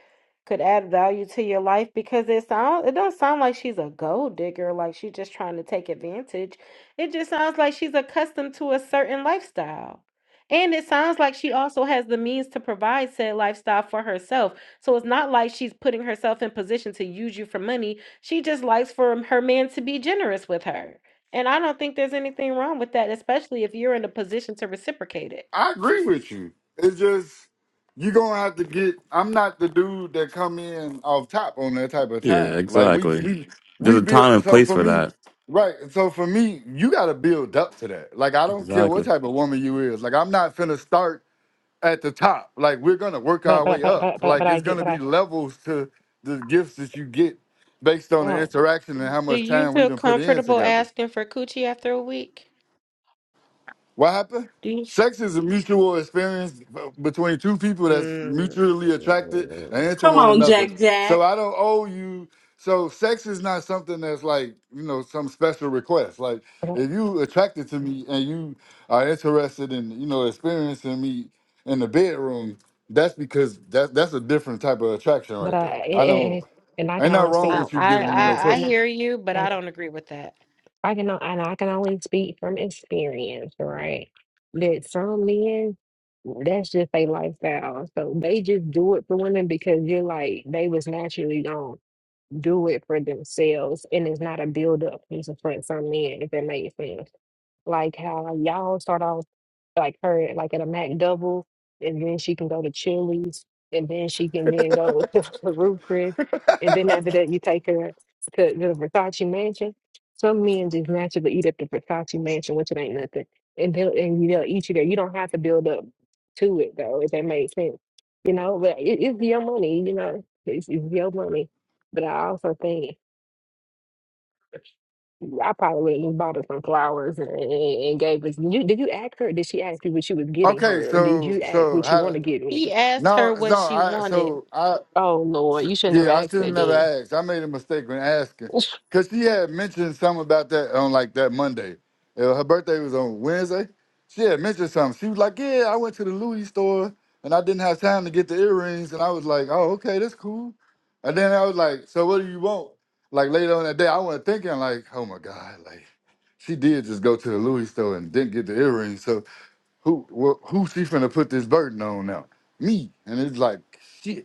could add value to your life? Because it sounds, it don't sound like she's a gold digger, like she's just trying to take advantage. It just sounds like she's accustomed to a certain lifestyle. And it sounds like she also has the means to provide said lifestyle for herself. So it's not like she's putting herself in position to use you for money. She just likes for her man to be generous with her. And I don't think there's anything wrong with that, especially if you're in a position to reciprocate it. I agree with you. It's just you're gonna have to get. I'm not the dude that come in off top on that type of Yeah, time. Like we Yeah. exactly. we There's we a time build. and So place for for me, that. right. So for me, you got to build up to that. Like I don't care what Exactly. type of woman you is. Like I'm not finna start at the top. Like we're gonna work But our but way but up. but but, but Like I it's get gonna but be I levels to the gifts that you get based on the uh, interaction and how Do much you time we feel done put in comfortable together. asking for coochie after a week? What happened? Do you? Sex is a mutual experience between two people that's Mm. mutually attracted and into Come one on, another. Jack So Jack. I don't owe you. So sex is not something that's like you know some special request. Like but I if you attracted to me and you are interested in you know experiencing me in the bedroom, that's because that that's a different type of attraction right there. I and, don't. and I can Ain't nothing only wrong I, see with you I giving and me and no I I and pussy. hear you, but I and, don't agree with that. I can o- and I can only speak from experience, right? That some men, that's just their lifestyle. So they just do it for women because you're like they was naturally gonna do it for themselves, and it's not a build up. It's for some men, if that makes sense like how y'all start off like her like at a Mac double, and then she can go to Chili's, and then she can then go *laughs* to Ruth Chris, and then after that you take her to the Versace mansion. Some men just naturally eat at the Versace mansion, which it ain't nothing, and they'll and they'll eat you there. You don't have to build up to it though, if that makes sense, you know. But it, it's your money, you know. It's, it's your money. But I also think I probably would have just bought her some flowers and, and, and gave us. You, did you ask her? Did she ask you what she was getting Okay, her? Or did so you ask so what you how? want To, to get me? He asked no, her no. what she I wanted. so I Oh, Lord, you should never Yeah, I should ask have that never then. asked. I made a mistake when asking. *laughs* Because she had mentioned something about that on like that Monday. Uh, Her birthday was on Wednesday. She had mentioned something. She was like, Yeah, I went to the Louis store and I didn't have time to get the earrings. And I was like, Oh, okay, that's cool. And then I was like, So what do you want? Like later on that day, I was thinking, like, oh my God, like she did just go to the Louis store and didn't get the earrings. So who wh- who she finna put this burden on now? Me. And it's like, shit.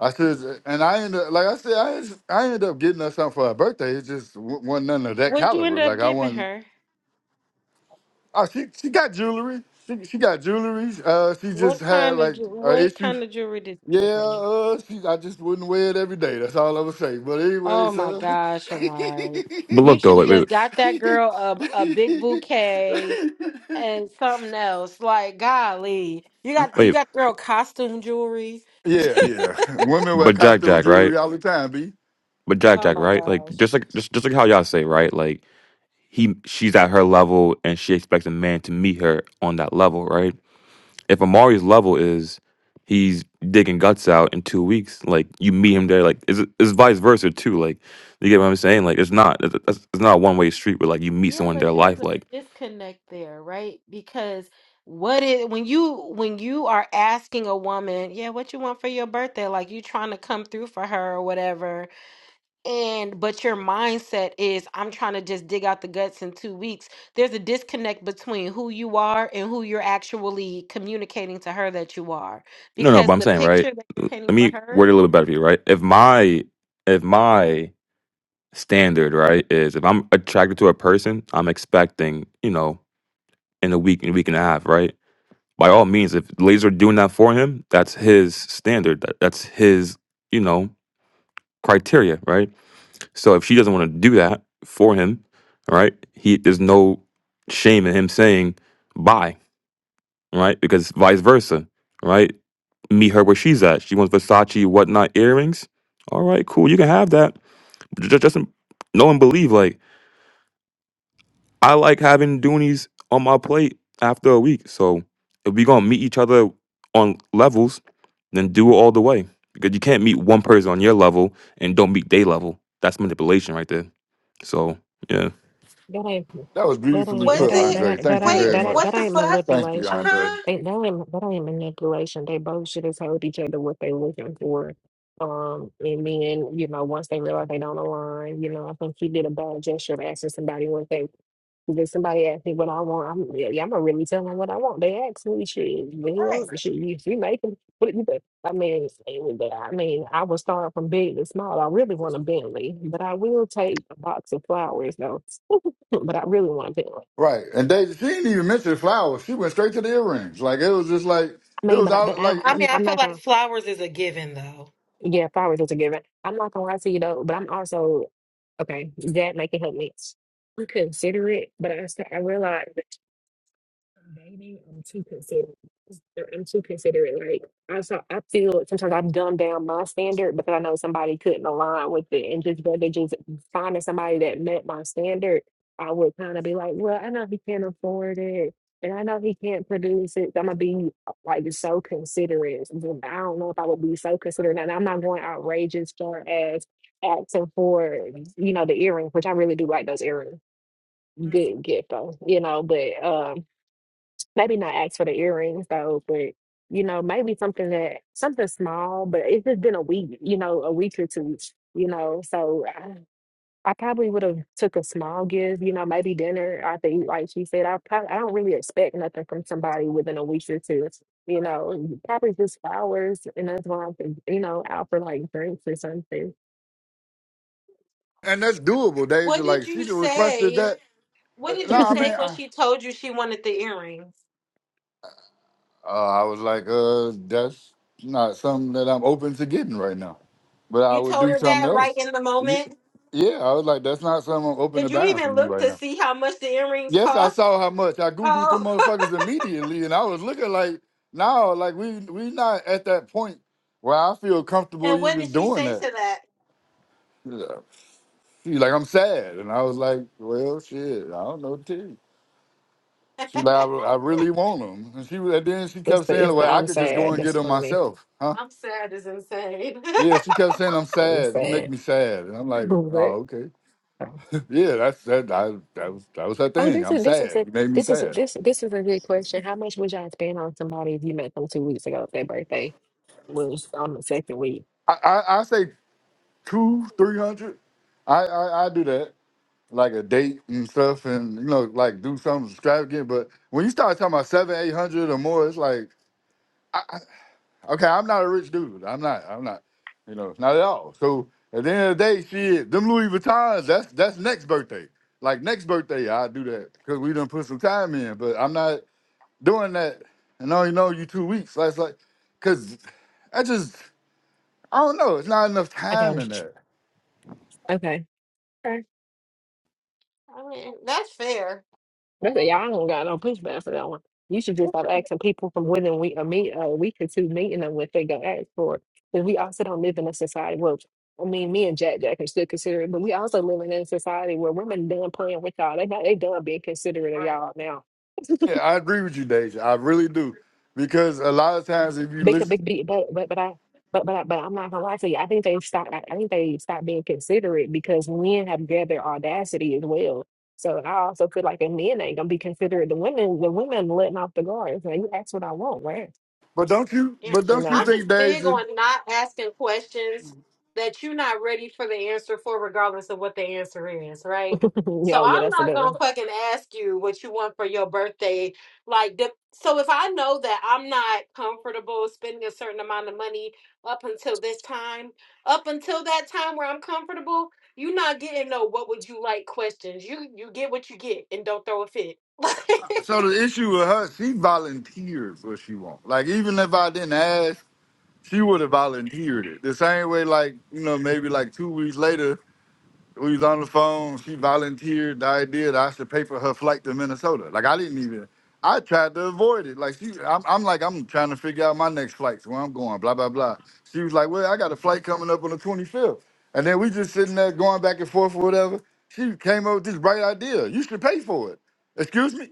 I said, and I ended up, like I said, I, just- I ended up getting her something for her birthday. It just wa- wasn't none of that What'd you end caliber. Like up I giving wasn't. her? Oh, she she got jewelry. She she got jewelry. Uh, she just What had kind of like ju- an what issue. kind of jewelry did Yeah, you give her? uh, she, I just wouldn't wear it every day. That's all I would say. But Oh anyways, my uh, gosh, Amari. But You look though, should have wait, wait, just got that girl a a big bouquet *laughs* and something else. Like, golly. You got you wait. got girl costume jewelry. yeah, yeah. Women wear But Jack, costume Jack, right? jewelry all the time. B. But Jack, Oh Jack, my right? Like just gosh. like just just like how y'all say, right? Like he, she's at her level, and she expects a man to meet her on that level, right? If Amari's level is he's digging guts out in two weeks, like you meet him there, like it's, it's vice versa too. Like you get what I'm saying? Like it's not it's it's not a one way street where like you meet Yeah, someone in but their there's life. a Like disconnect there, right? Because what is when you when you are asking a woman, yeah, what you want for your birthday? Like you trying to come through for her or whatever, and but your mindset is I'm trying to just dig out the guts in two weeks. There's a disconnect between who you are and who you're actually communicating to her that you are. no, no, but Because I'm the saying right. picture that you're Let painting for me word her, it a little bit better for you, right? If my if my standard right is if I'm attracted to a person, I'm expecting you know in a week, in a week and a half, right? by all means, if ladies are doing that for him, that's his standard. That, that's his, you know, criteria, right? So if she doesn't want to do that for him, all right, he there's no shame in him saying bye, right? Because vice versa, right? Meet her where she's at. She wants Versace whatnot earrings. All right, cool. You can have that. Just, just know and believe. Like I like having Doonies on my plate after a week. So if we gonna meet each other on levels, then do it all the way. Because you can't meet one person on your level and don't meet their level. That's manipulation right there. So yeah. That ain't That was that beautifully ain't that Was put, ain't it? that Andre. ain't that Thank you Wait, ain't very that much. ain't that what the ain't fuck? Thank you, manipulation. Andre. Huh? They that ain't that ain't manipulation. They both should have told each other what they looking for. Um, and then you know once they realize they don't align, you know I think he did a bad gesture of asking somebody what they. If somebody asked me what I want, I'm yeah, yeah, I'm gonna really tell them what I want. They asked me shit, Right. well, shit, you, you make them. What you think? I mean, it was- I mean, I would start from big to small. I really want a Bentley, but I will take a box of flowers though. *laughs* but I really want to. Right. And they she didn't even mention the flowers. She went straight to the earrings. Like it was just like I it mean, was but I, but all like I, I I'm, mean, I I'm feel not like gonna. flowers is a given though. Yeah, flowers is a given. I'm not gonna lie to you though. But I'm also okay. That make it help me. I'm considerate, but I st- I realize. Maybe I'm too considerate. Or I'm too considerate. Like I saw, I feel sometimes I dumb down my standard because I know somebody couldn't align with it, and just rather just finding somebody that met my standard, I would kind of be like, well, I know he can't afford it, and I know he can't produce it. So I'm gonna be uh, like so considerate. And then I don't know if I would be so considerate, and I'm not going outrageous far as asking for you know the earrings, which I really do like those earrings. Good Mhm. gift though, you know, but um maybe not ask for the earrings though, but you know, maybe something that something small, but it's just been a week, you know, a week or two, you know. So I, I probably would have took a small gift, you know, maybe dinner. I think, like she said, I probably I don't really expect nothing from somebody within a week or two, you know. and Probably just flowers, and that's why I'm, think- you know, out for like drinks or something. and that's *laughs* doable, Deja. What did Like she you just requested say? that. What Uh, did No, you I mean it's say when I, she told you she wanted the earrings? uh, I was like, uh, that's not something that I'm open to getting right now. But I You would told do her something that right else. in the Y- moment? Yeah, I was like, that's not something I'm open to Did you buying for even you look right to now. see how much the earrings Yes, I cost? saw how much I googled the Oh, *laughs* motherfuckers immediately, and I was looking like, no, like we we not at that point where I feel comfortable and what did even she doing say that. to that? Yeah. She's like, I'm sad. And I was like, well, shit, I don't know, too. She like, I, *laughs* I really want them. And she was- and then she kept the saying, it's the well, I I'm could just go sad. and get That's them funny. myself, huh? I'm sad as insane. *laughs* Yeah, she kept saying, I'm I'm sad. You make sad, me sad. And I'm like, *laughs* oh, okay. but. *laughs* Yeah, that's that. I, that was that was her Oh, thing. this I'm is this is sad. a You made me this is a, sad. this this is a good question. How much would y'all spend on somebody if you met them two weeks ago if their birthday was on the second week? I I, I say two, three hundred. I, I I do that like a date and stuff, and you know, like do something extravagant. But when you start talking about seven, eight hundred or more, it's like. I. Okay, I'm not a rich dude. I'm not. I'm not. You know, not at all. So at the end of the day, shit, them Louis Vuittons. That's that's next birthday. Like next birthday, I do that because we done put some time in. But I'm not doing that. And I only know you two weeks. That's like, cause I just I don't know. It's not enough Okay. time in there. Okay. I mean, that's fair. They say, y'all don't got no pushback for that one. You should just start asking people from within we a meet a week or two meeting them if they go ask for it. Because we also don't live in a society well, I mean, me and Jack Jack can still consider it, but we also living in a society where women done playing with y'all. They not, they done being considerate of Right. y'all now. Yeah, I agree with you, Deja. I really do. *laughs* Because a lot of times if you Big, listen, big beat, but but but I but but I, but I'm not gonna lie to you. I think they stopped. I, I think they stopped being considerate because men have gathered audacity as well. So I also feel like the men ain't gonna be considerate. The women, the women letting off the guard. It's Like you ask what I want, right? but don't you? Yeah. But You don't you I'm know? think, just big Deja? on not asking questions that you're not ready for the answer for, regardless of what the answer is, right? *laughs* yeah, So oh yeah, I'm that's a not good gonna one. fucking ask you what you want for your birthday. Like, the, so if I know that I'm not comfortable spending a certain amount of money up until this time, up until that time where I'm comfortable, you're not getting no "what would you like" questions. You you get what you get, and don't throw a fit. So the issue with her, she volunteered what she want. Like even if I didn't ask. she would have volunteered it. The same way, like, you know, maybe like two weeks later, we was on the phone, she volunteered the idea that I should pay for her flight to Minnesota. Like I didn't even I tried to avoid it. Like she I'm, I'm like, I'm trying to figure out my next flights, where I'm going, blah, blah, blah. She was like, Well, I got a flight coming up on the 25th. And then we just sitting there going back and forth or whatever. She came up with this bright idea. You should pay for it. Excuse me?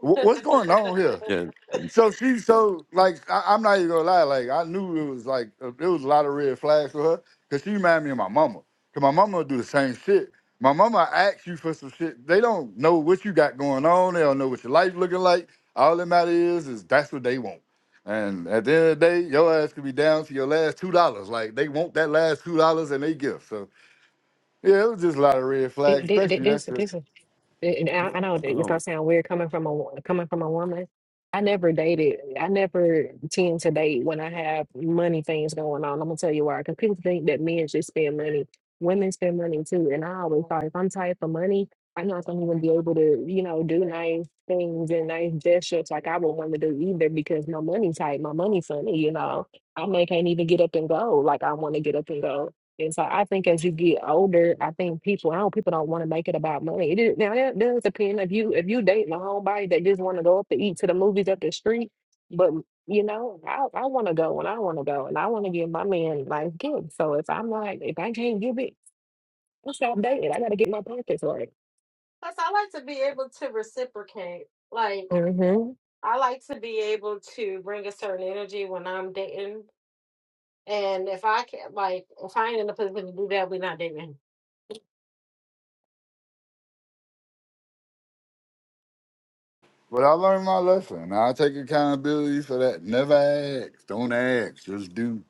Wh- What's going on here? Yeah. So she so like I, I'm not even gonna lie, like I knew it was like uh, it was a lot of red flags for her because she reminded me of my mama. Cause my mama would do the same shit. My mama asks you for some shit. They don't know what you got going on. They don't know what your life looking like. All that matter is is that's what they want. And at the end of the day, your ass could be down to your last two dollars. Like they want that last two dollars and they give. So yeah, it was just a lot of red Thi- flags, thi- thi- especially that This shit. this and I, I know that it's Oh, my- gonna God. sound weird coming from a wo- coming from a woman. I never dated. I never tend to date when I have money things going on. I'm gonna tell you why. Because people think that men just spend money. Women spend money too. And I *laughs* always *laughs* thought if I'm tight for money, I'm not gonna even be able to, you know, do nice things and nice gestures like I would want to do either because my money tight, my money funny, you know. I may can't even get up and go like I want to get up and go. And so I think as you get older, I think people, I don't people don't want to make it about money. It is, now that does depend if you if you dating a homebody that just want to go up to eat to the movies up the street, but you know I I want to go and I want to go and I want to give my man like gifts. So if I'm like if I can't give it, I'll stop dating. I got to get my pockets right. Plus, I like to be able to reciprocate. Like, hmm I like to be able to bring a certain energy when I'm dating. And if I can't, like, if I ain't in a position to do that, we're not dating. But I learned my lesson. I take accountability for that. Never ask. Don't ask. Just do.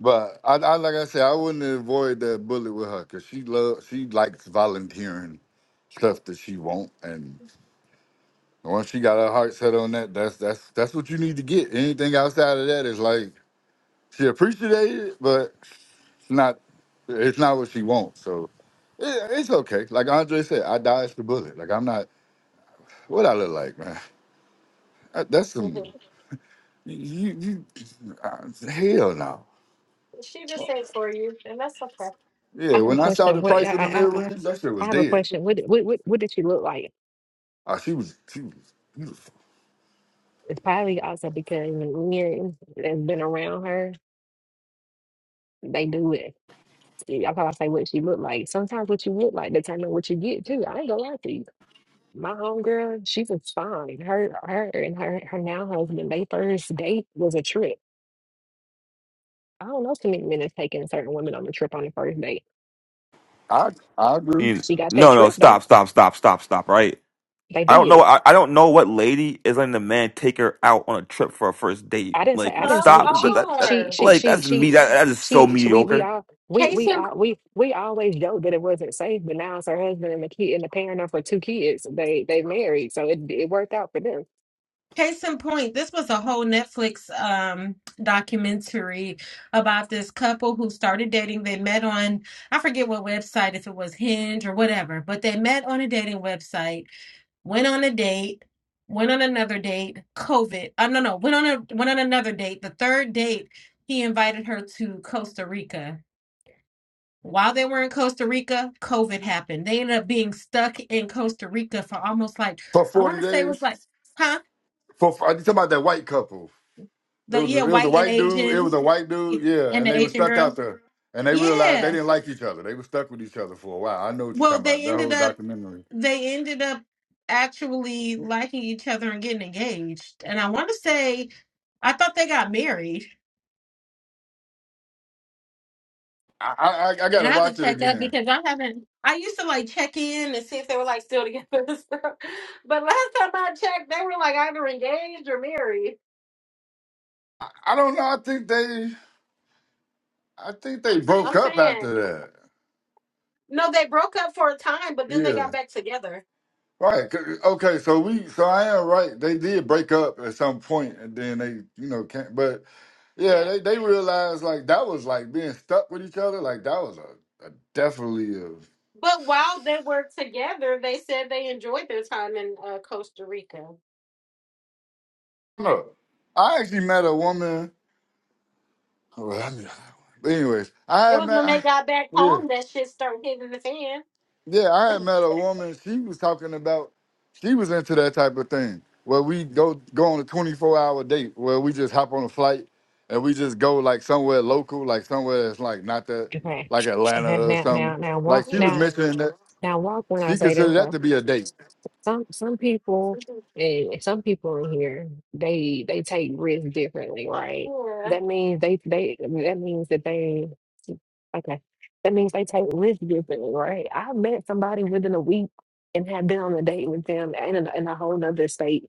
But I, I like I said, I wouldn't avoid that bullet with her because she loves, she likes volunteering stuff that she won't. And once she got her heart set on that, that's that's that's what you need to get. Anything outside of that is like she appreciated it, but it's not it's not what she wants. So it, it's okay. Like Andre said, I dodged the bullet. Like I'm not what I look like, man. I- That's *laughs* some. You, you, uh, hell no. she just said for you, and that's okay. I Yeah, have a when I saw question. the What I price of them I I, earrings, that shit I was have a dead. question. What did- what what what did she look like? Uh, she was, she was beautiful. It's probably also because men that's been around her, they do it Yeah, I thought I say what she looked like. Sometimes what you look like determine what you get too. I ain't gonna lie to you. My homegirl, she was fine. Her, her, and her, her now husband, they first date was a trip. I don't know too many men is taking certain women on a trip on the first date. I, I I agree. mean, She got that no, no, trip though. stop, stop, stop, stop, stop. Right. They I don't know. did. I, I don't know what lady is letting the man take her out on a trip for a first date. I didn't say. Like, I didn't Some say stop. it. That, She, that, that- she, are. she, like, she, that's me. she, That, that is so she. she we, we mediocre. all, we, Case we in, all, we, we always joked that it wasn't safe, but now it's her husband and the kid and the parent of her two kids. They, they married, so it, it worked out for them. case in point, this was a whole Netflix um documentary about this couple who started dating. They met on, I forget what website, if it was Hinge or whatever, but they met on a dating website went on a date, went on another date, COVID. Uh, no, no, went on a went on another date. The third date, he invited her to Costa Rica. While they were in Costa Rica, COVID happened. They ended up being stuck in Costa Rica for almost like For I forty want to say it was days, like, huh? for I talking about that white couple. It The was, yeah, a, it was a white and white dude. It was Asian a white dude. Yeah, and and the they were Asian stuck out girl. there, and they realized they Yeah. didn't like each other. They were stuck with each other for a while. I know what you're Well, talking about. they That ended whole up documentary. they ended up actually liking each other and getting engaged. And I want to say I thought they got married I, I, I I And gotta I have to watch it check up again. because I haven't. I used to like check in and see if they were like still *laughs* together and stuff. But last time I checked, they were like either engaged or married. I, I don't know. I think they, I think they broke I'm up saying after that. no, they broke up for a time, but then they Yeah. got back together. Right. c- Okay. So we. So I am right. They did break up at some point, and then they, you know, can't. But yeah, Yeah. they they realized like that was like being stuck with each other. Like that was a, a definitely a. But while they were together, they said they enjoyed their time in uh, Costa Rica. No, I actually met a woman. Well, I mean, but anyways, I It had was when met. they I, got back yeah. home that shit started hitting the fan. Yeah, I had *clears throat* met a woman. She was talking about she was into that type of thing where we go go on a twenty four hour date where we just hop on a flight and we just go like somewhere local, like somewhere that's like not that Okay. like Atlanta And or now, now, something. now Like walk she was now, yeah. mentioning that now walk when I she say this considered that though. to be a date. Some some people and some people in here they they take risks differently, right? That means they they that means that they okay. That means they take risks differently, right? I met somebody within a week and have been on a date with them and in a, in a whole nother state.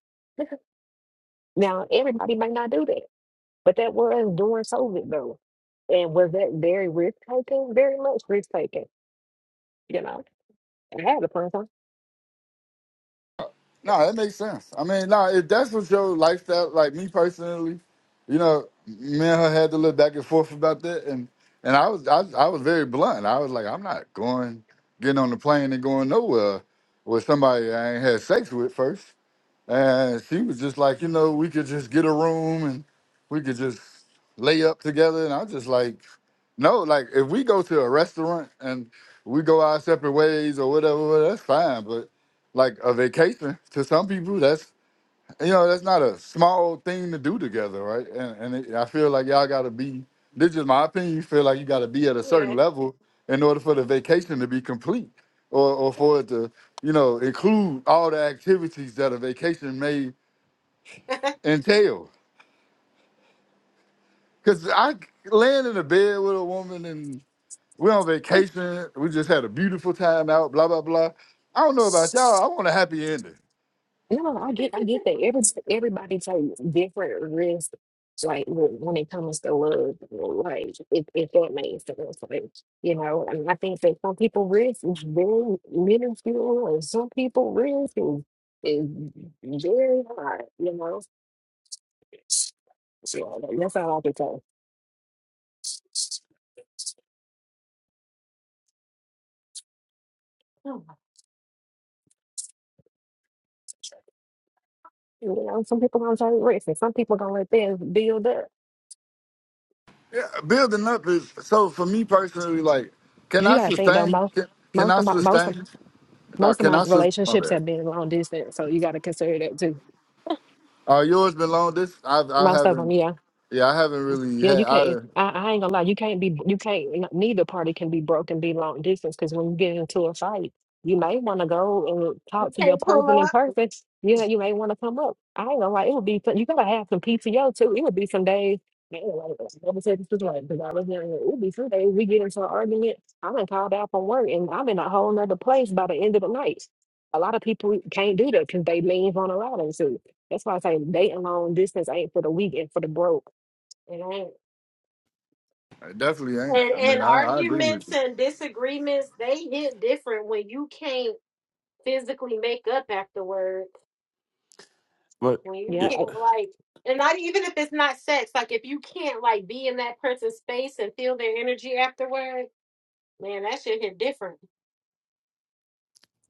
Now everybody might not do that, but that was during COVID though. And was that very risk taking? Very much risk taking, you know. I had a friend. No, that makes sense. I mean, no, if that's what your lifestyle, like me personally, you know, me and her had to look back and forth about that, and and I was I, was- I was very blunt. I was like, I'm not going, getting on the plane and going nowhere with somebody I ain't had sex with first. And she was just like, you know, we could just get a room and we could just lay up together. And I'm just like, no, like if we go to a restaurant and we go our separate ways or whatever, well, that's fine. But like a vacation to some people, that's and, you know that's not a small thing to do together right and, and it, i feel like y'all gotta be this is my opinion you feel like you gotta be at a certain Yeah. level in order for the vacation to be complete or, or for it to you know include all the activities that a vacation may Yeah. entail because I laying in a bed with a woman and we're on vacation we just had a beautiful time out blah blah blah i don't know about y'all i want a happy ending No, I get I get that. Every everybody takes different risks, like when when it comes to love, like if, if that makes sense, like you know. And I think that some people risk is very minuscule, and some people risk is is very high, you know. So that- that's all I can say. *laughs* You know, some people gonna take risks, and some people gonna let things build up. building up is so for me personally. Like, can You I gotta think though, sustain? most Can, can most I of my most of sustain? No, most of can my I sustain? My relationships bad. have been long distance, so you gotta consider that too Uh, yours been long. This I I most of them, haven't. yeah. Yeah, I haven't really Yeah, had. you I, can't. I, I ain't gonna lie. You can't be. You can't. n- Neither party can be broken. Be long distance because when you get into a fight, you may want to go and you talk to your can't pull person in up. person. You know, you may want to come up. I ain't gonna lie. It would be. some- You gotta have some PTO too. It would be some days. Man, like, like, like I never said this was like because I was young. It would be some days we get into an argument. I'm called out from work and I'm in a whole nother place by the end of the night. A lot of people can't do that because they lean on a lot of That's why I say dating long distance ain't for the weak and for the broke. It ain't. I definitely ain't. And I mean, and I, I agree with arguments you. and disagreements, they hit different when you can't physically make up afterward. But When you it, Yeah, can't like and not even if it's not sex, like if you can't like be in that person's space and feel their energy afterward, man, that shit hit different. *laughs*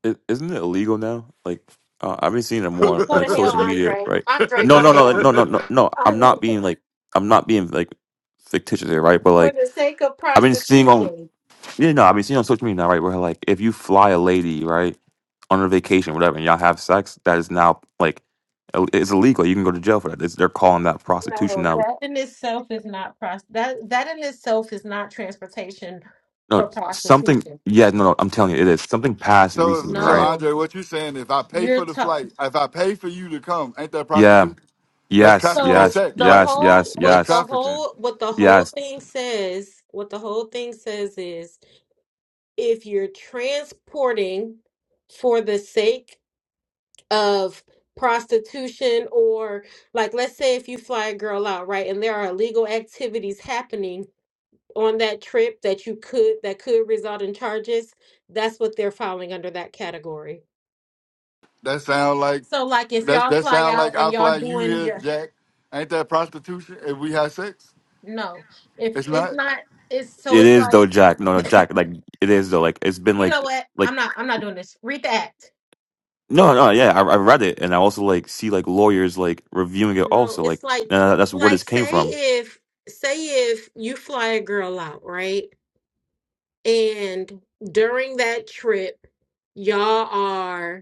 it, isn't it illegal now? Like, uh, I've been seeing it more You on, Go to like hell, social media, Andre. right? Andre, No, go to no, no, hell. no, no, no, no. *laughs* I I'm mean, not being like, I'm not being like fictitious here, right? But for like, the sake of I've been seeing on prostitution. Yeah, no, I mean, seen on social media now, right? Where like, if you fly a lady, right, on her vacation, whatever, and y'all have sex, that is now like, ill- it's illegal. You can go to jail for that. It's, they're calling that prostitution No, now. that in itself is not prost that that in itself is not transportation for No, something. prostitution. Yeah, no, no. I'm telling you, it is something passed So recently, if- so right? No, Andre, what you saying? If I pay for You're the tough. flight, if I pay for you to come, ain't that Yeah. prostitute? That's Yes. trafficking So Yes. sex, the right? Yes. whole Yes. That's what Yes. the trafficking. whole what the whole Yes. thing says, what the whole thing says is if you're transporting for the sake of prostitution or like let's say if you fly a girl out, right, and there are illegal activities happening on that trip that you could that could result in charges, that's what they're filing under that category. That sound like So like if that's y'all that fly sound out like and I y'all fly you doing here, Jack. Ain't that prostitution if we have sex? No, if It's it's not. not, it's so It it's is like though, Jack. No, no, Jack. Like, it is though. Like, it's been you know like, what? like, I'm not. I'm not doing this. Read the act. no, no. Yeah, I, I read it, and I also like see like lawyers like reviewing it No, also. Like, it's like uh, that's where like this came say from. if say if you fly a girl out, right? And during that trip, y'all are.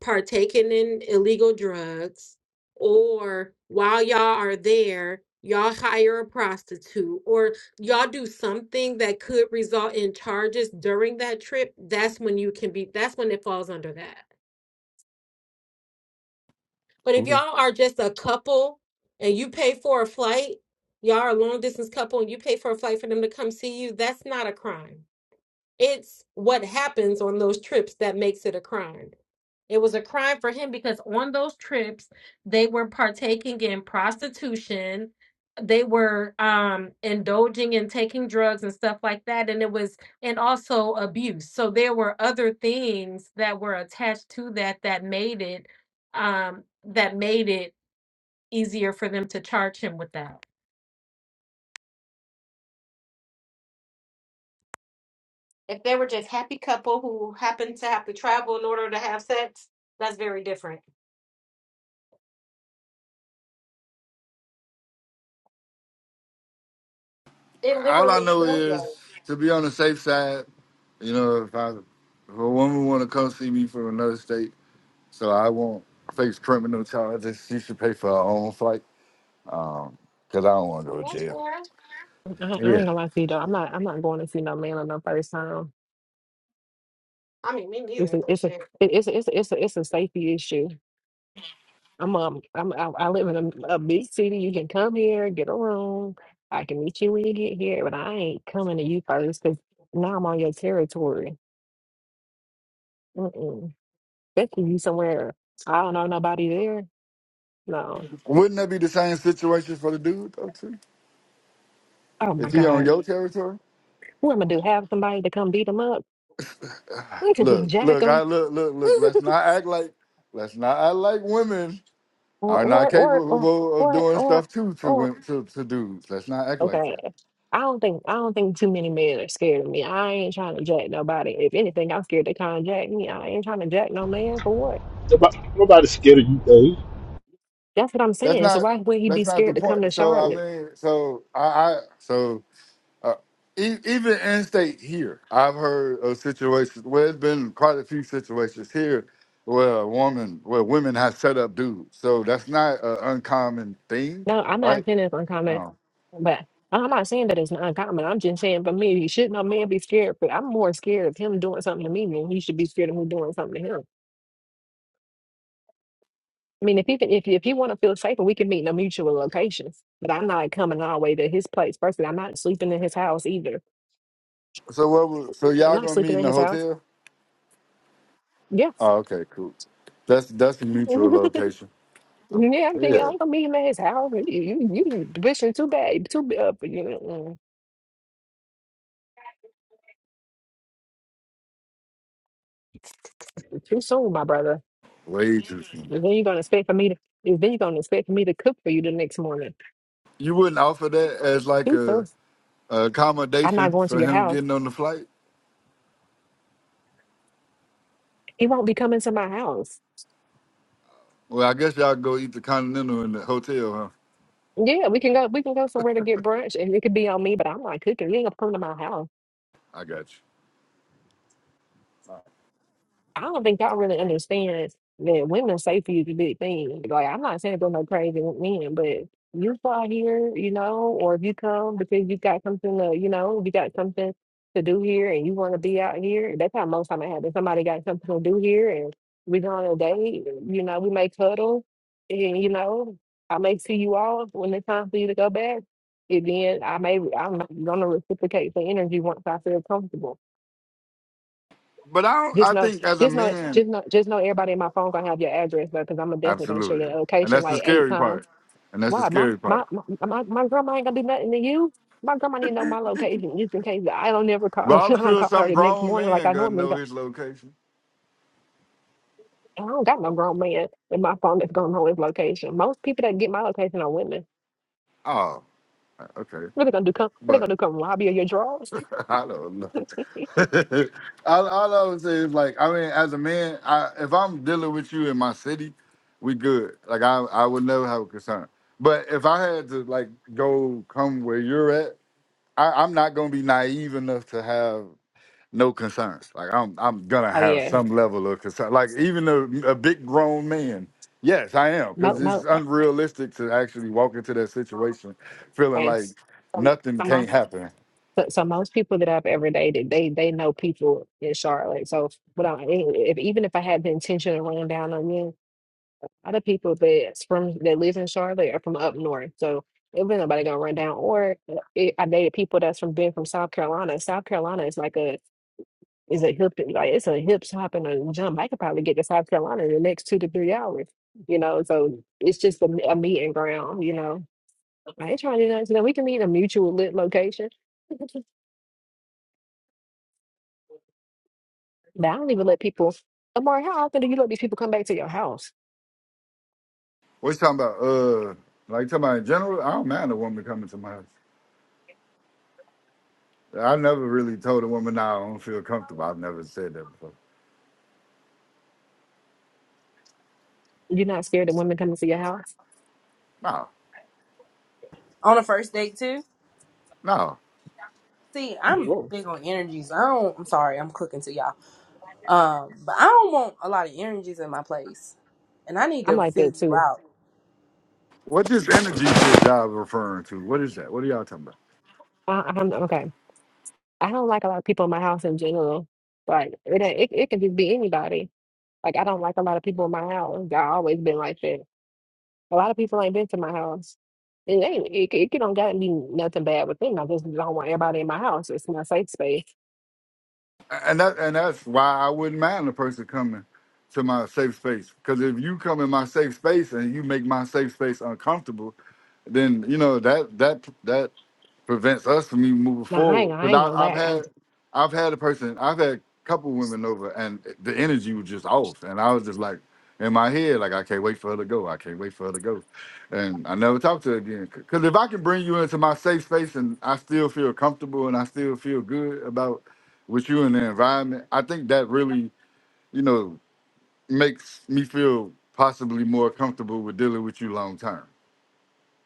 partaking in illegal drugs, or while y'all are there, y'all hire a prostitute, or y'all do something that could result in charges during that trip, that's when you can be, that's when it falls under that. But if y'all are just a couple and you pay for a flight, y'all are a long distance couple and you pay for a flight for them to come see you, that's not a crime. It's what happens on those trips that makes it a crime It was a crime for him because on those trips, they were partaking in prostitution. They were um, indulging in taking drugs and stuff like that. And it was, and also abuse. So there were other things that were attached to that that made it, um, that made it easier for them to charge him with that. If they were just happy couple who happened to have to travel in order to have sex, that's very different. It all I literally, know is to be on the safe side. You know, if I if a woman want to come see me from another state, so I won't face criminal charges. She should pay for her own flight, um, cause I don't want to go to And That's jail. fair. I, I ain't Yeah. gonna lie to you though. I'm not. I'm not going to see no man on no first time. I mean, me It's neither, a. but It's a. shit. it- It's a. It's a. It's a, it's a safety issue. I'm um. I'm. I, I live in a, a big city. You can come here, get a room. I can meet you when you get here, but I ain't coming to you first because now I'm on your territory. Mm-mm. Especially you somewhere I don't know nobody there. No. Wouldn't that be the same situation for the dude though too? Oh my If he on God. your territory? What am I do? Have somebody to come beat them up? *laughs* Look, Jack look, I them. look, look, look. Let's *laughs* not act like, let's not act like women or are not or or capable of or doing or stuff too to or. wom- to to dudes. Let's not act like Okay. that. I don't think I don't think too many men are scared of me. I ain't trying to jack nobody. If anything, I'm scared they can't jack me. I ain't trying to jack no man for what? About, nobody's scared of you, though. That's what I'm That's saying. So not why would he be that's not the scared to come to point. So I Charlotte? mean, so I, I so uh, e- even in state here, I've heard of situations. Well, it's been quite a few situations here where a woman, where women have set up dudes. So that's not an uncommon thing, No, I'm not right? saying it's uncommon, Oh, but I'm not saying that it's not uncommon. I'm just saying for me, he should no man be scared. But I'm more scared of him doing something to me than he should be scared of me doing something to him. I mean, if he if if you want to feel safer, we can meet in a mutual location. But I'm not coming all the way to his place. Firstly, I'm not sleeping in his house either. so what? was- So I'm y'all not gonna meet sleeping in in the his house. hotel? Yes. Oh, okay, cool. That's that's a *laughs* mutual location. yeah, I'm thinking Yeah, I'm gonna meet him at his house. and You, you, you wishing too bad, too b- uh, you- know, mm, too soon, my brother. way too soon. And then you're gonna expect for me to. and Then you're gonna expect for me to cook for you the next morning. You wouldn't offer that as like Too soon. a, a I'm not accommodation going to for your him house. getting on the flight. He won't be coming to my house. Well, I guess y'all go eat the continental in the hotel, huh? Yeah, we can go. We can go somewhere to get brunch, and it could be on me. But I'm not cooking. You ain't gonna come to my house. I got you. I don't think y'all really understand that women's safety is a big thing. Like, I'm not saying there's no crazy men, but you fly here, you know, or if you come because you got something to, you know, you got something to do here and you want to be out here, that's how most time it happens. Somebody got something to do here and we go on a date, you know, we may cuddle and, you know, I may see you off when it's time for you to go back. And then I may, I'm going to reciprocate the energy once I feel comfortable. But I don't, Just I know, think as a just know, man, just know, just know. Everybody in my phone gonna have your address, though, because I'm definitely gonna share your absolutely, and location that's the like eight scary times. part, and that's the Why? My scary my part. my my, my grandma ain't gonna do nothing to you. My grandma need to know my location just in case I don't ever call. *laughs* But I I'm don't sure call her some the next grown morning like man I gonna normally know do. his location. I don't got no grown man in my phone that's gonna know his location. Most people that get my location are women. Oh, okay, What they gonna do? Come? What they gonna but do? Come rob you of your drawers? *laughs* I don't know. *laughs* all, all I would say is like, I mean, as a man, I, if I'm *laughs* dealing with you in my city, we good. Like I, I would never have a concern. But if I had to like go come where you're at I, I'm not gonna be naive enough to have no concern. Like I'm, I'm gonna Oh have yeah, some level of concern. Like even a, a big grown man, yes, I am, most because most it's unrealistic to actually walk into that situation feeling like yes. So, nothing so can't most happen. so, so most people that I've ever dated, they they know people in Charlotte. So, but if even if I had the intention of running down on you, other people that's from that live in Charlotte are from up north. So it was nobody gonna run down. Or uh, it, I dated people that's from been from South Carolina. South Carolina is like a It's a hip, like it's a hip hop and a jump. I could probably get to South Carolina in the next two to three hours, you know. So it's just a, a meeting ground, you know. I ain't trying to do nothing. You know, we can meet in a mutual lit location. *laughs* But I don't even let people. Amari, how often do you let these people come back to your house? What you talking about? Uh, like you talking about in general? I don't mind a woman coming to my house. I never really told a woman, "Nah, I don't feel comfortable." I've never said that before. You're not scared of women coming to your house? No, On a first date too. no. See, I'm Whoa. big on energies. I don't I'm sorry, I'm cooking to y'all. Um, but I don't want a lot of energies in my place. And I need I'm to like that figure you too. out. What this energy shit y'all referring to? What is that? What are y'all talking about? I, I'm okay. I don't like a lot of people in my house in general. Like it, ain't- it, it can just be anybody. Like I don't like a lot of people in my house. I always been like that A lot of people ain't been to my house. It ain't it, it, it don't gotta be nothing bad with them. I just don't want everybody in my house. It's my safe space. And that and that's why I wouldn't mind a person coming to my safe space. Because if you come in my safe space and you make my safe space uncomfortable, then you know that that that prevents us from even moving Now I ain't forward. I Because ain't gonna I've I've lie. I, had I've had a person I've had a couple women over and the energy was just off, and I was just like in my head like I can't wait for her to go. I can't wait for her to go, and I never talked to her again. Because if I can bring you into my safe space and I still feel comfortable and I still feel good about with you in the environment, I think that really, you know, makes me feel possibly more comfortable with dealing with you long term.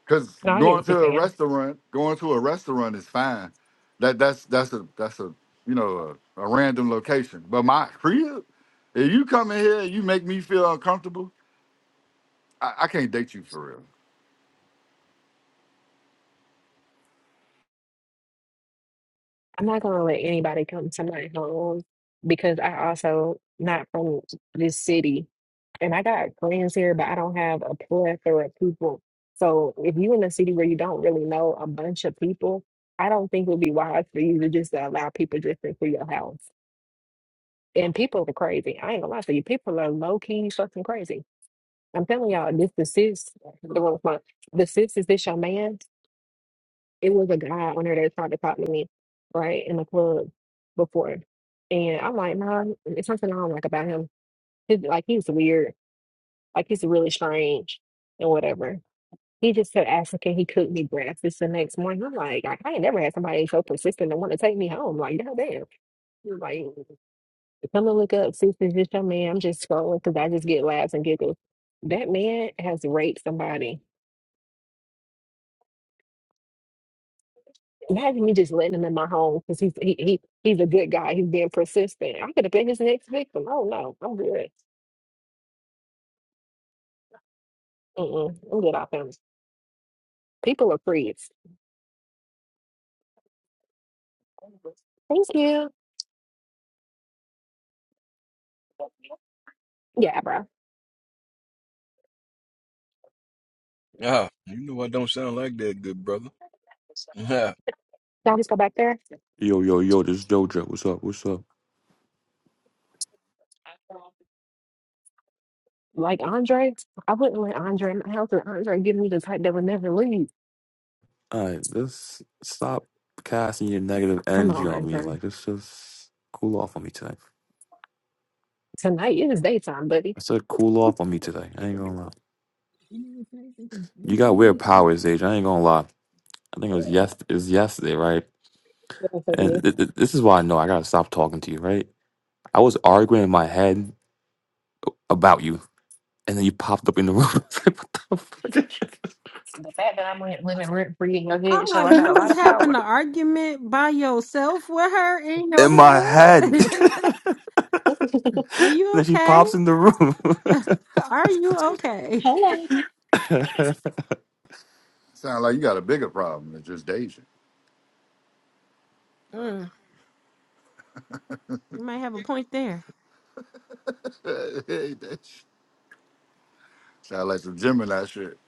Cause no, I get going what you're to a saying. restaurant, going to a restaurant is fine. That that's that's a that's a you know a, a random location. But my *laughs* crib, if you come in here and you make me feel uncomfortable, I, I can't date you for real. I'm not gonna let anybody come to my home because I also not from this city and I got friends here, but I don't have a plethora of people. So if you in a city where you don't really know a bunch of people, I don't think it would be wise for you to just allow people just into your house. And people are crazy. I ain't gonna lie to you. People are low key fucking crazy. I'm telling y'all, this the sis, the one with my, the sis is this your man. It was a guy on there that tried to talk to me, right, in the club before. And I'm like, nah, it's something I don't like about him. He's like, he's weird. Like, he's really strange and whatever. He just kept asking, can he cook me breakfast the next morning? I'm like, I, I ain't never had somebody so persistent and want to take me home. Like, goddamn. Like, Come and look up, sis, is this your man? I'm just scrolling because I just get laughs and giggles. That man has raped somebody. Imagine me just letting him in my home because he's he, he he's a good guy. He's being persistent. I could have been his next victim. Oh no, I'm good. Mm-mm, I'm good off him. People are freaks. Thank you. Yeah, bro. Ah, you know I don't sound like that, good brother. *laughs* Can I just go back there? Yo, yo, yo, this Doja, What's up? What's up? Like Andre, I wouldn't let Andre in my house or Andre give me the type that would never leave. All right, let's stop casting your negative Come energy on, on me. Andre. Like, let's just cool off on me today. Tonight it is daytime, buddy. I said cool off on me today. I ain't gonna lie. You got weird powers, Age. I ain't gonna lie. I think it was, yes- it was yesterday, right? What else I say And th- th- this is why I know I gotta stop talking to you, right? I was arguing in my head about you, and then you popped up in the room. *laughs* I was like, what the fuck? is *laughs* So the fact that I'm rent, living rent free in your I'm head, so like, I got a you lot was of having an power. argument by yourself with her in In my your head. *laughs* head? and *laughs* Are you then she okay? pops in the Are you okay? Hello. room. *laughs* Sound like you got a bigger problem than just dating. Mm, you might have a point there. *laughs* Sound like some Gemini shit.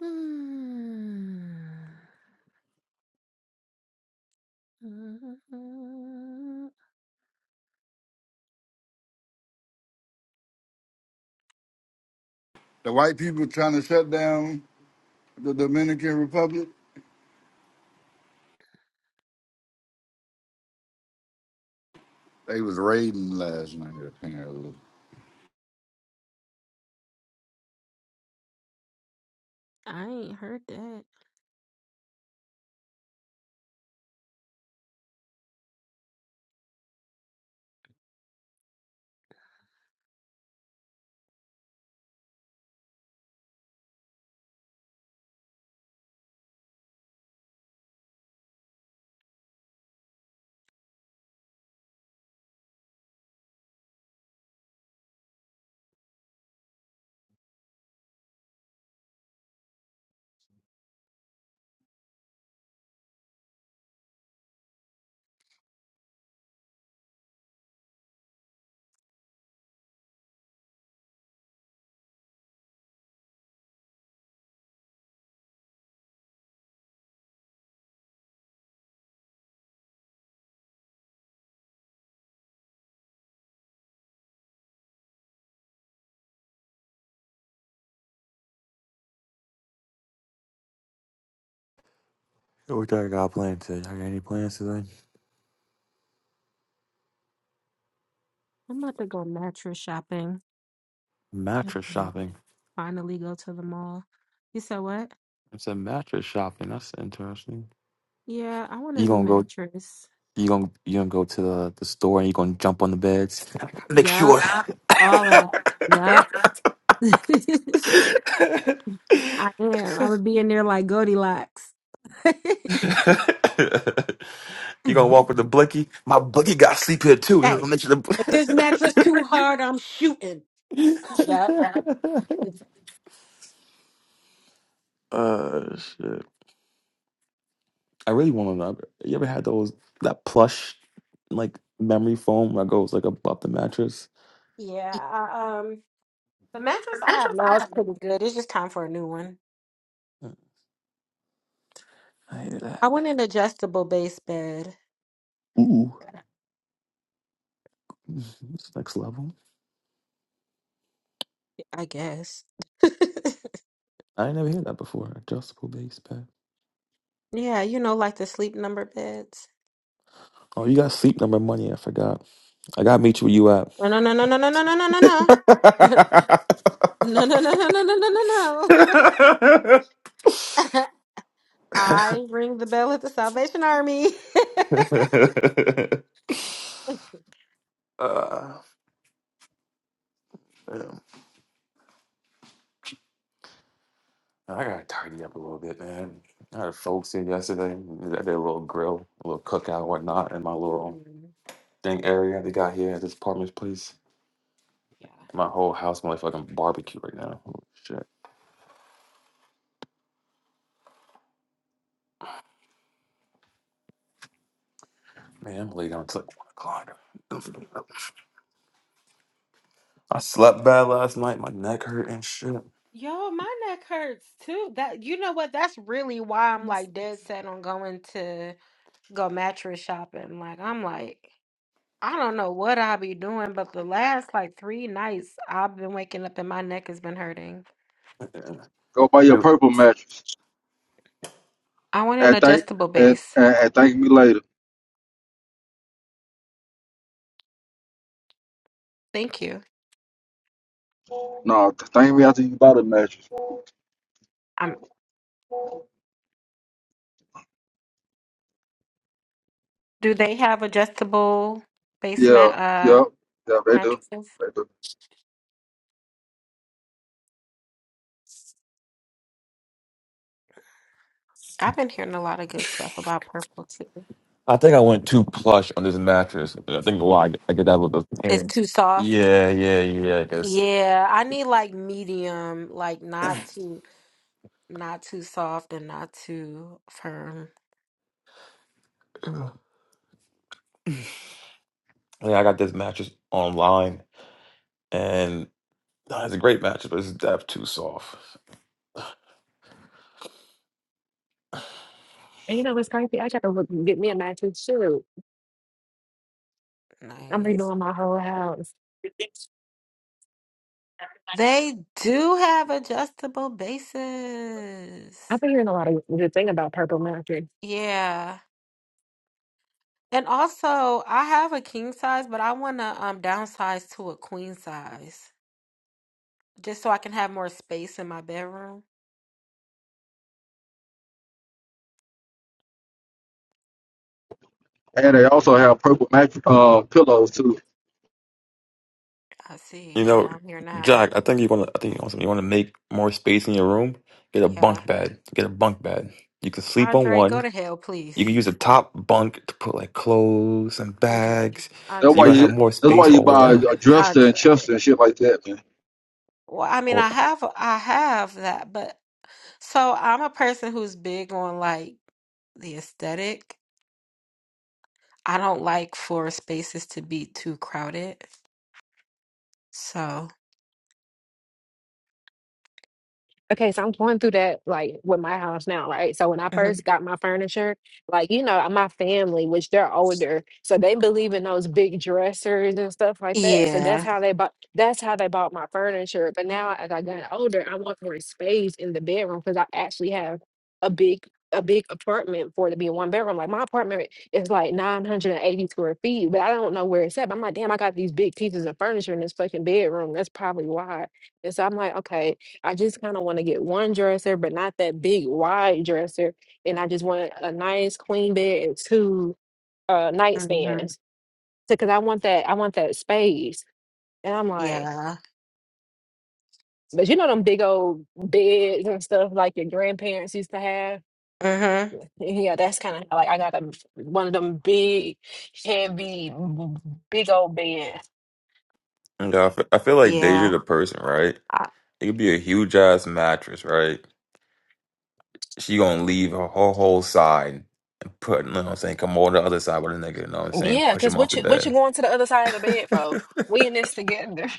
Mm, The white people trying to shut down the Dominican Republic. They was raiding last night apparently. I ain't heard that. Hey, What y'all got planned today? I got any plans today? I'm about to go mattress shopping Mattress and shopping. finally go to the mall. You said what? I said mattress shopping. That's interesting. Yeah, I want a You new gonna go? mattress. You gonna you gonna go to the, the store and you gonna jump on the beds? *laughs* Make Yup, sure. all that. Yup. *laughs* I am. I would be in there like Goldilocks. *laughs* you gonna walk with the blicky? My blicky got sleep here too. And I'll Hey, make sure if this the. mattress too hard, I'm shooting. Yup. *laughs* uh shit. I really want to. You ever had those that plush like memory foam that goes like above the mattress? Yeah. I, um, the mattress I Imagine have if I now is had pretty good. It's just time for a new one. Mm, I hear that. I want an adjustable base bed, Ooh, *laughs* this next level. I guess. *laughs* I ain't never heard that before. Adjustable base pad. Yeah, you know, like the sleep number beds. Oh, you got sleep number money. I forgot. I gotta meet you where you at. No, no, no, no, no, no, no, no, no, no, no. No, no, no, no, no, no, no, no, no. *laughs* I ring the bell at the Salvation Army. *laughs* uh, damn. I gotta tidy up a little bit, man. I had folks here yesterday. They did a little grill, a little cookout, whatnot, in my little Mm. thing area they got here at this apartment place. My whole house, motherfucking barbecue right now. Oh, shit. Man, I'm late on. It's like one o'clock. I slept bad last night. My neck hurt and shit. Uh, Go mattress shopping. Like, I'm like, I don't know what I'll be doing, but the last like three nights I've been waking up and my neck has been hurting. Go buy your Dude, purple mattress I want an and thank adjustable and, base. and, and thank me later. Thank you. No, the thing we have to use bottle mattress. Um, do they have adjustable base Yeah, mat yeah, uh yeah, they do. mattresses? They do. I've been hearing a lot of good stuff about purple too. I think I went too plush on this mattress. I think why I I get that with the It's parents. too soft. Yeah, yeah, yeah. Because Yeah, I need like medium, like not too not too soft and not too firm. *clears throat* yeah, I got this mattress online, and uh, it's a great mattress, but it's depth too soft. And you know what's crazy? I got to look, get me a matching suit. I'm Nice. redoing my whole house. They do have adjustable bases. I've been hearing a lot of good thing about Purple Mountain. Yeah. And also, I have a king size, but I want to um downsize to a queen size just so I can have more space in my bedroom. And they also have purple mattress uh, pillows too. I see. You I'm know, on here now. Jack. I think you want to. I think you want You want to make more space in your room. Get a Yeah. bunk bed. Get a bunk bed. You can sleep on Andre, one. go to hell, please. You can use the top bunk to put like clothes and Andre. bags, That's so why you're gonna Andre. have you more that's why space *laughs* you all buy around. a dresser and Andre. chest and shit like that, man. Well, I mean, Or I have I have that, but so I'm a person who's big on like the aesthetic. I don't like for spaces to be too crowded. So, Okay, so I'm going through that like with my house now, right? So when I Mhm. first got my furniture, like you know, my family, which they're older, so they believe in those big dressers and stuff like that. So that's yeah. how they bought. That's how they bought my furniture. But now, as I got older, I want more space in the bedroom because I actually have a big a big apartment for it to be a one bedroom. Like my apartment is like 980 square feet, but I don't know where it's at. But I'm like, damn, I got these big pieces of furniture in this fucking bedroom. That's probably why. And so I'm like, okay. I just kind of want to get one dresser, but not that big wide dresser. And I just want a nice queen bed and two uh Mm-hmm. nightstands. So, cause I want that, I want that space. And I'm like, Yeah. but you know them big old beds and stuff like your grandparents used to have. *laughs* hmm Yeah, that's kind of like I got a one of them big, heavy, b- big old beds. Yeah, I fe- I feel like Deja Yeah. the person, right? I, It could be a huge ass mattress, right? She gonna leave her whole whole side and put, you know what I'm saying, come over to the other side with a nigga, you know what I'm saying? Yeah, Push because him off what the you what you bed. going to the other side of the bed, bro? We in this together. *laughs*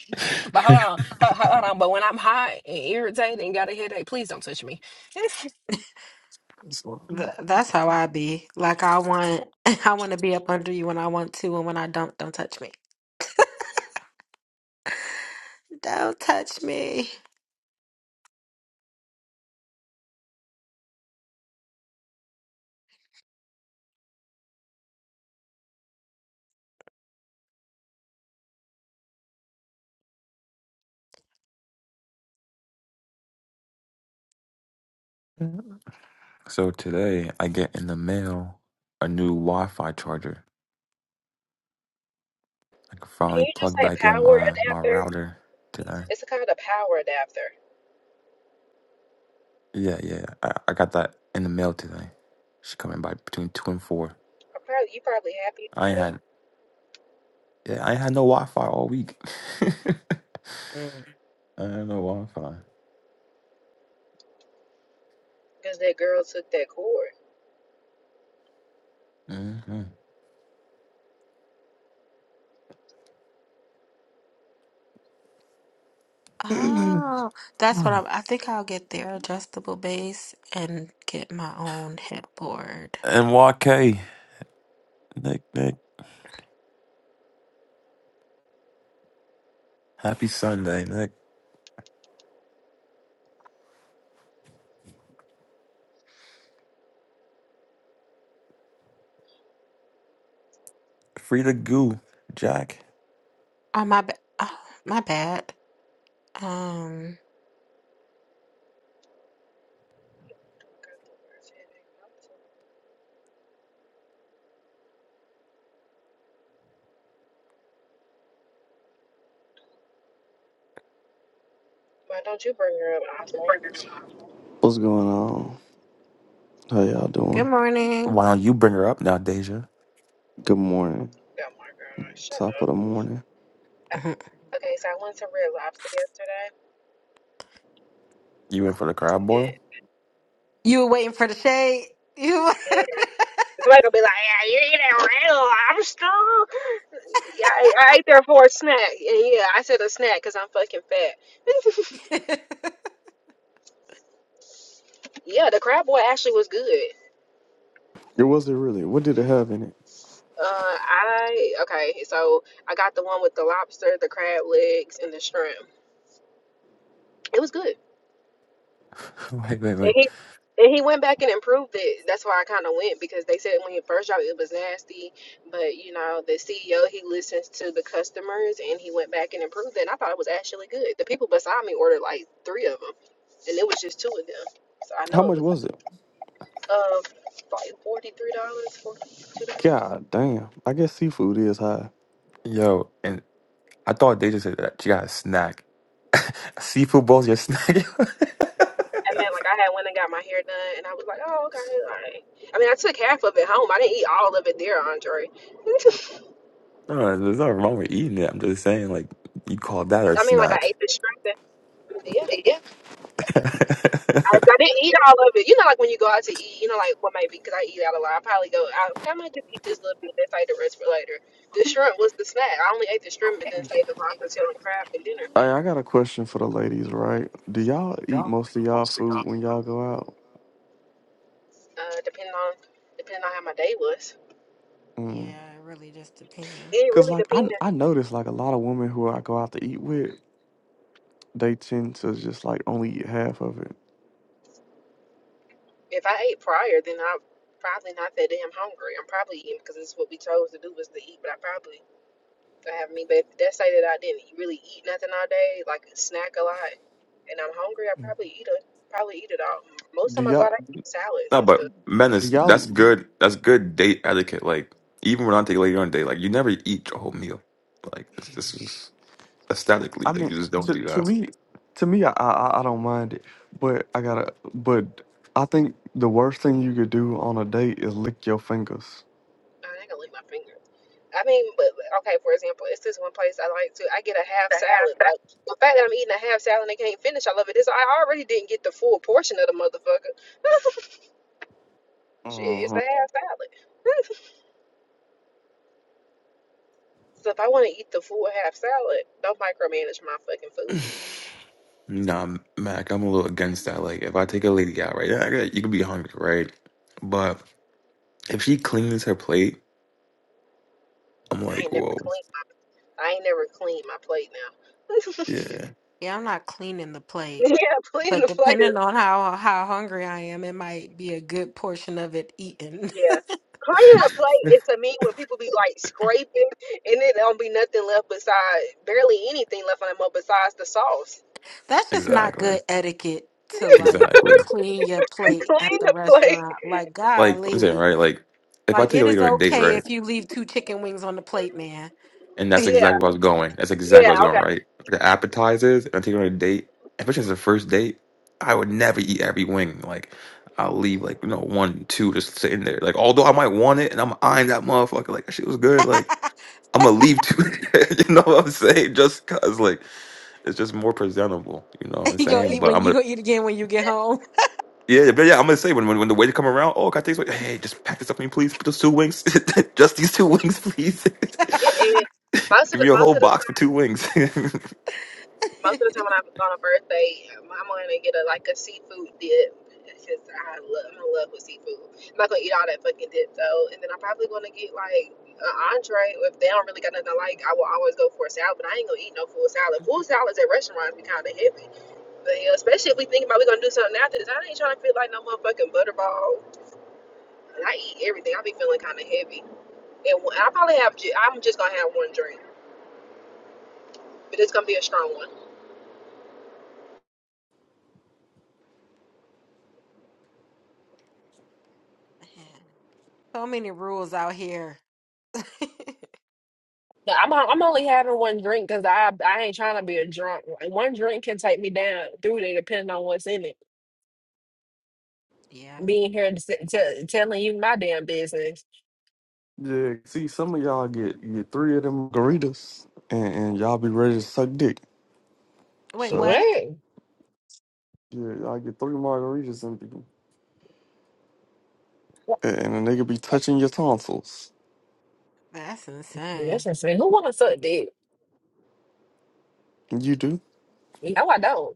But hold on, hold, hold on. But when I'm hot and irritated and got a headache, please don't touch me. *laughs* Can you th that's how I be. Like I want *laughs* I want to be up under you when I want to and when I don't, don't touch me. Don't touch me. *laughs* so today I get in the mail a new Wi-Fi charger. I can finally just plug say back in power my my adapter? router today. It's a kind of power adapter. Yeah, yeah. I, I got that in the mail today. She coming by between two and four. I probably you probably happy I ain't had yeah, I ain't had no Wi Fi all week. *laughs* I Mm. had no Wi Fi. because that girl took that cord. Mm-hmm. And Oh, that's what I'm I think I'll get their adjustable base and get my own headboard. YK, Nick, Nick. Happy Sunday, Nick. Free to goo, Jack. Oh my ba- oh, my bad. Um, Got the worst headache. Why don't you bring her up, Osborne? What's going on? How y'all good doing? morning. Why don't you bring her up now, Deja? Good morning. Oh my god, shut Top of the morning. up. *laughs* Okay, so I went to Red Lobster yesterday. You in for the crab boil? Good. You were waiting for the shade. You. Yeah. *laughs* Somebody gonna be like, yeah, you eat at Red Lobster? Yeah, I, I ate there for a snack. And yeah, I said a snack because I'm fucking fat. yeah, *laughs* yeah, the crab boy actually was good. It was it really? What did it have in it? Uh, I okay, so I got the one with the lobster, the crab legs, and the shrimp. It was good. *laughs* wait, wait, And wait. he and he went back and improved it. That's why I kind of went because they said when he first dropped it, it was nasty, but you know the CEO he listens to the customers and he went back and improved it. And I thought it was actually good. The people beside me ordered like three of them, and it was just two of them. So I know How it much was. was it? uh, like forty three dollars, forty two dollars. God damn. I guess seafood is high. Yo, and I thought Deja said that she got a snack. *laughs* Seafood bowl's your snack. *laughs* And then like I had went and got my hair done, and I was like, oh okay, all right. I mean, I took half of it home. I didn't eat all of it there, Andre. *laughs* No, there's nothing wrong with eating it. I'm just saying, like, you call that a I mean, like I snack. ate the shrimp. that- Yeah, I, I didn't eat all of it. You know, like when you go out to eat, you know, like what maybe because I eat out a lot. I probably go out. I might just eat this little bit and save the rest for later. The shrimp was the snack. I only ate the shrimp and *laughs* then saved the lobster tail and crab for dinner. Hey, I got a question for the ladies, right? Do y'all eat most of y'all food when y'all go out? Uh, depending on depending on how my day was. Mm. it really just depends. It Cause really like depends. I I notice like a lot of women who I go out to eat with, they tend to just like only eat half of it. If I ate prior, then I'm probably not that damn hungry. I'm probably eating because it's what we chose to do was to eat. But I probably I have me. But if that say that I didn't e-, really eat nothing all day, like snack a lot, and I'm hungry, I probably eat it. Probably eat it all. Most Do time I go y'all out, I eat salads no, and but stuff. do menace, that's y'all? good. That's good date etiquette. Like, even when I take later on a date, like, you never eat your whole meal. Like, this, this is aesthetically, I like, mean, you just don't to do to that. me, to me, I, I I don't mind it, but I gotta. But I think the worst thing you could do on a date is lick your fingers. I ain't gonna lick my fingers. I mean, but okay, for example, it's this one place I like to. I get a half salad. Like the fact that I'm eating a half salad and I can't finish, I love it. This I already didn't get the full portion of the motherfucker. *laughs* Shit, it's hmm a half salad. *laughs* So if I want to eat the full half salad, don't micromanage my fucking food. *sighs* nah, Mac, I'm a little against that. Like, if I take a lady out, right, yeah, I get- you can be hungry, right? But if she cleans her plate, I'm I ain't like, never whoa, clean. My, I ain't never clean my plate now. *laughs* yeah, Yeah, I'm not cleaning the plate, yeah, cleaning but the plate. Is, depending on how how hungry I am, it might be a good portion of it eaten. yeah, cleaning the *laughs* plate is to me when people be like scraping and it don't be nothing left beside barely anything left on them besides the sauce. *laughs* That's just not exactly, good etiquette to like *laughs* exactly. clean your Y- plate at clean the the plate. restaurant. Like, Like I'm saying, golly, right? Like if I like take a it lady is on a date, okay right, if you leave two chicken wings on the plate, and that's *laughs* Yeah, exactly where I was going. That's exactly yeah, where I was going, okay. right? The appetizers, and I take her on a date, especially as a first date, I would never eat every wing. Like I'll leave like you know one, two, just sitting there. Like although I might want it, and I'm eyeing that motherfucker. Like that shit was good. Like I'm gonna leave two. *laughs* you know what I'm saying? Just cause like it's just more presentable. You know what I'm you It, gonna saying? it, eat But when you I'm gonna eat again when you get it, home. Yeah, but yeah, I'm gonna say when when, when the waiter come around, oh, can I take some? Hey, just pack this up for me, please. Put those two wings, *laughs* just these two wings, please. *laughs* it, it, *laughs* most of Give the me a most whole of the time. box for two wings. *laughs* Most of the time when I'm on a birthday, I'm gonna get a like a seafood dip. It's just I love, I'm in love with seafood. I'm not gonna eat all that fucking dip though, and then I'm probably gonna get like an entree. If they don't really got nothing I like, I will always go for a salad. But I ain't gonna eat no full salad. Full salads at restaurants be kind of heavy. But yeah, especially if we think about we gonna do something after this, I ain't trying to feel like no motherfucking butterball. And I eat everything. I be feeling kind of heavy, and I probably have. ju- I'm just gonna have one drink, but it's gonna be a strong one. so many rules out here. But I'm I'm only having one drink because I I ain't trying to be a drunk. Like, one drink can take me down through there, depending on what's in it. *laughs* yeah. Being here to, sit- tell telling you my damn business. Yeah. See, some of y'all get get three of them margaritas, and, and y'all be ready to suck dick. Wait, So what? What? yeah, y'all get three margaritas and be, and and they could be touching your tonsils. That's That's insane. insane. Who want to suck dick? And You do? No, I don't.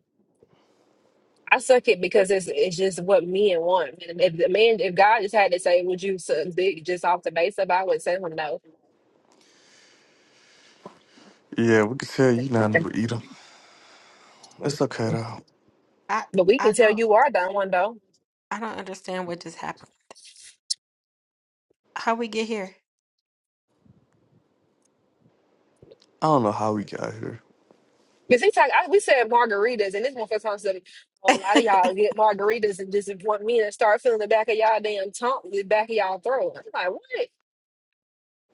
I suck it because it's it's just what men want. And if the man, if God just had to say, "Would you suck dick?" just off the base of, it, I would say, "Well, no." Yeah, we could tell you not to eat them. It's okay though. I But we can I tell don't you are done one though. I don't understand what just happened. How we get here? I don't know how we got here. Because he talk, I, we said margaritas, and this motherfucker talking said, a *laughs* lot of y'all get margaritas and just want me to start feeling the back of y'all damn tongue, the back of y'all throat. I'm like, what?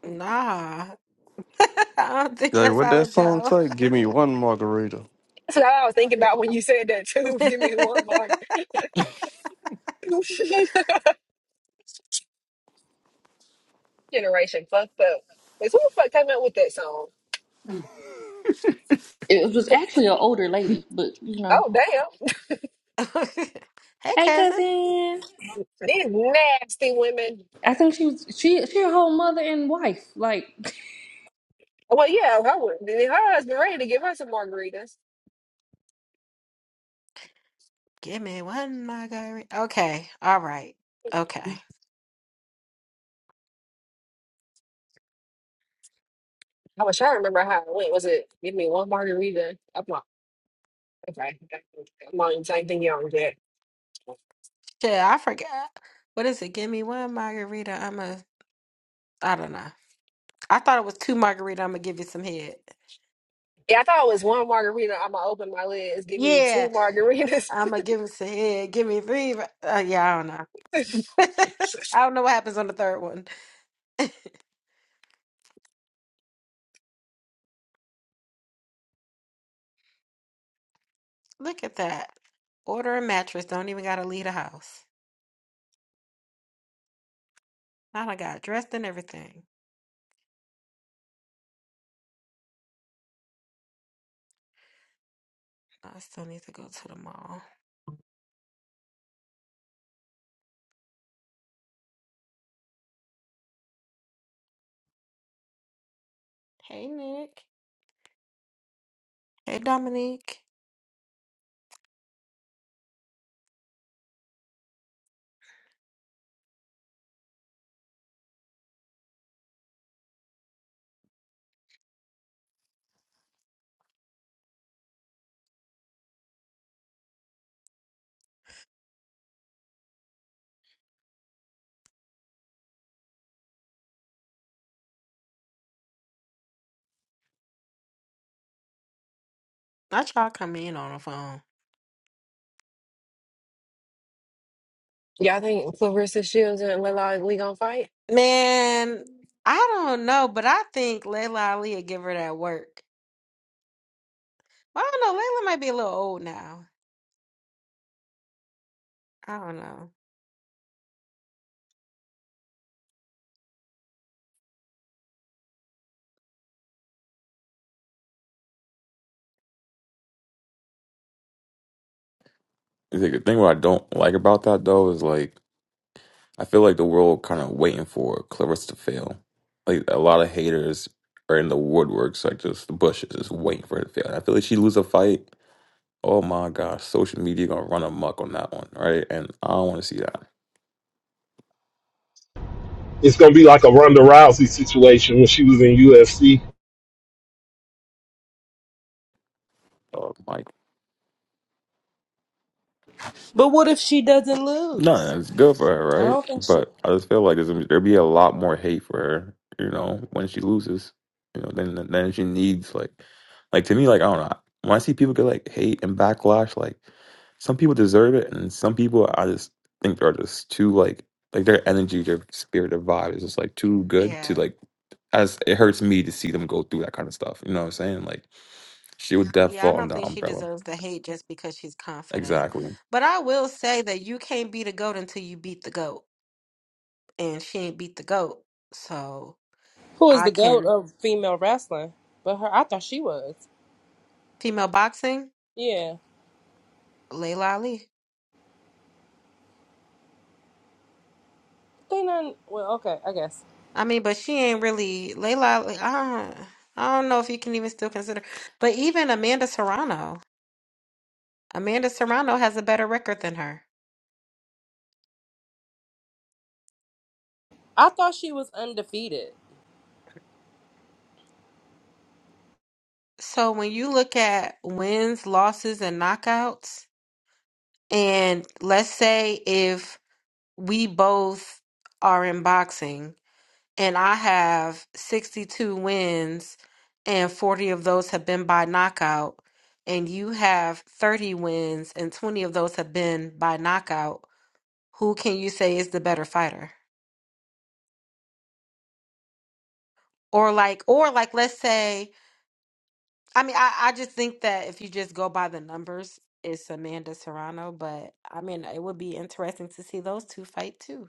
Nah. *laughs* I don't think Like that's what how that it song go. say? Give me one margarita. That's what I was thinking about when you said that too. *laughs* Give me one more. *laughs* *laughs* Generation fucked up. Because who the fuck came up with that song? It was actually an older lady, but you know. Oh damn, Hey Hey, cousin. cousin. these nasty women. I think she was she she her whole mother and wife. Like, Well, yeah, her, her husband ready to give her some margaritas. Give me one margarita. Okay. All right. Okay. I was trying to remember how it went. Was it give me one margarita? I'm like, okay, I'm not even thinking young yet. Shit, I forgot. What is it? Give me one margarita. I'm a I don't know. I thought it was two margarita. I'm gonna give you some head. Yeah, I thought it was one margarita. I'm gonna open my lids. Give me Yeah, two margaritas. I'm gonna give him some head. Give me three. Uh, yeah, I don't know. *laughs* *laughs* I don't know what happens on the third one. Look at that. Order a mattress. Don't even gotta leave the house. Now I got dressed and everything. I still need to go to the mall. Hey Nick. Hey Dominique. Not y'all come in on the phone. Y'all think Clarissa Shields and Layla Lee gonna fight? Man, I don't know, but I think Layla Ali would give her that work. Well, I don't know. Layla might be a little old now. I don't know. The thing what I don't like about that though is like I feel like the world kind of waiting for Clarissa to fail. Like a lot of haters are in the woodworks, like just the bushes, just waiting for her to fail. And I feel like she lose a fight. Oh my gosh, social media gonna run amok on that one, right? And I don't want to see that. It's gonna be like a Ronda Rousey situation when she was in UFC. Oh my But what if she doesn't No, lose? it's good for her, I right? don't think she But I just feel like there's, there'd be a lot more hate for her, you know, when she loses, you know, then then she needs like, like to me, like I don't know, when I see people get like hate and backlash, like some people deserve it, and some people I just think they're just too like, like their energy, their spirit, their vibe is just like too good to Yeah. like. As it hurts me to see them go through that kind of stuff, you know what I'm saying? Like, she would definitely Yeah, I fall don't under the think she umbrella. deserves the hate just because she's confident. Exactly. But I will say that you can't beat a goat until you beat the goat. and she ain't beat the goat. So who is I the goat can of female wrestling. But her I thought she was. female boxing, Yeah. Layla Ali. They not well, okay, I guess. I mean, but she ain't really Layla. Ali, I don't, I don't know if you can even still consider. But even Amanda Serrano, Amanda Serrano has a better record than her. I thought she was undefeated. So when you look at wins, losses, and knockouts, and let's say if we both are in boxing and I have 62 wins, and 40 of those have been by knockout, and you have 30 wins, and 20 of those have been by knockout, who can you say is the better fighter? Or like, or like, let's say, I mean, I, I just think that if you just go by the numbers, it's Amanda Serrano, but I mean, it would be interesting to see those two fight too.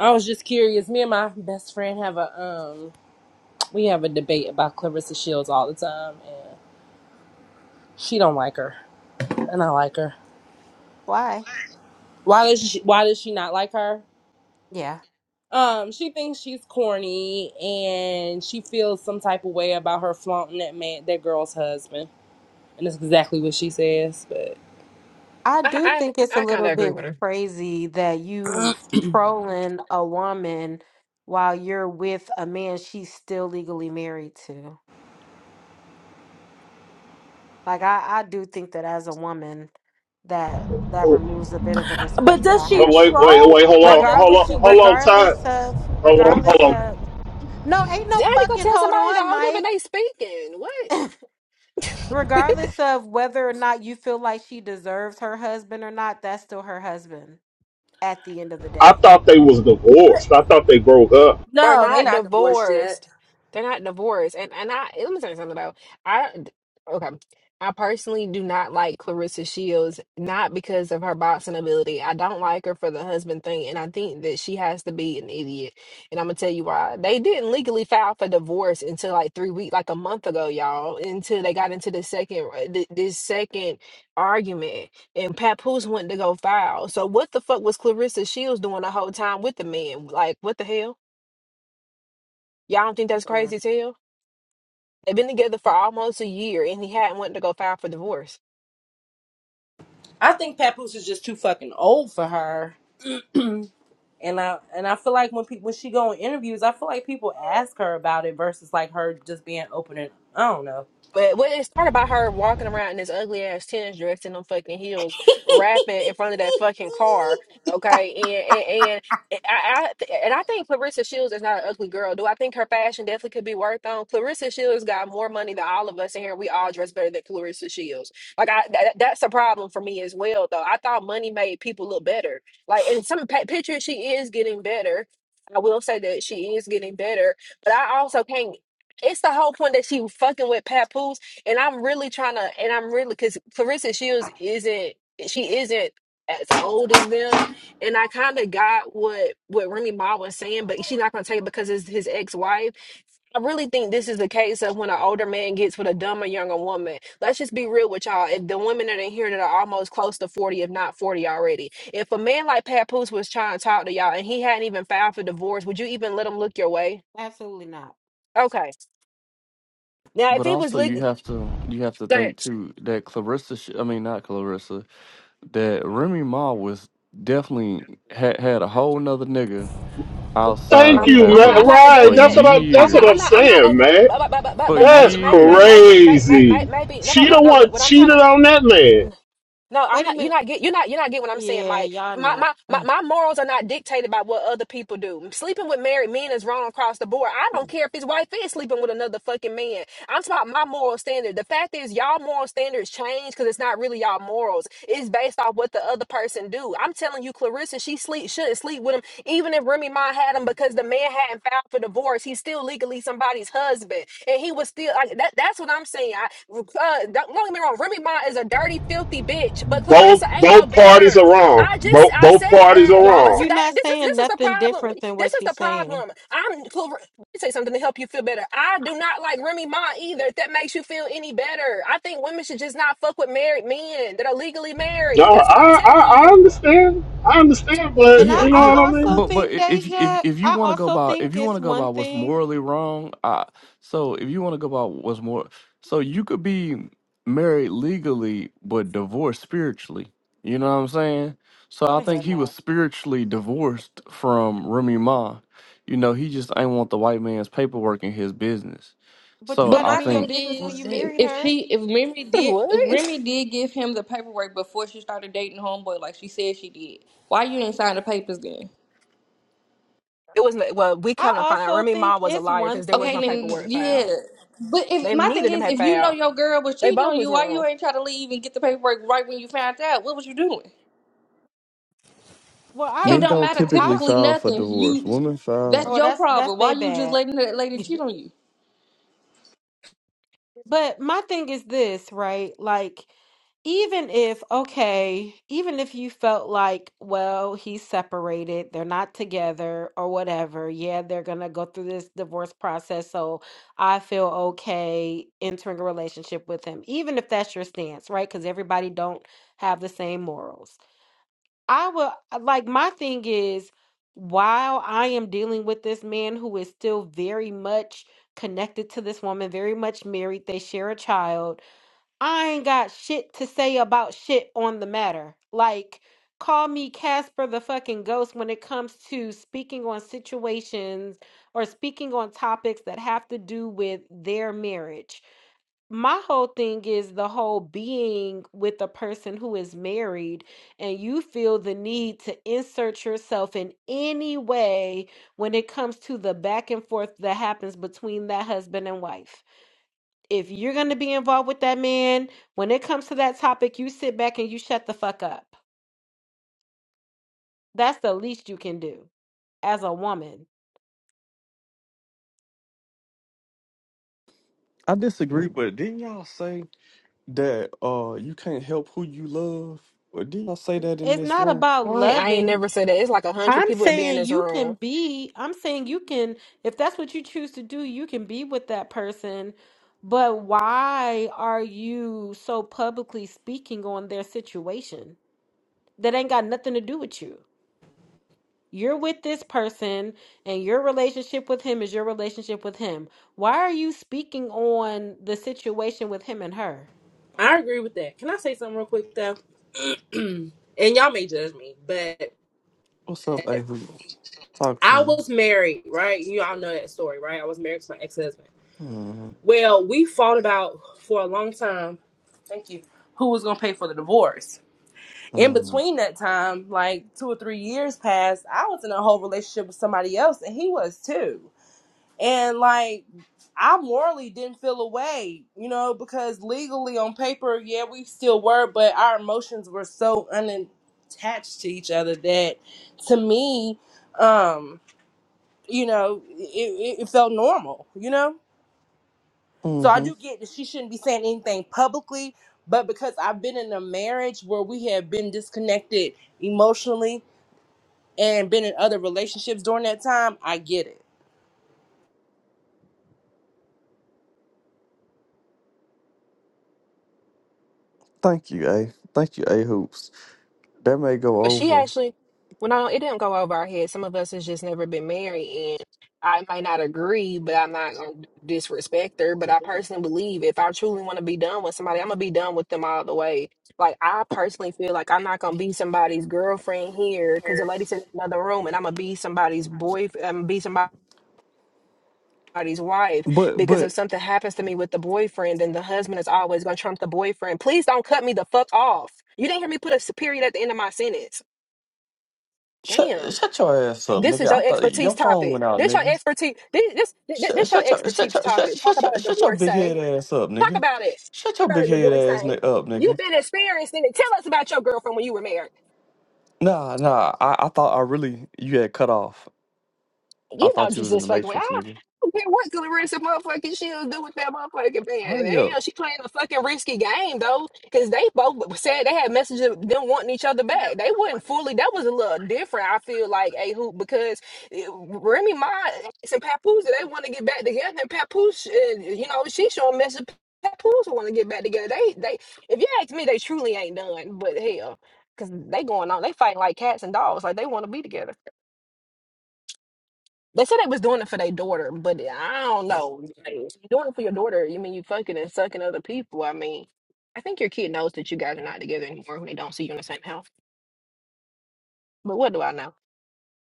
I was just curious. Me and my best friend have a um we have a debate about Clarissa Shields all the time and she don't like her. And I like her. Why? Why does she why does she not like her? Yeah. Um, she thinks she's corny and she feels some type of way about her flaunting that man that girl's husband. And that's exactly what she says, but I do I think it's I, a I kind little of agree bit with her. crazy that you trolling a woman while you're with a man she's still legally married to. Like I, I do think that as a woman that that removes a bit of the But respect that does I she have for Wait, you. wait, wait, troll hold or on, does when hold Regardless on, she hold get on, Todd. regardless of Hold on, hold regardless of on. no, ain't no Dad, you gonna fucking tell hold somebody to on, hold up and Mike. they speaking? What? *laughs* regardless of whether or not you feel like she deserves her husband or not, that's still her husband. at the end of the I day. thought they was but divorced. I thought they broke up. They're no, they not not divorced yet. divorced. They're not divorced. And and I let me tell you something though. I okay. I personally do not like Clarissa Shields, not because of her boxing ability. I don't like her for the husband thing, and I think that she has to be an idiot. And I'm gonna tell you why. They didn't legally file for divorce until like three weeks, like a month ago, y'all. Until they got into the second, uh, th- this second argument, and Papoose went to go file. So what the fuck was Clarissa Shields doing the whole time with the man? Like what the hell? Y'all don't think that's Mm, crazy as hell? They've been together for almost a year and he hadn't wanted to go file for divorce. I think Papoose is just too fucking old for her. *clears throat* And I and I feel like when people when she go on interviews, I feel like people ask her about it versus like her just being open and I don't know. But what it started by her walking around in this ugly ass tennis dress and them fucking heels, rapping in front of that fucking *laughs* car. Okay, and and, and I, I and I think Clarissa Shields is not an ugly girl. Do I think her fashion definitely could be worked on? Clarissa Shields got more money than all of us in here. We all dress better than Clarissa Shields. Like I, that, that's a problem for me as well. Though I thought money made people look better. Like in some pa- pictures, she is getting better. I will say that she is getting better, but I also can't. It's the whole point that she was fucking with Papoose, and I'm really trying to, and I'm really because Clarissa Shields isn't, she isn't as old as them, and I kind of got what what Remy Ma was saying, but she's not gonna take it because it's his ex wife. I really think this is the case of when an older man gets with a dumber younger woman. Let's just be real with y'all. If the women that are in here that are almost close to forty, if not forty already, if a man like Papoose was trying to talk to y'all and he hadn't even filed for divorce, would you even let him look your way? Absolutely not. Okay. Now, if But he was also, you legal. have to you have to think Thanks. too that Clarissa, sh- I mean not Clarissa, that Remy Ma was definitely had had a whole nother nigga outside Thank I'm of not. you, I'm not. man. I'm Papoose not Right, for negating that's it. what I. I'm That's not. what I'm I'm not. years, I'm not. saying, Neg- man. but, but, but, but, but for but maybe, That's maybe, years. maybe, maybe, crazy. maybe, maybe. No, no, She no, the no. What, one what I'm trying cheated to. on that man. No, I'm Wait a not. You're minute. not get. You're not. You're not get what I'm saying, Yeah, Mike. y'all My, not. my my my morals are not dictated by what other people do. Sleeping with married men is wrong across the board. I don't care if his wife is sleeping with another fucking man. I'm talking about my moral standard. The fact is, y'all moral standards change because it's not really y'all morals. It's based off what the other person do. I'm telling you, Clarissa, she sleep shouldn't sleep with him, even if Remy Ma had him because the man hadn't filed for divorce. He's still legally somebody's husband, and he was still like that. That's what I'm saying. Uh, don't, don't get me wrong. Remy Ma is a dirty, filthy bitch, but Both Clarissa ain't no both parties better. are wrong. I just Both I both said parties are that, Y'all, but wrong. you're today not this is saying this is the nothing problem. different than This what is the she's saying. problem. I'm Clar- let me say something to help you feel better. I do not like Remy Ma either. If that makes you feel any better, I think women should just not fuck with married men that are legally No, married. That's what I'm I telling I, I you. understand. I understand, And but Yeah, I, you know I what yeah, I also mean. but but think, i- if if Deja, if you I want to go also about if think you want to it's go one about what's thing. morally wrong, uh, so if you want to go about what's more, so you could be married legally but divorced spiritually. You know what I'm saying? So Go I to hell, think he was not. spiritually divorced from Remy Ma. You know, he just ain't want the white man's paperwork in his business. *laughs* But you So but got to I my mean your thing think business What? when is, you *laughs* if married if her. she if Remy did if What? Remy did give him the paperwork before she started dating homeboy, like she said she did, why you didn't sign the papers then? It was not well. We come I to find out also Remy Ma think was a it's liar one because there was Okay, no then thing. paperwork yeah. filed. But if They my I- neither thing of them is, had if you know filed. your girl was They cheating both on was you, why wrong. you ain't try to leave and get the paperwork right when you found out? What was you doing? Well, I It don't Men know. don't I, don't matter. typically I Typically, file for nothing. divorce. You, Women that's file. oh, your that's that's problem. Why they you just bad. letting that *laughs* lady cheat on you? But my thing is this, right? Like, even if, okay, even if you felt like, well, he's separated, they're not together or whatever, yeah, they're gonna go through this divorce process, so I feel okay entering a relationship with him, even if that's your stance, right? Because everybody don't have the same morals. I will uh, like my thing is while I am dealing with this man who is still very much connected to this woman, very much married, they share a child. I ain't got shit to say about shit on the matter. Like call me Casper the fucking ghost when it comes to speaking on situations or speaking on topics that have to do with their marriage my whole thing is the whole being with a person who is married and you feel the need to insert yourself in any way when it comes to the back and forth that happens between that husband and wife. If you're going to be involved with that man, when it comes to that topic, you sit back and you shut the fuck up. That's the least you can do as a woman. I disagree, but didn't y'all say? that uh you can't help who you love. Well, didn't I say that in It's this not room? about I ain't, I ain't loving never said that. It's like a hundred I'm people would be in saying this you can room. be, I'm saying you can, if that's what you choose to do, you can be with that person. But why are you so publicly speaking on their situation that ain't got nothing to do with you? You're with this person, and your relationship with him is your relationship with him. Why are you speaking on the situation with him and her? I agree with that. Can I say something real quick though? *clears throat* and y'all may judge me, but What's up, A? Talk to I me. was married, right? You all know that story, right? I was married to my ex husband. Mm, Well, we fought about for a long time. Thank you. Who was gonna pay for the divorce? In mm, between that time, like two or three years passed, I was in a whole relationship with somebody else, and he was too. and like I morally didn't feel a way, you know, because legally on paper, yeah, we still were, but our emotions were so unattached to each other that to me, um, you know, it, it, it felt normal, you know? So I mm-hmm. do get that she shouldn't be saying anything publicly, but because I've been in a marriage where we have been disconnected emotionally and been in other relationships during that time, I get it. Thank you, A. Thank you, A Hoops. That may go But she over. actually, well, no, it didn't go over our head. Some of us has just never been married, and I might not agree, but I'm not gonna disrespect her. But I personally believe if I truly want to be done with somebody, I'm gonna be done with them all the way. Like I personally feel like I'm not gonna be somebody's girlfriend here because the lady said in another room, and I'm gonna be somebody's boyfriend. I'm gonna be somebody's somebody's wife But because but if something happens to me with the boyfriend, then the husband is always going to trump the boyfriend. Please don't cut me the fuck off. You didn't hear me put a period at the end of my sentence. shut Damn, shut your ass up, this nigga. is I your thought expertise your phone topic. went out, This your nigga. expertise. This this this, Shut this your shut your shut expertise your shut topic. Talk shut about your, a shut your big head divorcee. ass up, Talk nigga. about it. Shut Talk your about big a head ass ni- divorcee. up, You've nigga. been experiencing it. Tell us about your girlfriend when you were married. Nah, nah. I, I thought I really you had cut off. I You know thought you was in the Jesus fucking with. Matrix, I nigga. don't care what Clarissa motherfucking she'll do with that motherfucking man. Hurry up. Damn, she playing a fucking risky game though, because they both said they had messages of them wanting each other back. They wasn't fully. That was a little different. I feel like a hoop because eh, Remy Ma and Papoose they want to get back together, and Papoose, eh, you know, she showing message. Papoose want to get back together. They, they. If you ask me, they truly ain't done. But hell, because they going on, they fighting like cats and dogs. Like they want to be together. They said they was doing it for their daughter, but I don't know. Like, if you're doing it for your daughter, you mean you fucking and sucking other people? I mean, I think your kid knows that you guys are not together anymore when they don't see you in the same house. But what do I know?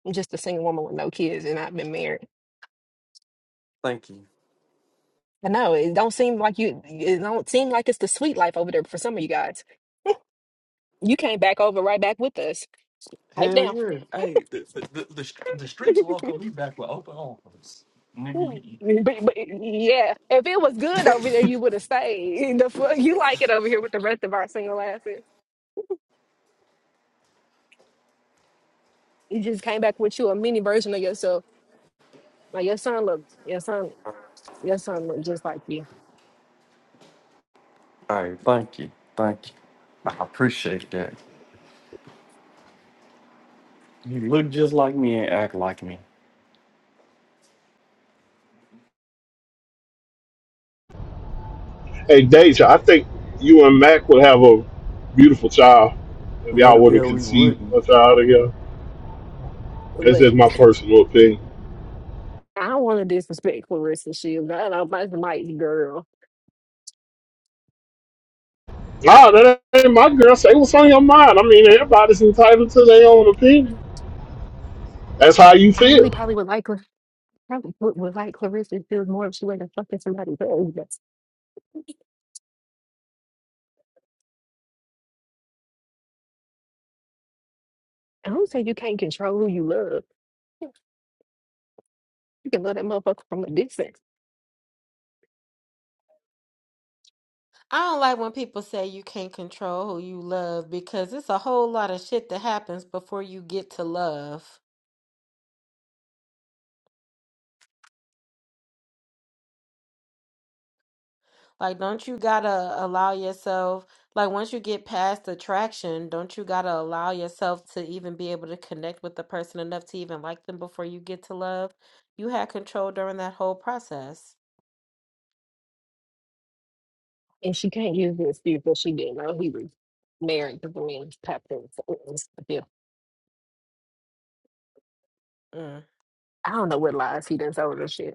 I'm just a single woman with no kids, and I've been married. Thank you. I know it don't seem like you. It don't seem like it's the sweet life over there for some of you guys. You came back over right back with us. Pipe Hell down. yeah. Hey, the the, the, the, str- the *laughs* but, streets welcome me back with open arms. Nigga. but yeah, if it was good over there, you would have stayed. *laughs* The fuck, you like it over here with the rest of our single asses. You just came back with you a mini version of yourself. Like your son look, your son, your son look just like you. All right, thank you. Thank you. I appreciate that. You look just like me and act like me. Hey, Deja, I think you and Mac would have a beautiful child if No, y'all the would have hell we conceived wouldn't. a child together. That's just But my *laughs* personal opinion. I don't want to disrespect Clarissa Shields. I don't know, my might girl. Nah, that ain't my girl. Say what's on your mind. I mean, everybody's entitled to their own opinion. That's how you I really feel. probably would like Clar- probably would, would like Clarissa Shields more if she wasn't fucking somebody else. But I don't say you can't control who you love. You can love that motherfucker from a distance. I don't like when people say you can't control who you love because it's a whole lot of shit that happens before you get to love. Like, don't you gotta allow yourself, like, once you get past attraction, don't you gotta allow yourself to even be able to connect with the person enough to even like them before you get to love? You had control during that whole process. And she can't use the excuse that she didn't know he was married to the man's pop Yeah, Mm. I don't know what lies he done told her shit.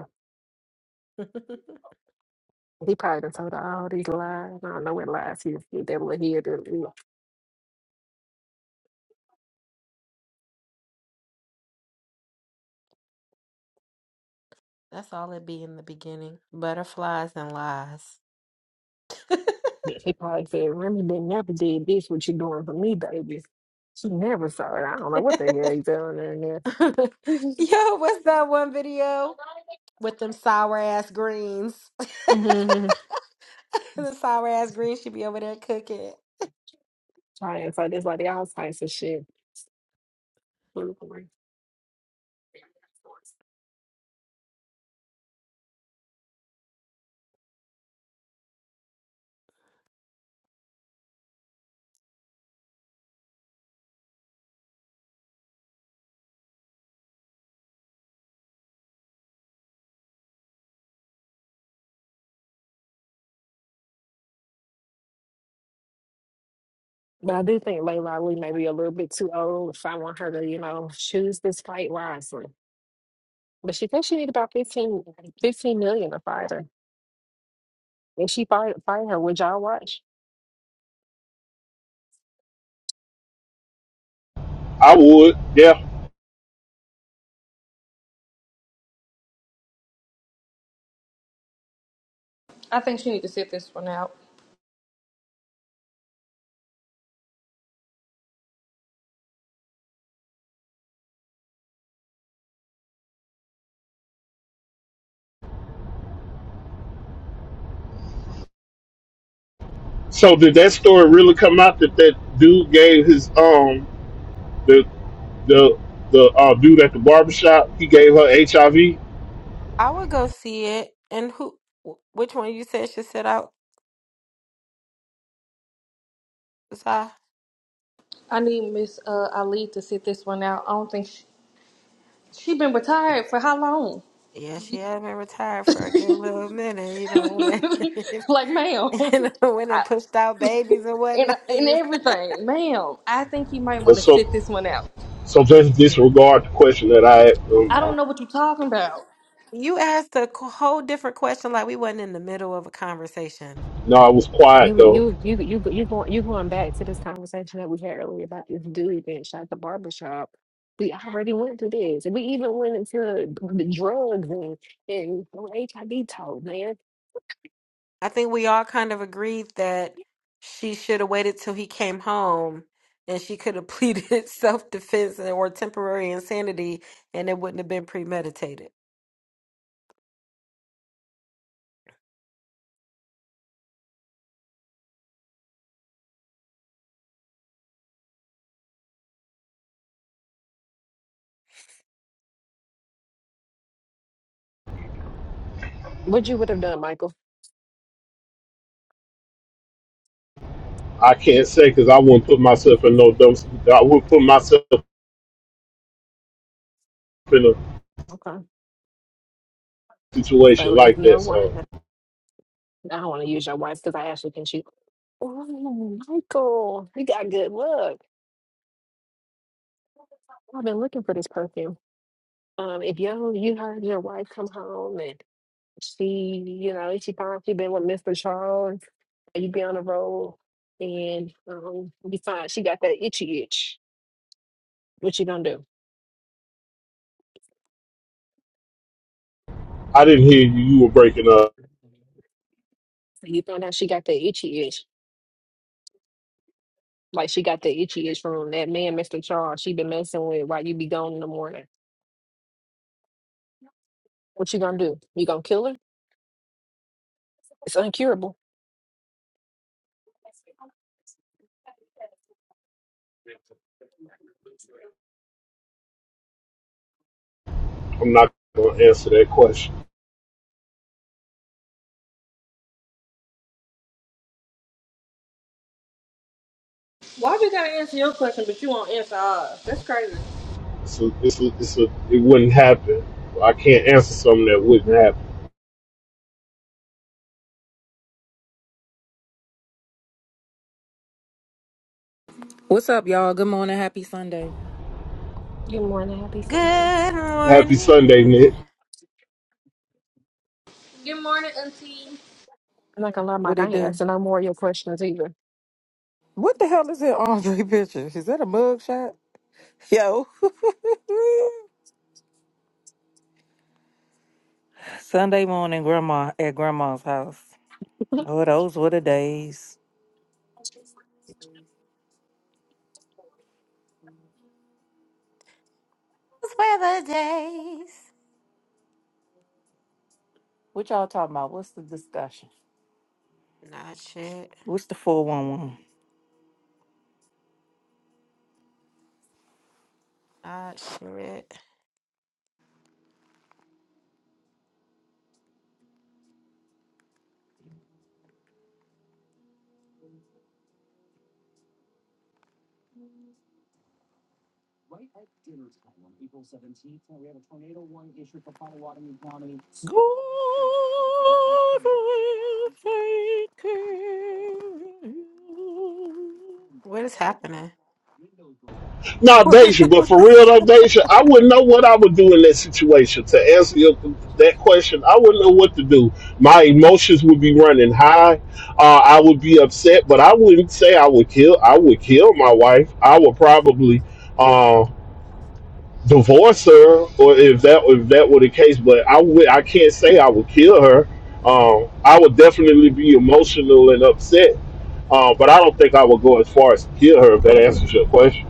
He probably done told her all these lies. I don't know what lies he was he devil in here to you know. *laughs* That's all it be in the beginning. Butterflies and lies. He probably said, Remy didn't never did this what you doing for me, baby. She never saw it. I don't know what *laughs* the hell he's doing in there. *laughs* Yo, what's that one video with them sour ass greens? Mm-hmm. *laughs* the sour ass greens should be over there cooking. Trying so say this like all types of shit. But I do think Layla Ali may be a little bit too old if I want her to, you know, choose this fight wisely. But she thinks she need about fifteen, fifteen million to fight her. If she fight, fight her, would y'all watch? I would, yeah. I think she need to sit this one out. So did that story really come out that that dude gave his um the the the uh, dude at the barbershop he gave her HIV? I would go see it. And who? wh- Which one you said should sit out? Si? I need Miss uh, Ali to sit this one out. I don't think she, she been retired for how long? Yeah, she had been retired for a good little minute. You know when it, *laughs* like, ma'am, *laughs* you know when I, it pushed out babies and and whatnot. *laughs* and You, everything, ma'am. I think you might Uh, want to So sit this one out. so just disregard the question that I asked. I don't Um, know what you're talking about. you asked a co- whole different question, like we wasn't in the middle of a conversation. no, I was quiet You though. you you you you going you going back to this conversation that we had earlier about this dude being shot at the barbershop. We already went through this. We even went into the drugs and, and HIV talk, man. I think we all kind of agreed that she should have waited till he came home and she could have *laughs* pleaded self defense or temporary insanity and it wouldn't have been premeditated. What you would have done, Michael? I can't say because I wouldn't put myself in no dumb. I would not put myself in a Okay. situation So if like your that. wife, So I don't want to use your wife because I actually think she's Oh, Michael, you got good luck. I've been looking for this perfume. Um, if yo, you heard your wife come home and she, you know, she finds she been with Mr. Charles, and you be on the road and um, you find she got that itchy itch. What you gonna do? I didn't hear you. You were breaking up. You found out she got that itchy itch, like she got the itchy itch from that man, Mr. Charles. She been messing with while you be gone in the morning. What you gonna do? You gonna kill her? It's uncurable. I'm not gonna answer that question. Why we gotta answer your question, but you won't answer ours? That's crazy. So a, it's a, it's a, it wouldn't happen. I can't answer something that wouldn't happen. What's up, y'all? Good morning. Happy Sunday. Good morning, happy Sunday. Good Happy morning. Sunday, Nick. Good morning, Auntie. I'm not gonna lie, What Mike. I it ain't do? asking no more of your questions either. What the hell is that Andre *laughs* picture? Is that a mug shot? Yo. *laughs* Sunday morning, grandma at grandma's house. *laughs* Oh, those were the days. Those were the days. What y'all talking about? What's the discussion? Not shit. What's the 411? Not shit. God will take care of you. What is happening? *laughs* Not Deja, but for real though, Deja, I wouldn't know what I would do in that situation. To answer your, that question, I wouldn't know what to do. My emotions would be running high. Uh, I would be upset, but I wouldn't say I would kill. I would kill my wife. I would probably uh, divorce her, or if that if that were the case. But I would. I can't say I would kill her. Um, I would definitely be emotional and upset. Uh, but I don't think I would go as far as to kill her. If that answers your question.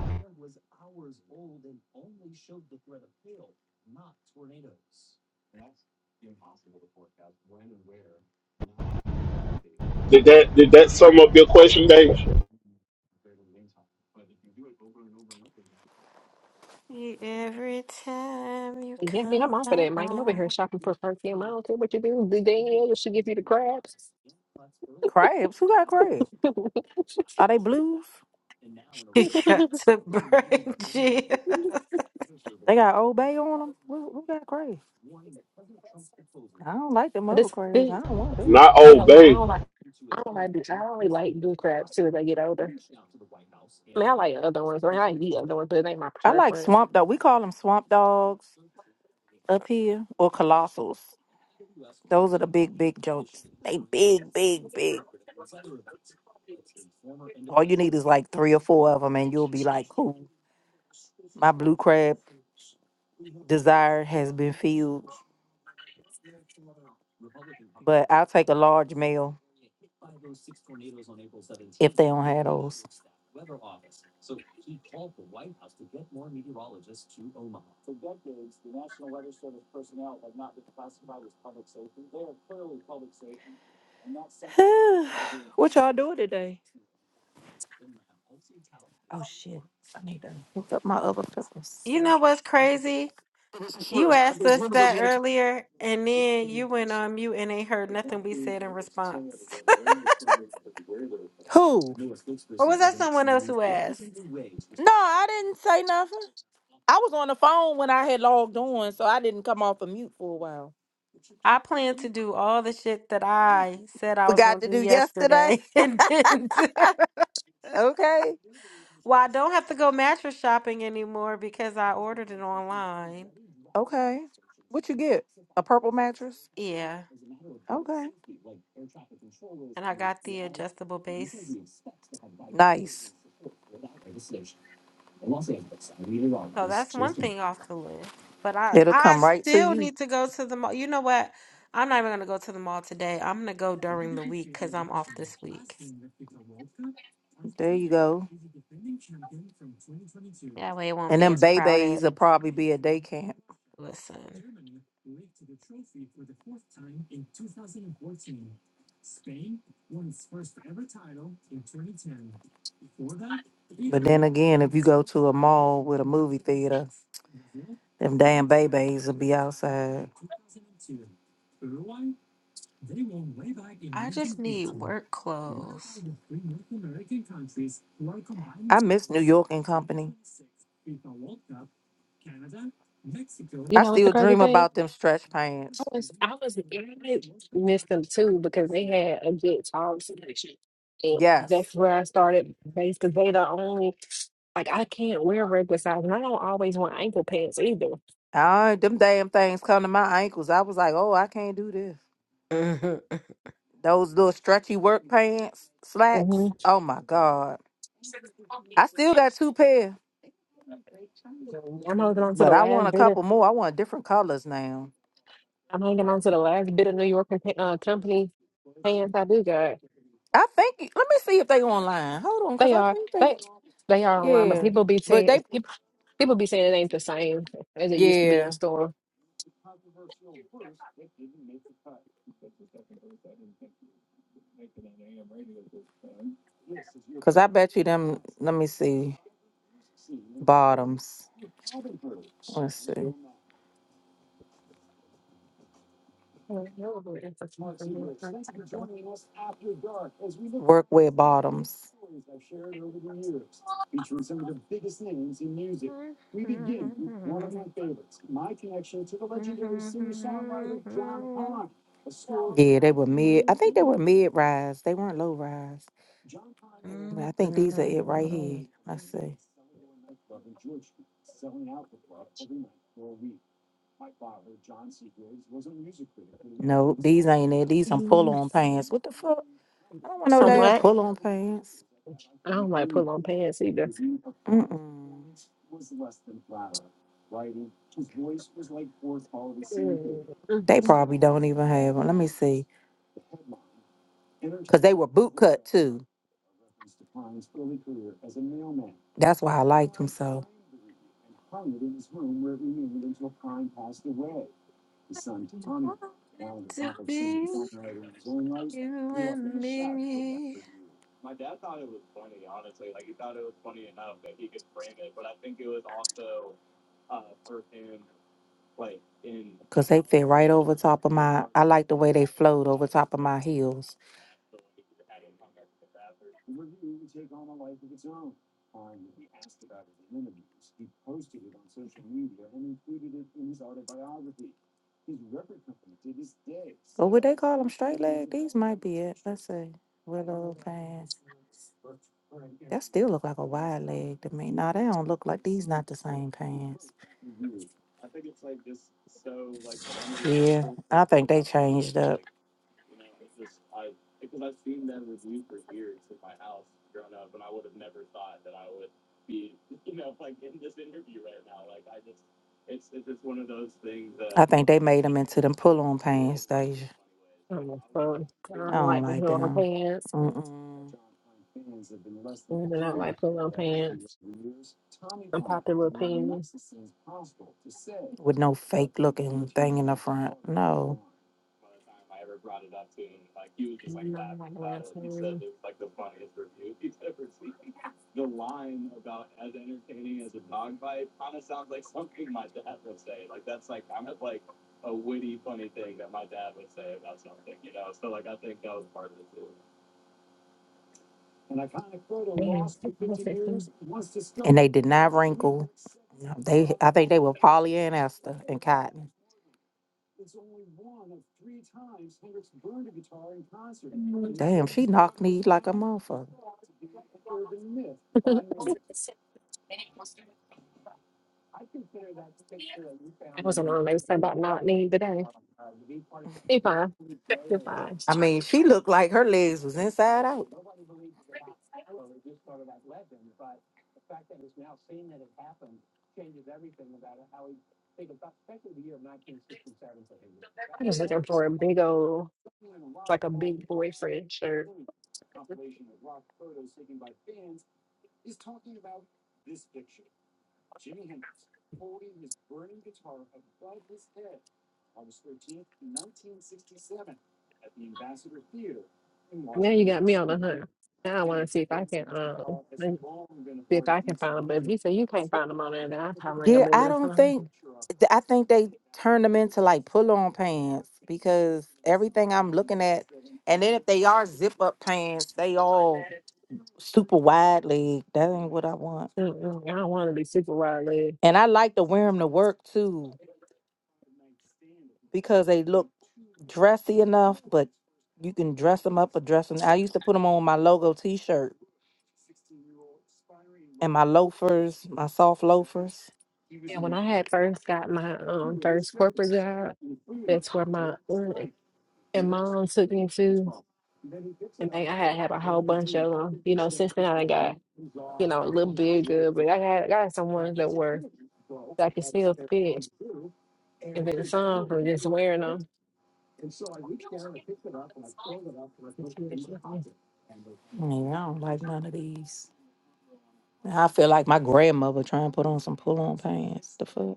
Did that did that sum up your question, Dave? Every time you yeah, I mean, come I'm off of that, Mike. I'm over around, here shopping for perfume. I don't care what you do. The Danielle should give you the crabs. Crabs? Who got crabs? Are they blues? you *laughs* got to break. *laughs* Gia. They got Old Bay on them? Who, who got crabs? *laughs* I don't like them other this, crabs. I this, don't want them. Not I ain't gonna lie. I obey, don't like. I don't like. do- I only like do crabs too as I get older. I mean, I like other ones. I, mean, I eat other ones, but it ain't my I like preference. swamp dog. We call them swamp dogs up here or colossals. Those are the big, big jokes. They big, big, big. All you need is like three or four of them, and you'll be like, cool. My blue crab desire has been filled. But I'll take a large meal if they don't have those. *sighs* what y'all doing today? Oh shit! I need to hook up my other peppers. You know what's crazy? You asked us that earlier, and then you went on mute and ain't heard Who? nothing we said in response. *laughs* or was that someone else who asked? No, I didn't say nothing. I was on the phone when I had logged on, so I didn't come off of mute for a while. I plan to do all the shit that I said I was Forgot going to to do do yesterday. *laughs* yesterday *laughs* and didn't. *laughs* Okay. well, I don't have to go mattress shopping anymore because I ordered it online. Okay. What you get? A purple mattress? Yeah. Okay. And I got the adjustable base Nice. So that's one thing off the list. But I It'll I come right to still you. need to go to the mall. You know what? I'm not even gonna go to the mall today. I'm gonna go during the week because I'm off this week. There you go. That way it won't And be them as crowded. babies will probably be at day camp. Listen, But then again, if you go to a mall with a movie theater, them damn babies will be outside. I just need work clothes. I miss New York and Company. You I know, what's the still crazy dream thing? about them stretch pants. was I was I missed them too because they had a good time selection. And Yes. that's where I started based because they the only like I can't wear regular size and I don't always want ankle pants either. I, them damn things come to my ankles. I was like, oh, I can't do this. *laughs* Those little stretchy work pants, hmm slacks. Oh my God. I still got two pair, I'm holding on to but the I want last a bit of couple more. I want different colors now. I'm hanging on to the last bit of New York and, uh, company pants I do got. I think let me see if they online. Hold on, cause They I are think they they they are online, but Yeah. people be But saying they people people be saying it ain't the same as it used to be in yeah. store. Cause I bet you them let me see. Bottoms. Let's see. Oh, no, it's a little hard to tell. Workwear bottoms. Mhm. Yeah, they were mid. I think they were mid rise. They weren't low rise. They were, I think these are it right here. Let's see. No, these ain't it. These some pull on *laughs* pants. What the fuck? I don't want no Some I damn what? pull on pants. don't like pull on pants either. Mm-mm. Mm, mm, They mm. probably don't even have them. Let me see. Because they were boot cut too. That's why I liked them so. Want it to be you and me. Cause they fit right over top of my. I like the way they flowed over top of my heels. Or would they call them straight leg? These might be it. Let's see. Willow pants. That still look like a wide leg to me. Nah, they don't look like these. Not the same pants. Yeah, I think they changed up. I think they made them into them pull on pain Deja. I'm a fun. I I don't don't like to like pull on them. pants. Mm-mm. And I don't like pull on pants. I'm popular opinion. With no fake looking thing in the front. No. And I don't like the way Damn, I'm fixing. And they did not wrinkle. No, they I think they were polyester and cotton. Mm, Damn, she knocked me like a motherfucker. It was a long day. It's about not need today. Be fine. Be fine. I mean, she looked like her legs was inside out. I was looking for a big old, like a big boyfriend shirt. Now you got me on the hunt. Now I want to see if I can, um, and see if I can find them. But if you say you can't find them on there, then I probably ain't gonna Yeah, be able I to don't find think. them. th- I think they turned them into like pull-on pants because everything I'm looking at, and then if they are zip-up pants, they all super wide leg. That ain't what I want. Mm-mm, I don't want to be super wide legged. And I like to wear them to work too because they look dressy enough, but you can dress them up or dress them. I used to put them on my logo T-shirt and my loafers, my soft loafers. And when I had first got my um first corporate job, that's where my aunt and mom took me to, and they I had to have a whole bunch of them. You know, since then I done got you know, a little bit good, but I had I got some ones that were that I could still fit if it's some from just wearing them. Yeah, I don't like none of these. I feel like my grandmother trying to put on some pull on pants. The fuck?